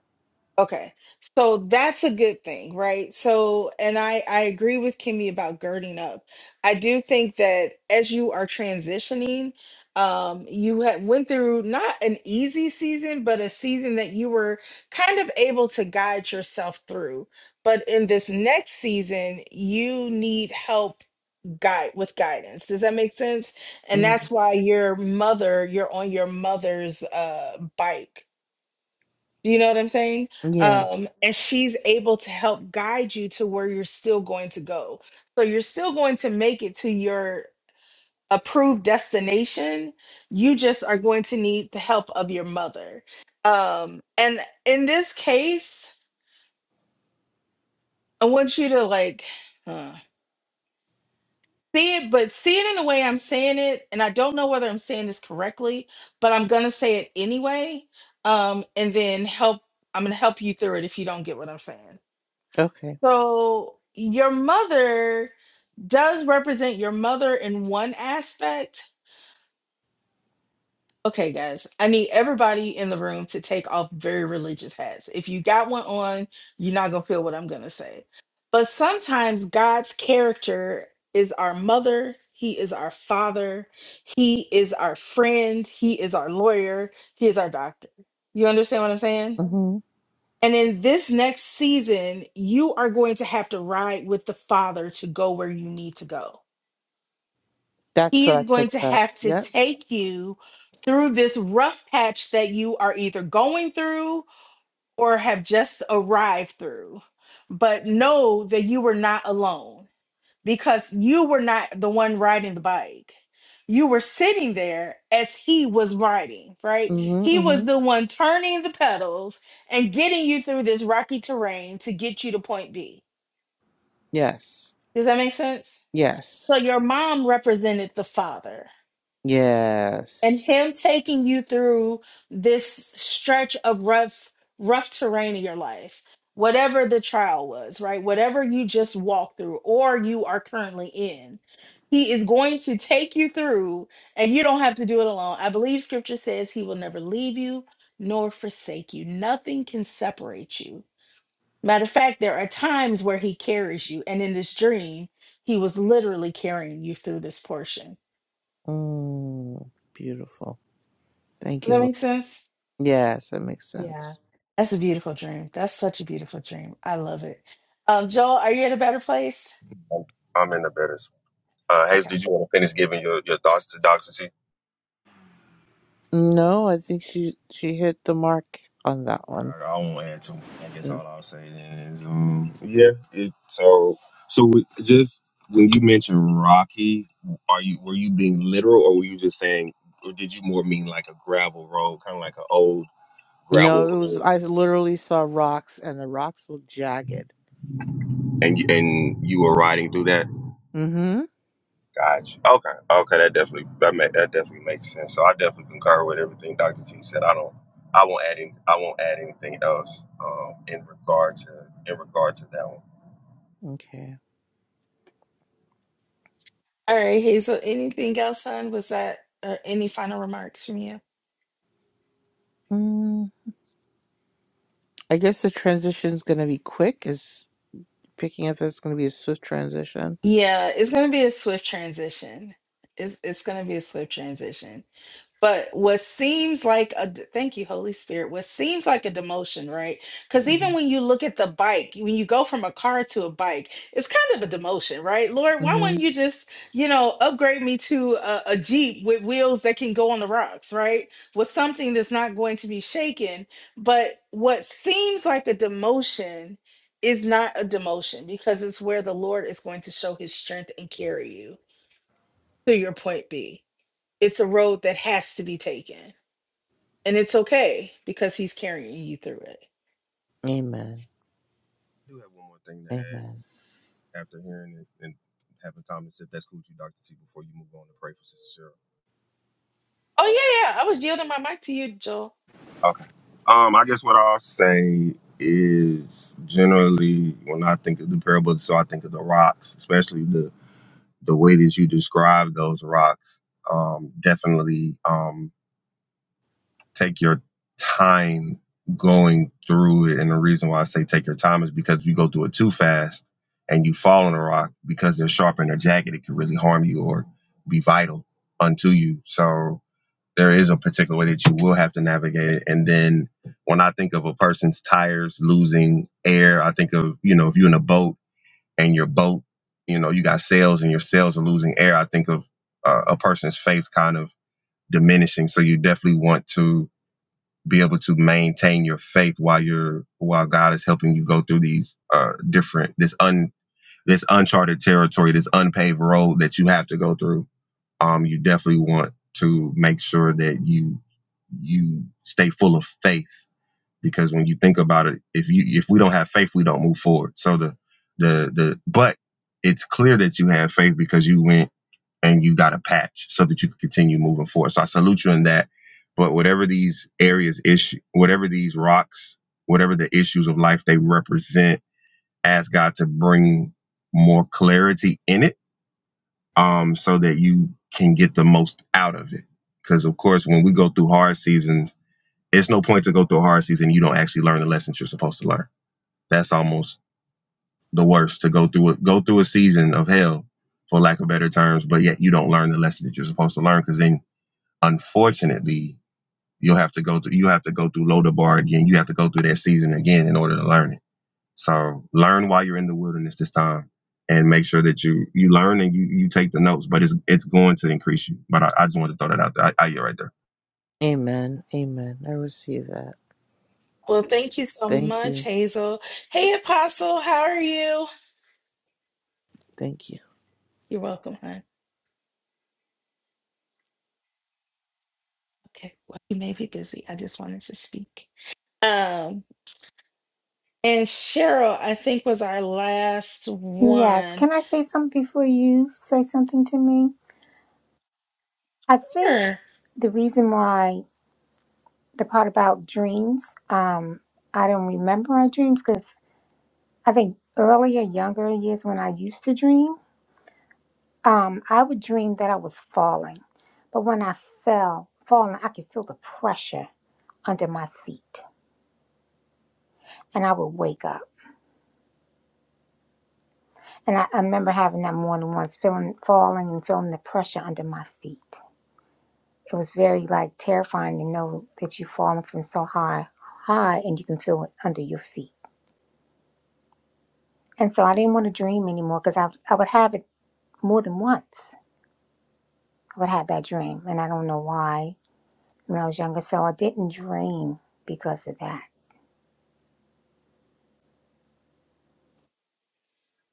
Speaker 1: Okay. So that's a good thing, right? So, and I I agree with Kimmy about girding up. I do think that as you are transitioning, um you had went through not an easy season, but a season that you were kind of able to guide yourself through. But in this next season, you need help guide with guidance. Does that make sense? And
Speaker 8: mm,
Speaker 1: that's why your mother, you're on your mother's uh bike do you know what I'm saying? Um,
Speaker 8: yes.
Speaker 1: and she's able to help guide you to where you're still going to go. So you're still going to make it to your approved destination. You just are going to need the help of your mother. Um, and in this case, I want you to like uh, see it, but see it in the way I'm saying it. And I don't know whether I'm saying this correctly, but I'm going to say it anyway. Um, and then help, I'm going to help you through it if you don't get what I'm saying.
Speaker 8: Okay.
Speaker 1: So your mother does represent your mother in one aspect. Okay, guys, I need everybody in the room to take off very religious hats. If you got one on, you're not going to feel what I'm going to say. But sometimes God's character is our mother, He is our father, He is our friend, He is our lawyer, He is our doctor. You understand what I'm saying?
Speaker 8: Mm-hmm.
Speaker 1: And in this next season, you are going to have to ride with the Father to go where you need to go.
Speaker 8: That's
Speaker 1: He
Speaker 8: what I
Speaker 1: is going to
Speaker 8: picked up.
Speaker 1: have to
Speaker 8: Yep.
Speaker 1: take you through this rough patch that you are either going through or have just arrived through. But know that you were not alone because you were not the one riding the bike. You were sitting there as he was riding, right?
Speaker 8: Mm-hmm.
Speaker 1: He was
Speaker 8: Mm-hmm.
Speaker 1: the one turning the pedals and getting you through this rocky terrain to get you to point B.
Speaker 8: Yes.
Speaker 1: Does that make sense?
Speaker 8: Yes.
Speaker 1: So your mom represented the father and
Speaker 8: Yes.
Speaker 1: him taking you through this stretch of rough rough terrain in your life whatever the trial was right whatever you just walked through or you are currently in he is going to take you through and you don't have to do it alone i believe scripture says he will never leave you nor forsake you nothing can separate you matter of fact there are times where he carries you and in this dream he was literally carrying you through this portion
Speaker 8: Mm, beautiful. Thank
Speaker 1: does
Speaker 8: you.
Speaker 1: that make sense
Speaker 8: Yes, that makes
Speaker 1: Yeah,
Speaker 8: sense.
Speaker 1: that's a beautiful dream. That's such a beautiful dream. I love it. Um, Joel, are you in a better place?
Speaker 2: I'm, I'm in the better. spot. Uh, Hayes,
Speaker 1: Okay.
Speaker 2: did you want to finish giving your, your thoughts to Doctor T?
Speaker 8: No, I think she she hit the mark on that one.
Speaker 2: I, I won't add to. I guess
Speaker 8: Yeah.
Speaker 2: all I'll say then is, um, yeah. It, so, so we- just when you mentioned Rocky, are you were you being literal, or were you just saying, or did you more mean like a gravel road, kind of like an old gravel
Speaker 8: No, it was
Speaker 2: road,
Speaker 8: I literally saw rocks and the rocks looked jagged.
Speaker 2: and you, and you were riding through that?
Speaker 8: Mm-hmm.
Speaker 2: Gotcha. Okay. Okay. That definitely that make, that definitely makes sense. So I definitely concur with everything Dr. T said. I don't. I won't add. Any, I won't add anything else um, in regard to in regard to that one. I
Speaker 8: Okay.
Speaker 1: All right, Hazel. Anything else, hon? Was that or any final remarks from you?
Speaker 8: Mm, I guess the transition's going to be quick. Is picking up that's going to be a swift transition.
Speaker 1: Yeah, it's gonna be a swift transition. It's it's gonna be a swift transition. But what seems like a d- thank you, Holy Spirit, what seems like a demotion, right? Because even
Speaker 8: Mm-hmm.
Speaker 1: when you look at the bike, when you go from a car to a bike, it's kind of a demotion, right? Lord, why wouldn't
Speaker 8: Mm-hmm.
Speaker 1: you just, you know, upgrade me to a, a Jeep with wheels that can go on the rocks, right? With something that's not going to be shaken. But what seems like a demotion is not a demotion because it's where the Lord is going to show his strength and carry you to your point B. It's a road that has to be taken and it's okay because he's carrying you through it.
Speaker 8: Amen.
Speaker 2: do have one more thing to
Speaker 8: Amen.
Speaker 2: add after hearing it and having time to sit. That's cool with you, Dr. T, before you move on to pray for Sister Cheryl.
Speaker 1: Oh, yeah, yeah. I was yielding my mic to you, Joel.
Speaker 2: Okay. Um, I guess what I'll say is generally when I think of the parables, so I think of the rocks, especially the the way that you describe those rocks um, definitely. Um, take your time going through it. And the reason why I say take your time is because if you go through it too fast and you fall on a rock because they're sharp in their jagged, it can really harm you or be vital unto you. So there is a particular way that you will have to navigate it. And then when I think of a person's tires losing air, I think of, you know, if you're in a boat and your boat, you know, you got sails and your sails are losing air, I think of uh, a person's faith kind of diminishing. So you definitely want to be able to maintain your faith while you're while God is helping you go through these uh different this un this uncharted territory, this unpaved road that you have to go through. Um, you definitely want to make sure that you you stay full of faith because when you think about it, if you if we don't have faith, we don't move forward. So the the the but it's clear that you have faith because you went and you got a patch so that you can continue moving forward. So I salute you in that. But whatever these areas issue, whatever these rocks, whatever the issues of life they represent, ask God to bring more clarity in it, um, so that you can get the most out of it. Because of course, when we go through hard seasons, it's no point to go through a hard season you don't actually learn the lessons you're supposed to learn. That's almost the worst to go through it. Go through a season of hell, for lack of better terms, but yet you don't learn the lesson that you're supposed to learn because then Unfortunately, you'll have to go through you have to go through loader bar again. You have to go through that season again in order to learn it. So learn while you're in the wilderness this time and make sure that you you learn and you you take the notes, but it's it's going to increase you. But I, I just wanted to throw that out there. I, I yeah right there.
Speaker 8: Amen. Amen. I receive that.
Speaker 1: Well, thank you so
Speaker 8: Thank
Speaker 1: much,
Speaker 8: you.
Speaker 1: Hazel. Hey, Apostle, how are you?
Speaker 8: Thank you.
Speaker 1: You're welcome, hon. Okay. Well, you may be busy. I just wanted to speak. Um, and Cheryl, I think, was our last
Speaker 9: Yes.
Speaker 1: one.
Speaker 9: Can I say something before you say something to me? I think
Speaker 1: Sure.
Speaker 9: the reason why the part about dreams, um, I don't remember my dreams because I think earlier, younger years when I used to dream, um, I would dream that I was falling. But when I fell, falling, I could feel the pressure under my feet and I would wake up. And I, I remember having that more than once, feeling falling and feeling the pressure under my feet. It was very like terrifying to know that you've fallen from so high, high, and you can feel it under your feet. And so I didn't want to dream anymore because I, I would have it more than once. I would have that dream, and I don't know why when I was younger. So I didn't dream because of that.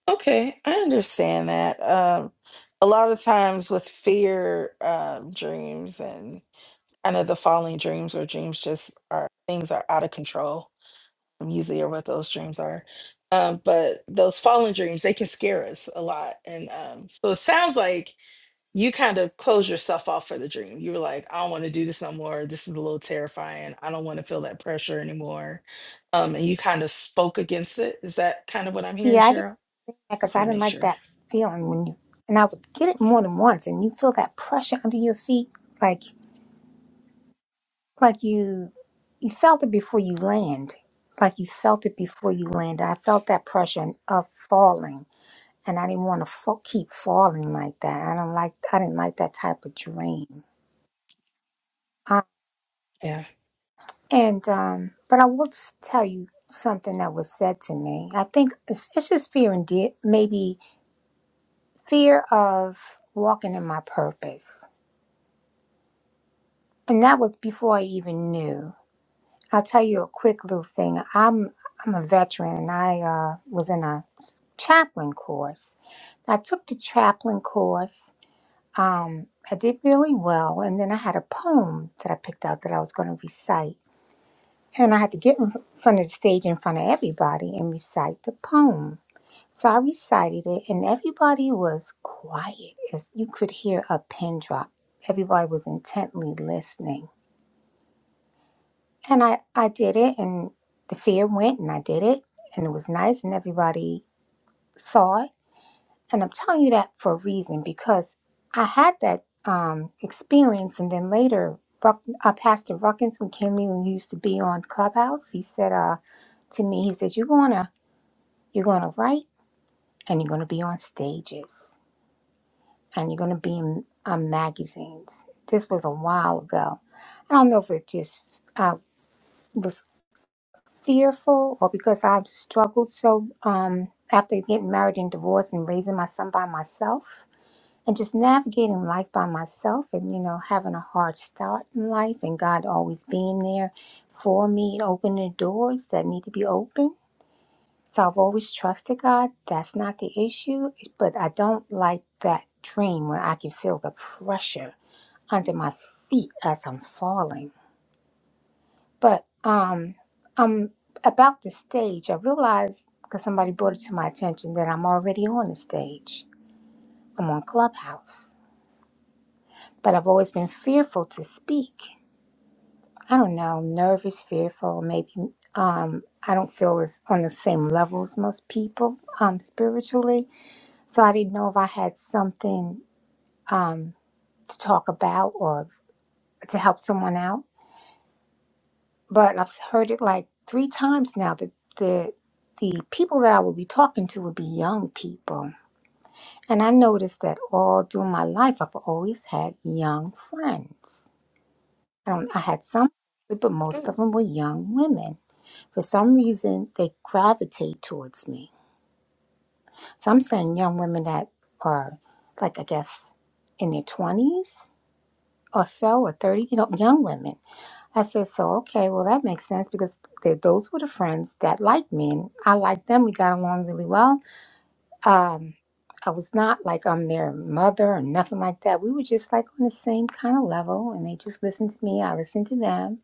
Speaker 1: Okay, I understand that. Um, a lot of times with fear, um, dreams and I know the falling dreams or dreams just are things are out of control usually are what those dreams are. Um, but those fallen dreams, they can scare us a lot. And um, so it sounds like you kind of close yourself off for the dream. You were like, I don't want to do this no more. This is a little terrifying. I don't want to feel that pressure anymore. Um, and you kind of spoke against it. Is that kind of what I'm hearing,
Speaker 9: Yeah, I didn't
Speaker 1: Cheryl? Just
Speaker 9: because
Speaker 1: want
Speaker 9: I
Speaker 1: to
Speaker 9: didn't
Speaker 1: make
Speaker 9: like
Speaker 1: sure.
Speaker 9: that feeling when you and I would get it more than once, and you feel that pressure under your feet, like like you you felt it before you land, like you felt it before you land. I felt that pressure of falling and I didn't want to fa- keep falling like that. I don't like I didn't like that type of dream. Uh,
Speaker 1: Yeah.
Speaker 9: and um, but I will s- tell you something that was said to me. I think it's, it's just fear and di- maybe fear of walking in my purpose, and that was before I even knew. I'll tell you a quick little thing. I'm I'm a veteran, and I uh, was in a s- chaplain course. I took the chaplain course Um, I did really well, and then I had a poem that I picked out that I was going to recite, and I had to get in front of the stage in front of everybody and recite the poem. So I recited it, and everybody was quiet, as you could hear a pin drop. Everybody was intently listening, and I I did it, and the fear went, and I did it, and it was nice, and everybody saw it And I'm telling you that for a reason because I had that um, experience. And then later, Ruck, uh, Pastor Ruckins, when Kim Lee used to be on Clubhouse, he said uh, to me, he said, you're going to you're going to write and you're going to be on stages and you're going to be in uh, magazines. This was a while ago. I don't know if it just uh, was fearful or because I've struggled so um, after getting married and divorced and raising my son by myself and just navigating life by myself and you know having a hard start in life and god always being there for me and opening the doors that need to be opened so i've always trusted god that's not the issue but i don't like that dream where i can feel the pressure under my feet as i'm falling but um i'm about the stage i realized because somebody brought it to my attention that i'm already on the stage i'm on clubhouse but I've always been fearful to speak. I don't know, nervous, fearful, maybe um, I don't feel as on the same level as most people um, spiritually. So I didn't know if I had something um, to talk about or to help someone out. But I've heard it like three times now that the the people that I would be talking to would be young people. And I noticed that all through my life, I've always had young friends I don't. I had some, but most
Speaker 1: Good.
Speaker 9: of them were young women. For some reason, they gravitate towards me. So I'm saying young women that are, like I guess, in their twenties or so, or thirty. You know, young women. I said, so okay, well that makes sense because they, those were the friends that liked me, and I liked them. We got along really well. Um, I was not like I'm their mother or nothing like that. We were just like on the same kind of level, and they just listened to me. I listened to them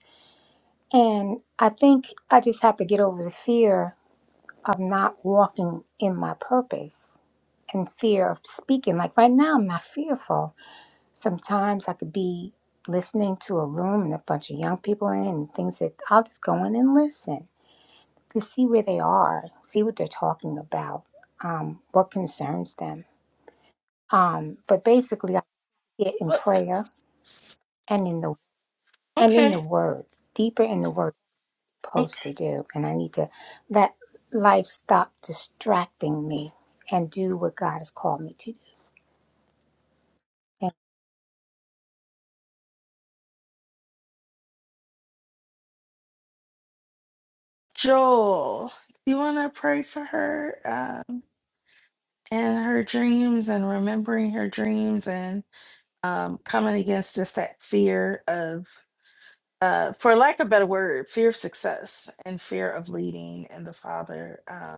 Speaker 9: And I think I just have to get over the fear of not walking in my purpose and fear of speaking. Like right now, I'm not fearful. Sometimes I could be listening to a room and a bunch of young people in it and things that I'll just go in and listen to see where they are, see what they're talking about, um, what concerns them. Um, but basically, I get in
Speaker 1: Well,
Speaker 9: prayer and in the and in
Speaker 1: Okay.
Speaker 9: the Word, deeper in the Word.
Speaker 1: Okay.
Speaker 9: Supposed to do. And I need to let life stop distracting me and do what God has called me to do.
Speaker 1: Joel, do you want to pray for her um, and her dreams and remembering her dreams and um, coming against just that fear of, uh, for lack of a better word, fear of success and fear of leading and the Father uh,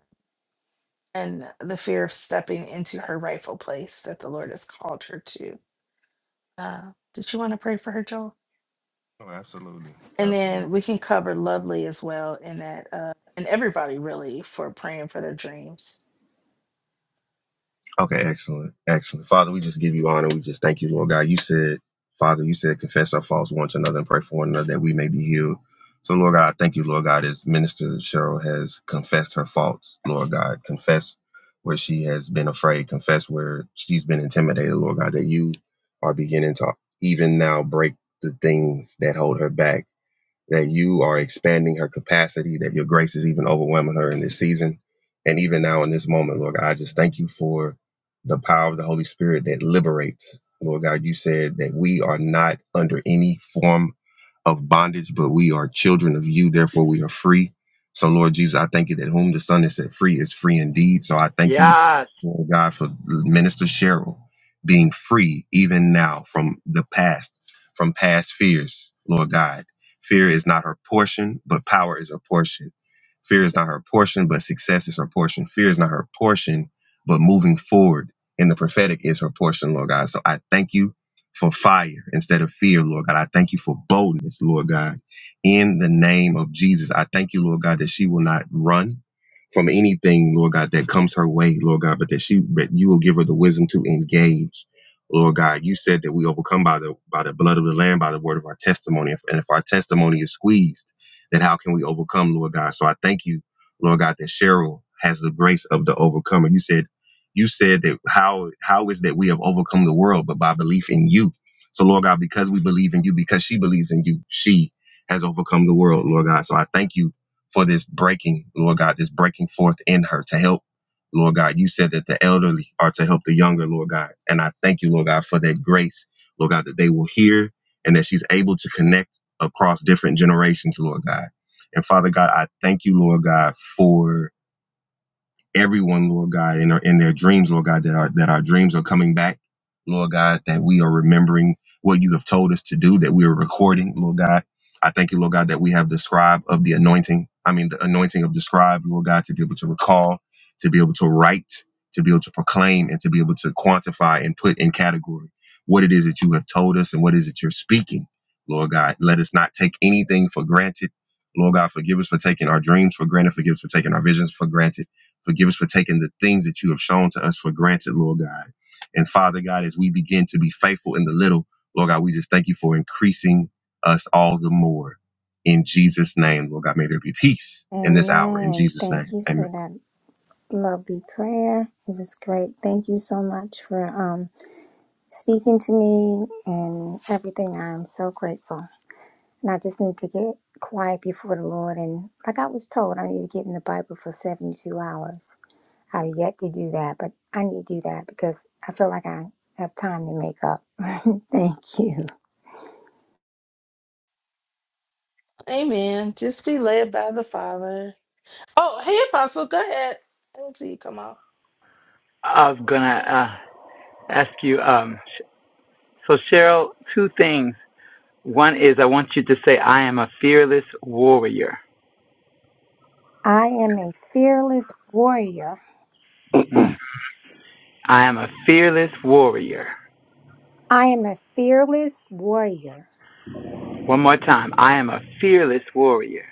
Speaker 1: and the fear of stepping into her rightful place that the Lord has called her to. Uh, did you want to pray for her, Joel?
Speaker 2: Oh, absolutely.
Speaker 1: And
Speaker 2: Absolutely.
Speaker 1: then we can cover Lovely as well in that, uh, and everybody really for praying for their dreams.
Speaker 2: Okay, excellent. Excellent. Father, we just give you honor. We just thank you, Lord God. You said, Father, you said, confess our faults one to another and pray for one another that we may be healed. So, Lord God, I thank you, Lord God, as Minister Cheryl has confessed her faults, Lord God, confess where she has been afraid, confess where she's been intimidated, Lord God, that you are beginning to even now break the things that hold her back that you are expanding her capacity, that your grace is even overwhelming her in this season. And even now in this moment, Lord God, I just thank you for the power of the Holy Spirit that liberates. Lord God, you said that we are not under any form of bondage, but we are children of you. Therefore, we are free. So, Lord Jesus, I thank you that whom the Son has set free is free indeed. So, I thank you,
Speaker 10: Yes,
Speaker 2: Lord God, for Minister Cheryl being free even now from the past, from past fears, Lord God Fear is not her portion, but power is her portion. Fear is not her portion, but success is her portion. Fear is not her portion, but moving forward in the prophetic is her portion, Lord God. So I thank you for fire instead of fear, Lord God. I thank you for boldness, Lord God. In the name of Jesus, I thank you, Lord God, that she will not run from anything, Lord God, that comes her way, Lord God, but that she, but you will give her the wisdom to engage Lord God, you said that we overcome by the by the blood of the Lamb, by the word of our testimony. And if our testimony is squeezed, then how can we overcome, Lord God? So I thank you, Lord God, that Cheryl has the grace of the overcomer. You said, you said that how how is that we have overcome the world, but by belief in you. So Lord God, because we believe in you, because she believes in you, she has overcome the world, Lord God. So I thank you for this breaking, Lord God, this breaking forth in her to help Lord God. You said that the elderly are to help the younger, Lord God. And I thank you, Lord God, for that grace, Lord God, that they will hear and that she's able to connect across different generations, Lord God. And Father God, I thank you, Lord God, for everyone, Lord God, in, our, in their dreams, Lord God, that our, that our dreams are coming back, Lord God, that we are remembering what you have told us to do, that we are recording, Lord God. I thank you, Lord God, that we have the scribe of the anointing. I mean, the anointing of the scribe, Lord God, to be able to recall, to be able to write, to be able to proclaim, and to be able to quantify and put in category what it is that you have told us and what it is that you're speaking, Lord God. Let us not take anything for granted. Lord God, forgive us for taking our dreams for granted. Forgive us for taking our visions for granted. Forgive us for taking the things that you have shown to us for granted, Lord God. And Father God, as we begin to be faithful in the little, Lord God, we just thank you for increasing us all the more. In Jesus' name, Lord God, may there be peace in this hour. In
Speaker 9: Amen.
Speaker 2: Jesus'
Speaker 9: Thank
Speaker 2: name,
Speaker 9: you for
Speaker 2: amen.
Speaker 9: that lovely prayer. It was great. Thank you so much for um, speaking to me and everything. I'm so grateful. And I just need to get quiet before the Lord. And like I was told, I need to get in the Bible for 72 hours. I've yet to do that, but I need to do that because I feel like I have time to make up. Thank you.
Speaker 1: Amen. Just be led by the Father. Oh, hey, Apostle, go ahead. I didn't see you come on.
Speaker 10: I'm gonna uh, ask you. Um, sh- so Cheryl, two things. One is I want you to say, "I am a fearless warrior."
Speaker 9: I am a fearless warrior.
Speaker 10: Mm. I am a fearless warrior.
Speaker 9: I am a fearless warrior.
Speaker 10: One more time. I am a fearless warrior.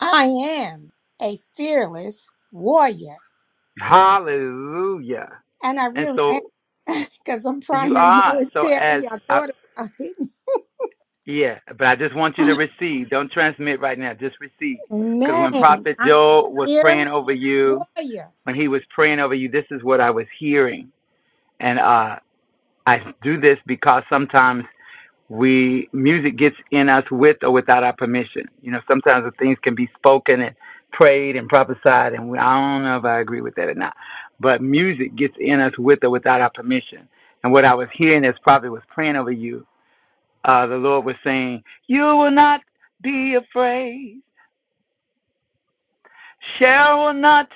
Speaker 9: I am a fearless warrior.
Speaker 10: Hallelujah.
Speaker 9: And I
Speaker 10: And
Speaker 9: really am
Speaker 10: so
Speaker 9: because I'm
Speaker 10: you
Speaker 9: prior
Speaker 10: are. So as
Speaker 9: military. I
Speaker 10: I,
Speaker 9: thought about it.
Speaker 10: yeah, but I just want you to receive. Don't transmit right now. Just receive. Because when
Speaker 9: Amen.
Speaker 10: Prophet
Speaker 9: I'm a
Speaker 10: Joel was praying
Speaker 9: fearless
Speaker 10: over you,
Speaker 9: warrior.
Speaker 10: when he was praying over you, this is what I was hearing. And uh, I do this because sometimes we music gets in us with or without our permission. You know, sometimes the things can be spoken and prayed and prophesied, and we, I don't know if I agree with that or not. But music gets in us with or without our permission. And what I was hearing as probably was praying over you, uh, the Lord was saying, "You will not be afraid shall not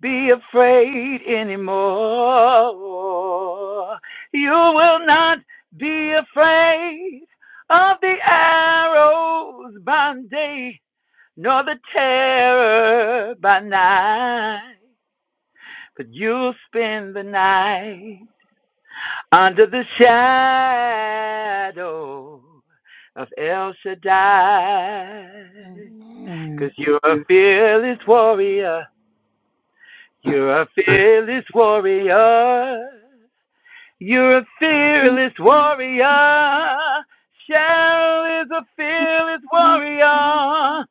Speaker 10: be afraid anymore. You will not be afraid of the arrows by day, nor the terror by night. But you'll spend the night under the shadow of El Shaddai, you
Speaker 9: Amen.
Speaker 10: you're a fearless warrior You're a fearless warrior. You're a fearless warrior. Shell is a fearless
Speaker 9: Amen.
Speaker 10: warrior.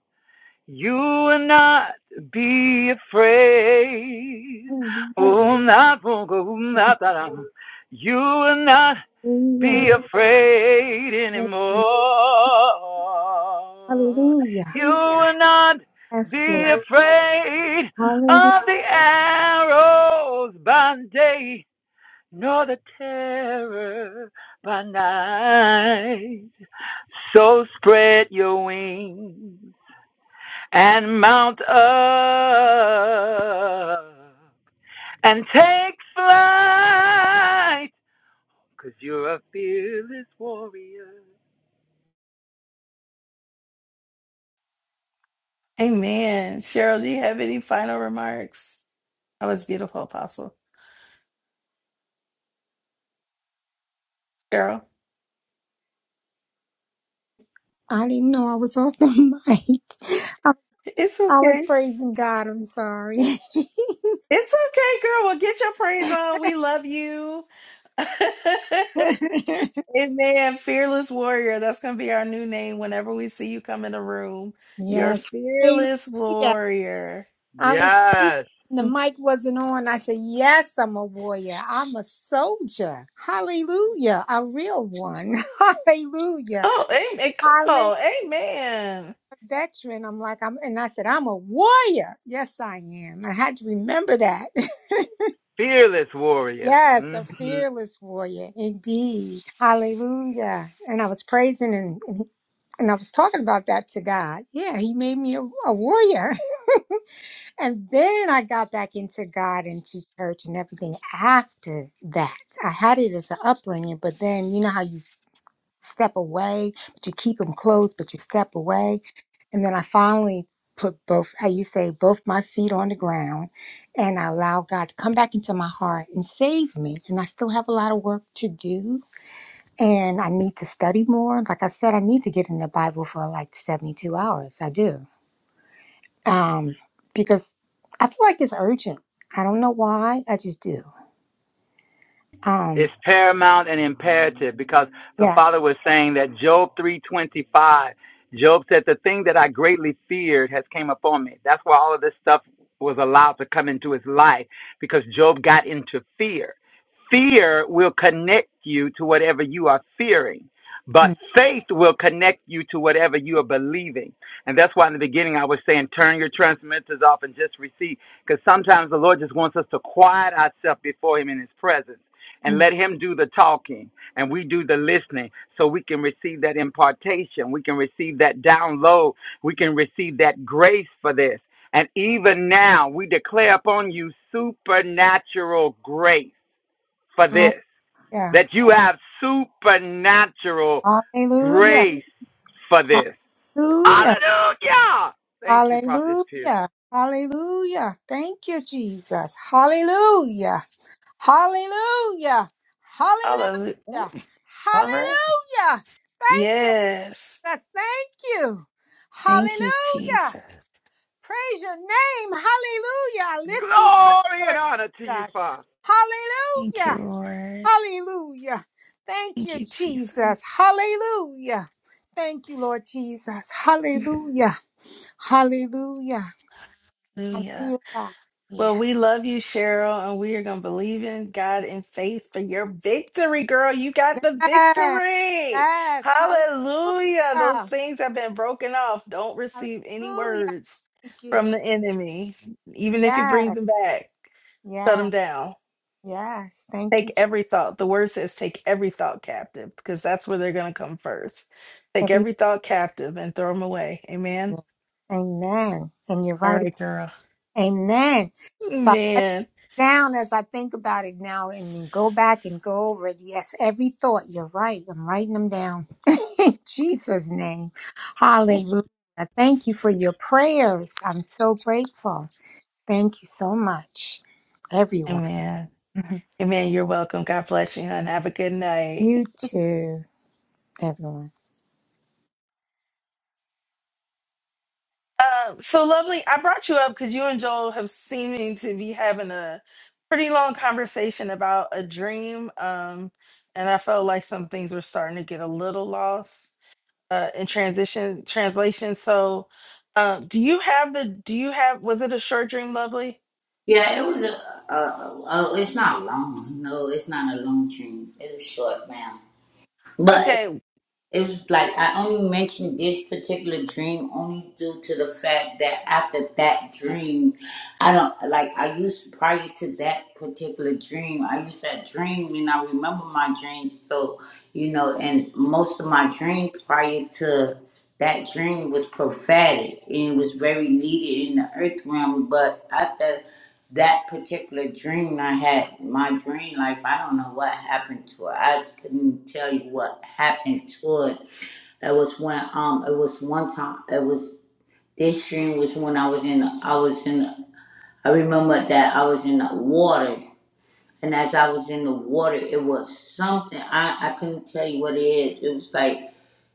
Speaker 10: You will not be afraid. Oh, not for- oh, not that You will not
Speaker 9: Hallelujah.
Speaker 10: be afraid
Speaker 9: Hallelujah.
Speaker 10: anymore.
Speaker 9: Hallelujah.
Speaker 10: You will not
Speaker 9: Yes,
Speaker 10: be
Speaker 9: Lord.
Speaker 10: afraid
Speaker 9: Hallelujah.
Speaker 10: of the arrows by day, nor the terror by night. So spread your wings and mount up and take flight, 'cause you're a fearless warrior.
Speaker 1: Amen. Cheryl, do you have any final remarks? That was beautiful, Apostle. Cheryl,
Speaker 9: I didn't know I was off the mic. I,
Speaker 1: it's
Speaker 9: I was
Speaker 1: okay.
Speaker 9: praising God. I'm sorry.
Speaker 1: It's okay, girl. Well, get your praise on. We love you. Amen. Fearless warrior. That's going to be our new name whenever we see you come in the room. You're
Speaker 9: yes.
Speaker 1: fearless
Speaker 9: Hallelujah.
Speaker 1: warrior.
Speaker 9: I was speaking.
Speaker 10: Yes,
Speaker 9: The mic wasn't on. I said, Yes, I'm a warrior. I'm a soldier. Hallelujah. A real one. Hallelujah.
Speaker 1: Oh, amen. Come
Speaker 9: I'm a
Speaker 1: on. Amen.
Speaker 9: veteran. I'm like, I'm, and I said, I'm a warrior. Yes, I am. I had to remember that.
Speaker 10: fearless warrior.
Speaker 9: Yes, a
Speaker 10: Mm-hmm.
Speaker 9: fearless warrior, indeed. Hallelujah. And I was praising and, and, and I was talking about that to God. Yeah, he made me a, a warrior. And then I got back into God and to church and everything after that. I had it as an upbringing, but then you know how you step away, but you keep them close, but you step away. And then I finally put both, how you say, both my feet on the ground and I allow God to come back into my heart and save me. And I still have a lot of work to do. And I need to study more. Like I said, I need to get in the Bible for like 72 hours. I do. Um, because I feel like it's urgent. I don't know why. I just do. Um,
Speaker 10: It's paramount and imperative because the
Speaker 9: yeah.
Speaker 10: Father was saying that Job 325, Job said, the thing that I greatly feared has came upon me. That's why all of this stuff was allowed to come into his life because Job got into fear. Fear will connect you to whatever you are fearing. But
Speaker 9: Mm,
Speaker 10: faith will connect you to whatever you are believing. And that's why in the beginning I was saying, turn your transmitters off and just receive. Because sometimes the Lord just wants us to quiet ourselves before Him in His presence and
Speaker 9: mm.
Speaker 10: let him do the talking and we do the listening so we can receive that impartation we can receive that download we can receive that grace for this and even now we declare upon you supernatural grace for
Speaker 9: Uh,
Speaker 10: this
Speaker 9: yeah.
Speaker 10: that you have supernatural
Speaker 9: Hallelujah.
Speaker 10: grace for this
Speaker 9: Hallelujah.
Speaker 10: hallelujah thank you prophetess pierce
Speaker 9: Hallelujah. Hallelujah. Thank you, Jesus. Hallelujah. Hallelujah.
Speaker 1: Hallelujah. Ooh,
Speaker 9: Hallelujah.
Speaker 1: All right.
Speaker 9: Hallelujah. Thank you.
Speaker 1: Yes.
Speaker 9: Jesus. Thank you.
Speaker 1: Thank you,
Speaker 9: Hallelujah.
Speaker 1: Jesus.
Speaker 9: Praise your name. Hallelujah. I lift you up,
Speaker 10: glory and
Speaker 9: Lord
Speaker 10: honor to you
Speaker 9: Jesus.
Speaker 10: father
Speaker 1: Thank you,
Speaker 9: Hallelujah.
Speaker 1: Lord.
Speaker 9: Hallelujah. Thank
Speaker 1: Thank
Speaker 9: you,
Speaker 1: you, Jesus.
Speaker 9: Jesus. Hallelujah. Thank you, Lord Jesus. Hallelujah. Hallelujah. I'm
Speaker 1: Hallelujah.
Speaker 9: here, God. Here.
Speaker 1: Well, we love you, Cheryl, and we are going to believe in God in faith for your victory, girl. You got the
Speaker 9: Yes.
Speaker 1: victory.
Speaker 9: Yes.
Speaker 1: Hallelujah. Those
Speaker 9: Hallelujah.
Speaker 1: things have been broken off. Don't receive any
Speaker 9: Hallelujah.
Speaker 1: words
Speaker 9: Thank you,
Speaker 1: from
Speaker 9: Jesus.
Speaker 1: the enemy, even if he brings
Speaker 9: Yes.
Speaker 1: them back. Shut them
Speaker 9: Yes.
Speaker 1: down.
Speaker 9: Yes. Thank
Speaker 1: Take
Speaker 9: you, Jesus.
Speaker 1: every thought. The word says take every thought captive because that's where they're going to come first. Take
Speaker 9: Everything.
Speaker 1: every thought captive and throw them away. Amen.
Speaker 9: Amen. And you're
Speaker 1: All
Speaker 9: right
Speaker 1: right,
Speaker 9: about
Speaker 1: girl.
Speaker 9: Amen. So I write
Speaker 1: Amen.
Speaker 9: it down as I think about it now and then go back and go over it. Yes, every thought. You're right. I'm writing them down. In Jesus' name. Hallelujah. Thank you for your prayers. I'm so grateful. Thank you so much, everyone.
Speaker 1: Amen. Amen. You're welcome. God bless you, and have a good night.
Speaker 9: You too, everyone.
Speaker 1: Um, so lovely. I brought you up because you and Joel have seeming to be having a pretty long conversation about a dream. Um, and I felt like some things were starting to get a little lost uh, in transition translation. So, um, do you have the? Do you have? Was it a short dream, lovely?
Speaker 11: Yeah, it was a. Uh, oh, it's not long. No, it's not a long dream. It's a short round. But
Speaker 1: Okay.
Speaker 11: it was like I only mentioned this particular dream only due to the fact that after that dream, I don't like. I used prior to that particular dream, I used that dream and I remember my dreams. So you know, and most of my dreams prior to that dream was prophetic and it was very needed in the earth realm. But after that particular dream I had, my dream life, I don't know what happened to it. I couldn't tell you what happened to it. That was when um it was one time it was this dream was when I was in the I was in the, I remember that I was in the water and as I was in the water it was something I, I couldn't tell you what it is. It was like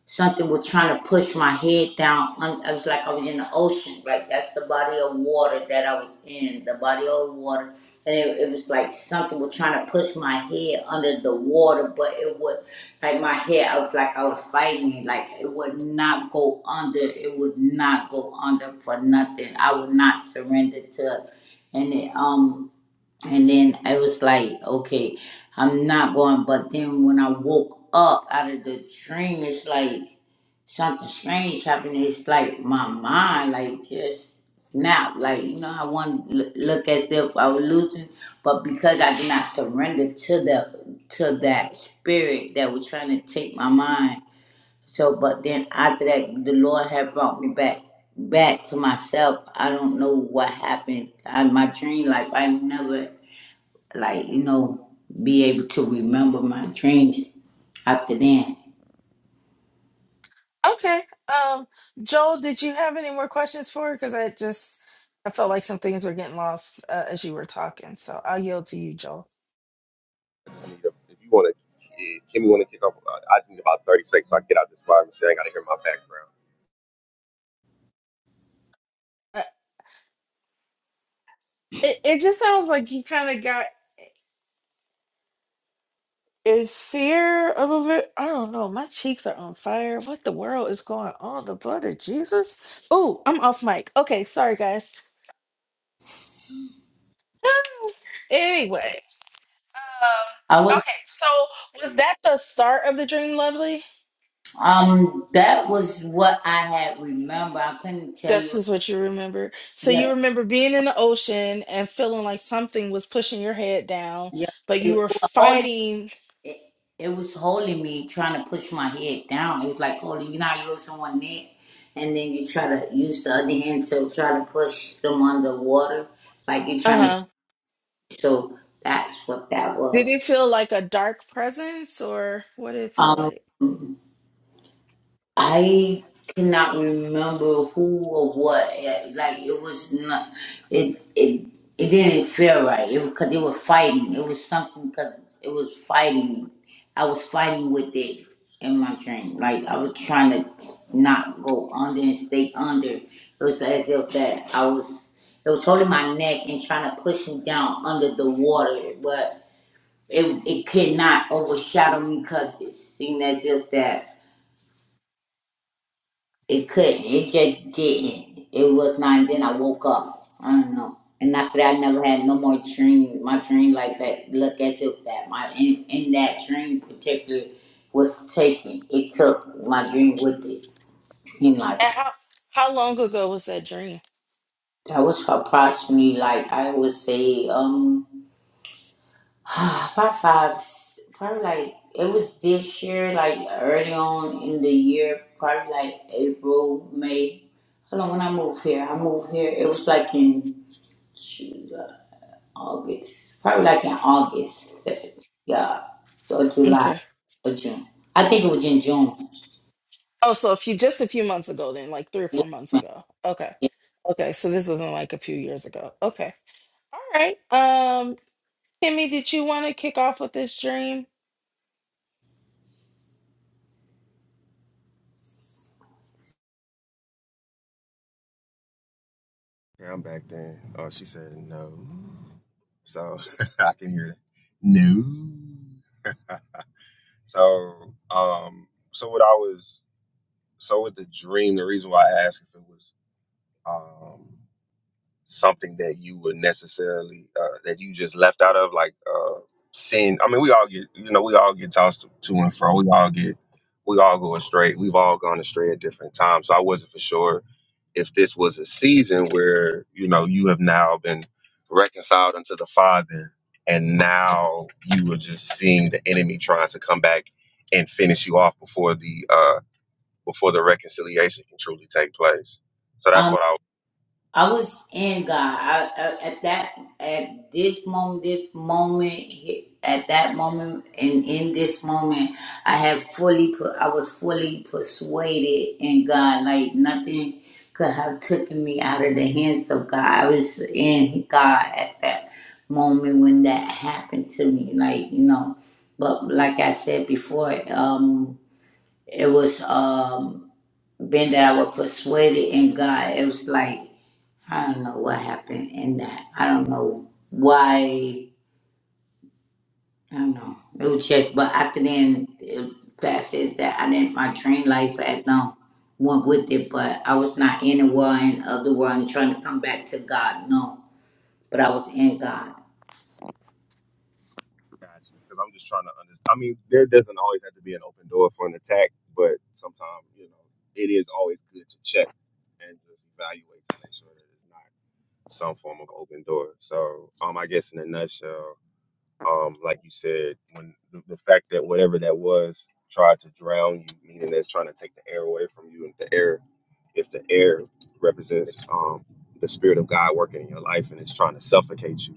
Speaker 11: Something was trying to push my head down. I was like I was in the ocean. Like that's the body of water that I was in. The body of water, and it, it was like something was trying to push my head under the water, but it would like my head. I was like I was fighting. Like it would not go under. It would not go under for nothing. I would not surrender to. it. And it um and then I was like okay, I'm not going. But then when I woke up out of the dream, it's like something strange happened. It's like my mind, like just snapped. Like you know, I want to look as if I was losing, but because I did not surrender to the to that spirit that was trying to take my mind. So, but then after that, the Lord had brought me back back to myself. I don't know what happened. I, my dream life, I never like you know be able to remember my dreams after then.
Speaker 1: Okay. Um, Joel, did you have any more questions for her? Because I just I felt like some things were getting lost uh, as you were talking. So I'll yield to you, Joel.
Speaker 2: If you want to, Kimmy want to kick off, uh, I just need about 30 seconds so I can get out this fire machine. I got to hear my background.
Speaker 1: Uh, It, it just sounds like you kind of got in fear a little bit. I don't know. My cheeks are on fire. What the world is going on? The blood of Jesus. Oh, I'm off mic. Okay, sorry guys. anyway, um,
Speaker 11: I was
Speaker 1: okay. So was that the start of the dream, Lovely?
Speaker 11: Um, that was what I had remember. I couldn't tell
Speaker 1: This
Speaker 11: you.
Speaker 1: is what you remember. So you
Speaker 11: Yeah,
Speaker 1: remember being in the ocean and feeling like something was pushing your head down,
Speaker 11: yeah.
Speaker 1: but you
Speaker 11: It,
Speaker 1: were
Speaker 11: was holding.
Speaker 1: fighting.
Speaker 11: It, it was holding me, trying to push my head down. It was like holding. You know, how you hold someone neck, and then you try to use the other hand to try to push them under water, like you're trying to.
Speaker 1: Uh-huh.
Speaker 11: So that's what that
Speaker 1: Did it
Speaker 11: was.
Speaker 1: feel like a dark presence or what did it feel
Speaker 11: Um,
Speaker 1: like?
Speaker 11: I cannot remember who or what. eh, Like it was not. It it it didn't feel right. It because they were fighting. It was something because it was fighting. I was fighting with it in my dream. Like I was trying to not go under and stay under. It was as if that I was. It was holding my neck and trying to push me down under the water, but it it could not overshadow me because it seemed as if that. It couldn't. It just didn't. It was not. then I woke up. I don't know. And after that, I never had no more dream. My dream life had look as if that my in, in that dream particular was taken. It took my dream with it. Dream
Speaker 1: And
Speaker 11: life.
Speaker 1: how how long ago was that dream?
Speaker 11: That was approximately like I would say um about five, probably like it was this year, like early on in the year, probably like April, May. Hold on, when I moved here, I moved here. It was like in July, August, probably like in August, September, yeah, or July
Speaker 1: Okay.
Speaker 11: or June. I think it was in June.
Speaker 1: Oh, so a few just a few months ago then, like three or
Speaker 11: Yeah.
Speaker 1: four months ago. Okay.
Speaker 11: yeah.
Speaker 1: Okay. So this wasn't like a few years ago. Okay. All right. Um, Kimmy, did you want to kick off with this dream?
Speaker 2: Yeah, I'm back then. Oh, she said no. So I can hear that. No. So um so what I was So with the dream, the reason why I asked if it was um, something that you would necessarily uh, that you just left out of, like uh, sin. I mean, we all get you know we all get tossed to and fro. We all get we all go astray. We've all gone astray at different times. So I wasn't for sure if this was a season where you know you have now been reconciled unto the Father, and now you were just seeing the enemy trying to come back and finish you off before the uh, before the reconciliation can truly take place. So that's
Speaker 11: Um,
Speaker 2: what I
Speaker 11: I was in God. I, I, at that, at this moment, this moment, he- at that moment, and in this moment, I had fully put. I was fully persuaded in God. Like nothing could have taken me out of the hands of God. I was in God at that moment when that happened to me. Like you know, but like I said before, um, it was um, being that I was persuaded in God. It was like. I don't know what happened in that. I don't know why. I don't know. It was just, but after then, it, fast as that, I didn't, my train life had no went with it, but I was not in the world and of the world and trying to come back to God, no. But I was in God.
Speaker 2: gotcha. Because I'm just trying to understand. I mean, there doesn't always have to be an open door for an attack, but sometimes you know it is always good to check and just evaluate to make sure that it's not some form of open door. So um, I guess in a nutshell, um, like you said, when the, the fact that whatever that was tried to drown you, meaning that's trying to take the air away from you, and the air If the air represents um, the spirit of God working in your life and it's trying to suffocate you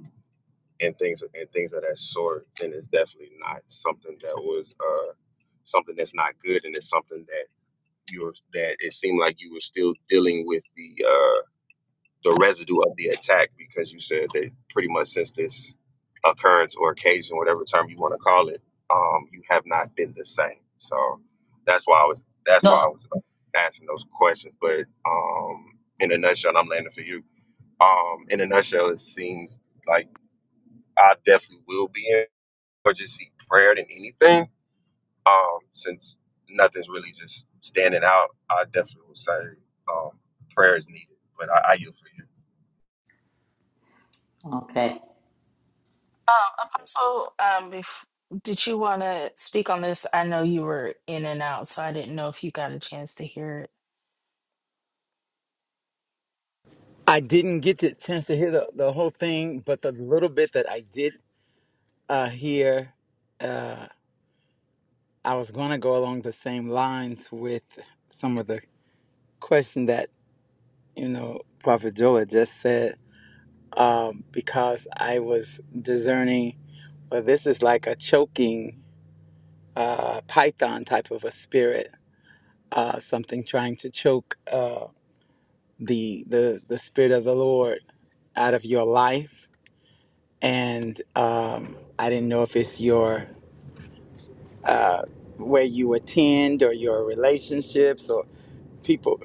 Speaker 2: and things and things of that sort, then it's definitely not something that was uh, something that's not good, and it's something that you're that it seemed like you were still dealing with the. uh, the residue of the attack because you said that pretty much since this occurrence or occasion, whatever term you want to call it, um, you have not been the same. So that's why I was that's why
Speaker 11: No.
Speaker 2: I was uh, asking those questions. But um, in a nutshell, and I'm landing for you. Um, in a nutshell, it seems like I definitely will be in or just see prayer than anything. Um, since nothing's really just standing out, I definitely would say um, prayer is needed. But I, I yield for you.
Speaker 11: Okay.
Speaker 1: Um, Apostle, um, bef- did you want to speak on this? I know you were in and out, so I didn't know if you got a chance to hear it.
Speaker 10: I didn't get the chance to hear the, the whole thing, but the little bit that I did uh, hear, uh, I was going to go along the same lines with some of the question that, you know, Prophet Joe had just said, um, because I was discerning, well, this is like a choking uh, python type of a spirit, uh, something trying to choke uh, the, the, the spirit of the Lord out of your life and um, I didn't know if it's your uh, where you attend or your relationships or people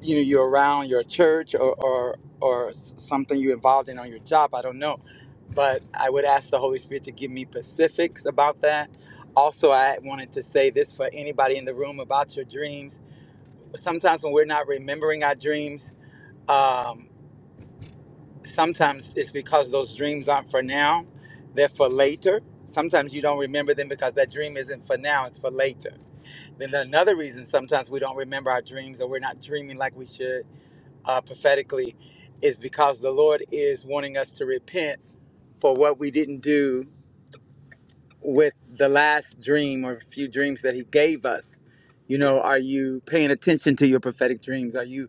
Speaker 10: you know you're around your church or or, or something you're involved in on your job. I don't know, but I would ask the Holy Spirit to give me specifics about that. Also, I wanted to say this for anybody in the room about your dreams. Sometimes when we're not remembering our dreams. um, sometimes it's because those dreams aren't for now, they're for later. Sometimes you don't remember them because that dream isn't for now, it's for later. Then another reason sometimes we don't remember our dreams or we're not dreaming like we should uh, prophetically is because the Lord is wanting us to repent for what we didn't do with the last dream or few dreams that He gave us. You know, are you paying attention to your prophetic dreams? Are you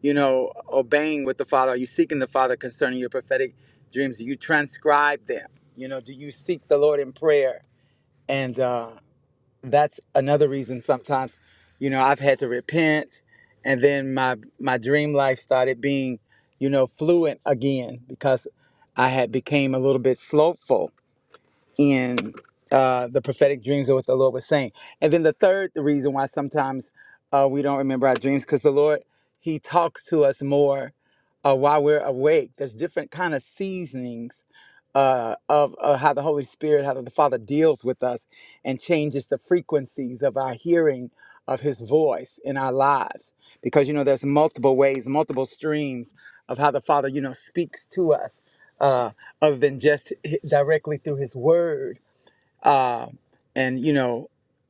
Speaker 10: you know, obeying with the Father? Are you seeking the Father concerning your prophetic dreams? Do you transcribe them? You know, do you seek the Lord in prayer? And uh, that's another reason sometimes, you know, I've had to repent, and then my my dream life started being, you know, fluent again because I had became a little bit slowful in uh, the prophetic dreams of what the Lord was saying. And then the third reason why sometimes uh, we don't remember our dreams because the Lord He talks to us more uh, while we're awake. There's different kind of seasonings uh, of uh, how the Holy Spirit, how the Father deals with us and changes the frequencies of our hearing of His voice in our lives. Because you know, there's multiple ways, multiple streams of how the Father, you know, speaks to us uh, other than just directly through his word um, and you know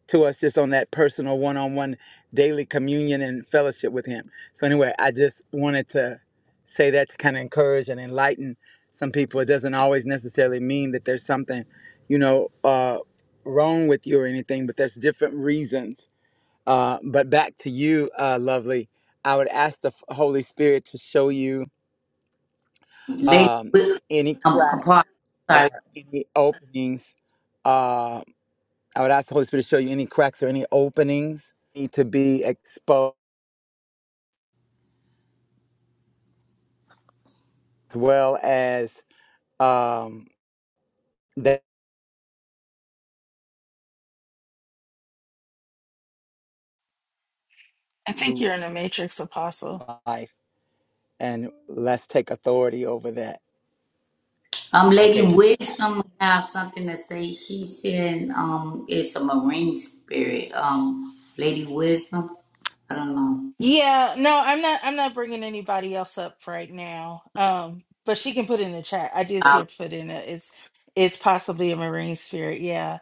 Speaker 10: to us just on that personal one-on-one daily communion and fellowship with him so anyway i just wanted to say that to kind of encourage and enlighten some people it doesn't always necessarily mean that there's something you know uh, wrong with you or anything but there's different reasons uh, but back to you uh, lovely i would ask the holy spirit to show you
Speaker 11: Lady,
Speaker 10: um,
Speaker 11: Wi-
Speaker 10: any
Speaker 11: um,
Speaker 10: cracks
Speaker 11: apart,
Speaker 10: or
Speaker 11: sorry.
Speaker 10: any openings. Uh, I would ask the Holy Spirit to show you any cracks or any openings need to be exposed, as well as um, that
Speaker 1: I think
Speaker 10: new
Speaker 1: you're in the Matrix, Apostle.
Speaker 10: life, and let's take authority over that.
Speaker 11: Um, Lady
Speaker 10: Okay.
Speaker 11: Wisdom have something to say. She said, um, it's a marine spirit. Um, Lady Wisdom, I don't know.
Speaker 1: Yeah, no, I'm not. I'm not bringing anybody else up right now. Um, but she can put in the chat. I did see her put in it. It's it's possibly a marine spirit. Yeah.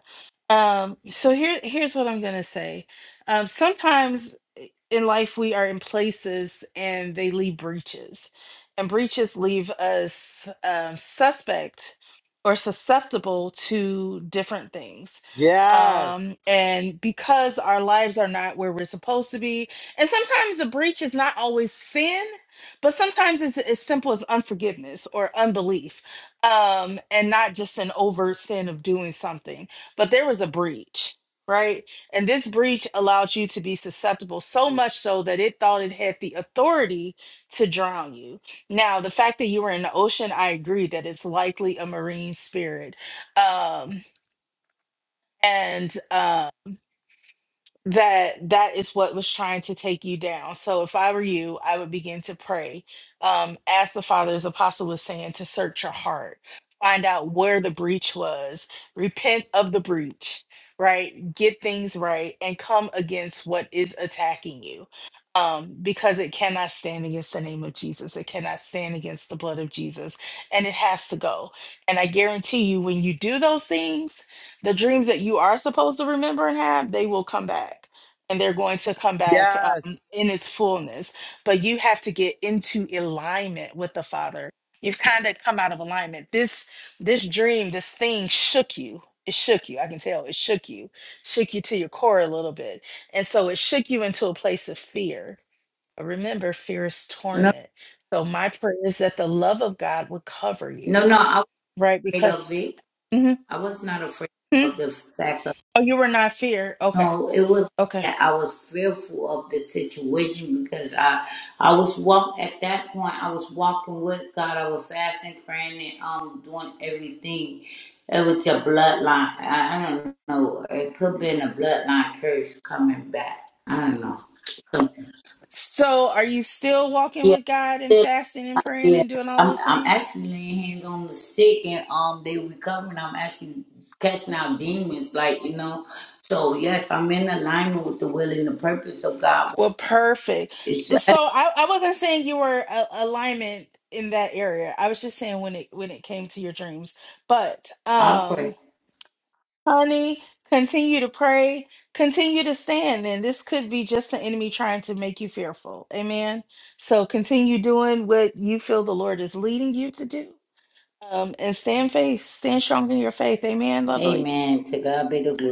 Speaker 1: Um, so here, here's what I'm gonna say. Um, sometimes i- in life we are in places and they leave breaches, and breaches leave us um, suspect or susceptible to different things.
Speaker 10: Yes.
Speaker 1: Um, and because our lives are not where we're supposed to be, and sometimes the breach is not always sin, but sometimes it's as simple as unforgiveness or unbelief, um, and not just an overt sin of doing something but there was a breach, right? And this breach allowed you to be susceptible so much so that it thought it had the authority to drown you. Now, the fact that you were in the ocean, I agree that it's likely a marine spirit. Um, and uh, that that is what was trying to take you down. So if I were you, I would begin to pray. Um, ask the Father, as Apostle was saying, to search your heart, find out where the breach was, repent of the breach, right? Get things right and come against what is attacking you. Um, because it cannot stand against the name of Jesus. It cannot stand against the blood of Jesus. And it has to go. And I guarantee you, when you do those things, the dreams that you are supposed to remember and have, they will come back. And they're going to come back
Speaker 10: Yes.
Speaker 1: um, in its fullness. But you have to get into alignment with the Father. You've kind of come out of alignment. This this dream, this thing shook you. It shook you. I can tell it shook you, shook you to your core a little bit. And so it shook you into a place of fear. But remember, fear is
Speaker 11: No,
Speaker 1: torment. So my prayer is that the love of God would cover
Speaker 11: no,
Speaker 1: you,
Speaker 11: no. I was
Speaker 1: right?
Speaker 11: afraid of
Speaker 1: Because
Speaker 11: it.
Speaker 1: Mhm.
Speaker 11: I was not afraid
Speaker 1: Mhm.
Speaker 11: of the fact of
Speaker 1: oh, you were not fear. Okay
Speaker 11: no. It was
Speaker 1: Okay.
Speaker 11: that I was fearful of the situation because I, I was walk at that point. I was walking with God. I was fasting, praying, and um doing everything. It was your bloodline. I, I don't know. It could have been a bloodline curse coming back. I don't know. So,
Speaker 1: So are you still walking with
Speaker 11: yeah.
Speaker 1: God and fasting and praying
Speaker 11: Yeah,
Speaker 1: and doing all
Speaker 11: I'm
Speaker 1: those
Speaker 11: I'm
Speaker 1: things?
Speaker 11: actually laying hands on the sick and um they recovering. I'm actually casting out demons, like you know. So yes, I'm in alignment with the will and the purpose of God.
Speaker 1: Well, perfect.
Speaker 11: It's
Speaker 1: So I, I wasn't saying you were a, alignment in that area. I was just saying when it when it came to your dreams. But
Speaker 11: I pray.
Speaker 1: um honey, continue to pray, continue to stand. And this could be just the enemy trying to make you fearful. Amen. So continue doing what you feel the Lord is leading you to do. Um, and stand faith, stand strong in your faith. Amen, lovely.
Speaker 11: Amen. To God be the glory.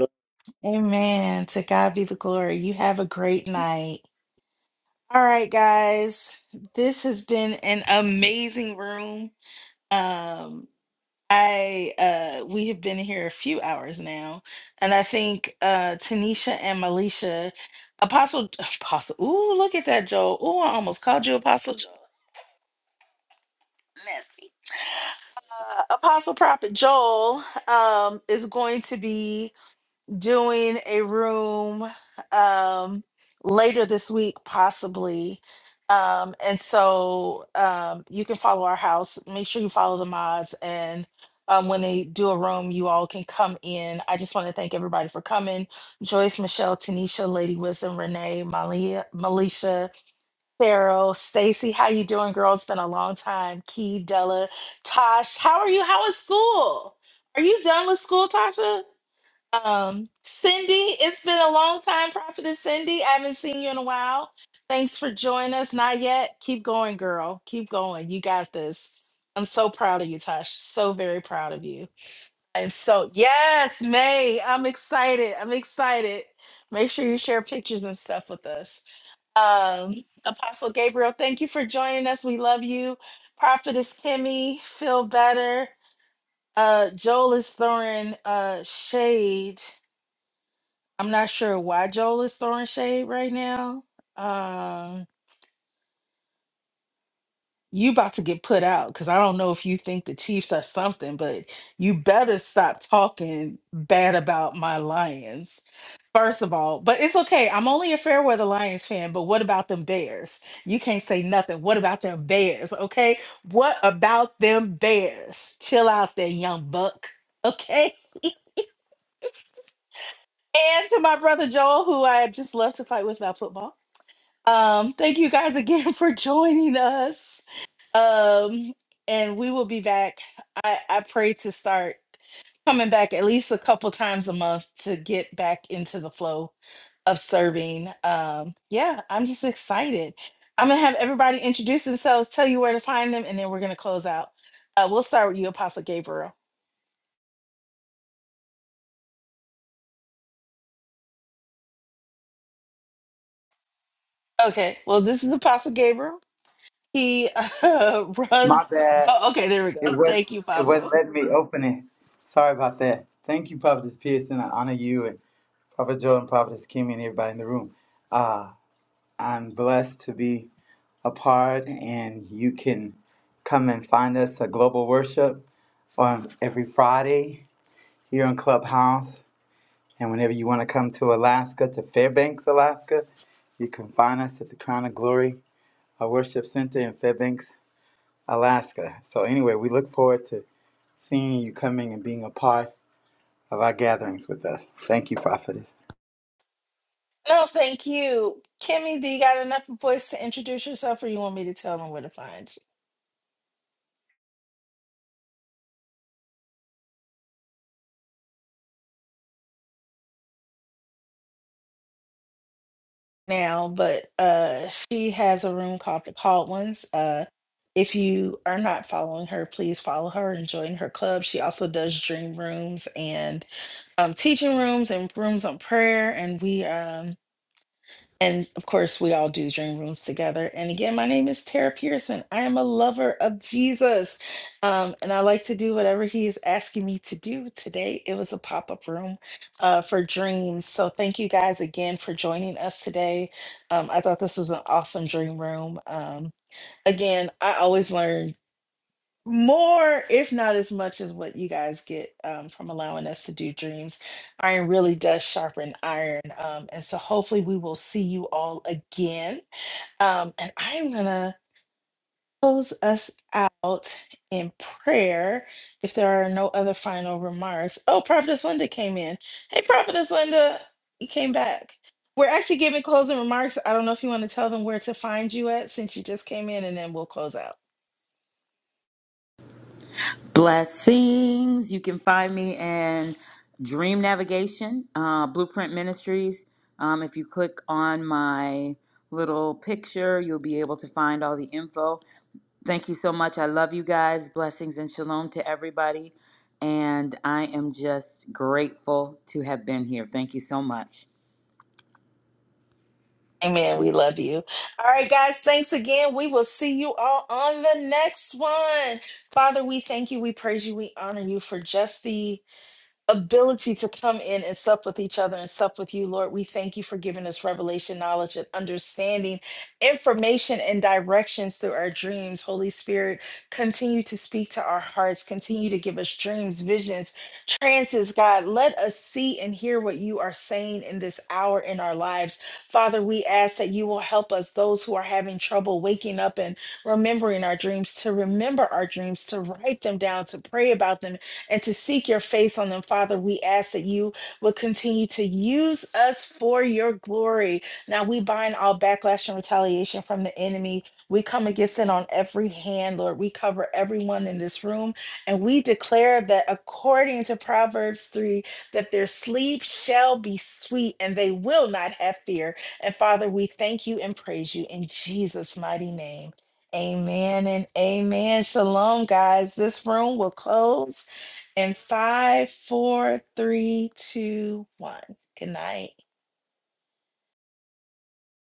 Speaker 1: Amen. To God be the glory. You have a great night. All right, guys. This has been an amazing room. Um I uh we have been here a few hours now, and I think uh Tanisha and Malisha Apostle Apostle Ooh, look at that Joel. Ooh, I almost called you Apostle Joel. Messy. Uh, Apostle Prophet Joel um is going to be doing a room um, later this week, possibly. Um, and so um, you can follow our house. Make sure you follow the mods. And um, when they do a room, you all can come in. I just want to thank everybody for coming Joyce, Michelle, Tanisha, Lady Wisdom, Renee, Malia, Malisha, Farrell, Stacy. How you doing, girl? It's been a long time. Key, Della, Tosh. How are you? How is school? Are you done with school, Tasha? Um, Cindy, it's been a long time, Prophetess Cindy. I haven't seen you in a while. Thanks for joining us. Not yet. Keep going, girl. Keep going. You got this. I'm so proud of you, Tosh. So very proud of you. I'm so, yes, May. I'm excited. I'm excited. Make sure you share pictures and stuff with us. Um, Apostle Gabriel, thank you for joining us. We love you. Prophetess Kimmy, feel better. Uh, Joel is throwing uh, shade I'm not sure why Joel is throwing shade right now. Um, you about to get put out because I don't know if you think the Chiefs are something, but you better stop talking bad about my Lions. First of all, but it's okay. I'm only a fair weather Lions fan, but what about them Bears? You can't say nothing. What about them Bears? Okay. What about them Bears? Chill out there, young buck. Okay. And to my brother Joel, who I just love to fight with about football. Um, thank you guys again for joining us. Um, and we will be back. I, I pray to start coming back at least a couple times a month to get back into the flow of serving. Um, yeah, I'm just excited. I'm gonna have everybody introduce themselves, tell you where to find them, and then we're gonna close out. Uh, we'll start with you, Apostle Gabriel. Okay, well, this is Apostle Gabriel. He uh, runs.
Speaker 10: My bad.
Speaker 1: Oh, okay, there we go.
Speaker 10: It wouldn't.
Speaker 1: Thank you,
Speaker 10: It
Speaker 1: Apostle.
Speaker 10: wouldn't let me open it. Sorry about that. Thank you, Prophetess Pearson. I honor you and Prophet Joel and Prophetess Kimmy and everybody in the room. Uh, I'm blessed to be a part, and you can come and find us at Global Worship on every Friday here in Clubhouse. And whenever you want to come to Alaska, to Fairbanks, Alaska, you can find us at the Crown of Glory our Worship Center in Fairbanks, Alaska. So, anyway, we look forward to seeing you coming and being a part of our gatherings with us. Thank you, Prophetess.
Speaker 1: No, thank you. Kimmy, do you got enough voice to introduce yourself or you want me to tell them where to find you now? But uh she has a room called The Called Ones. Uh if you are not following her, please follow her and join her club. She also does dream rooms and um teaching rooms and rooms on prayer. And we um And of course, we all do dream rooms together. And again, my name is Tara Pearson. I am a lover of Jesus. Um, and I like to do whatever he is asking me to do. Today, it was a pop up room uh, for dreams. So thank you guys again for joining us today. Um, I thought this was an awesome dream room. Um, again, I always learn more, if not as much as what you guys get um, from allowing us to do dreams. Iron really does sharpen iron. Um, and so hopefully we will see you all again. Um, and I'm going to close us out in prayer if there are no other final remarks. Oh, Prophetess Linda came in. Hey, Prophetess Linda, you came back. We're actually giving closing remarks. I don't know if you want to tell them where to find you at since you just came in, and then we'll close out.
Speaker 6: Blessings. You can find me in Dream Navigation, uh, Blueprint Ministries. Um, if you click on my little picture, you'll be able to find all the info. Thank you so much. I love you guys. Blessings and shalom to everybody. And I am just grateful to have been here. Thank you so much.
Speaker 1: Amen. We love you. All right, guys. Thanks again. We will see you all on the next one. Father, we thank you. We praise you. We honor you for just the ability to come in and sup with each other and sup with you, Lord. We thank you for giving us revelation, knowledge, and understanding, information, and directions through our dreams. Holy Spirit, continue to speak to our hearts, continue to give us dreams, visions, trances, God. Let us see and hear what you are saying in this hour in our lives. Father, we ask that you will help us, those who are having trouble waking up and remembering our dreams, to remember our dreams, to write them down, to pray about them and to seek your face on them, Father. We ask that you would continue to use us for your glory. Now we bind all backlash and retaliation from the enemy. We come against it on every hand, Lord. We cover everyone in this room and we declare that according to Proverbs 3, that their sleep shall be sweet and they will not have fear. And Father, we thank you and praise you in Jesus' mighty name. Amen and amen. Shalom, guys. This room will close and five, four, three, two, one. Good night.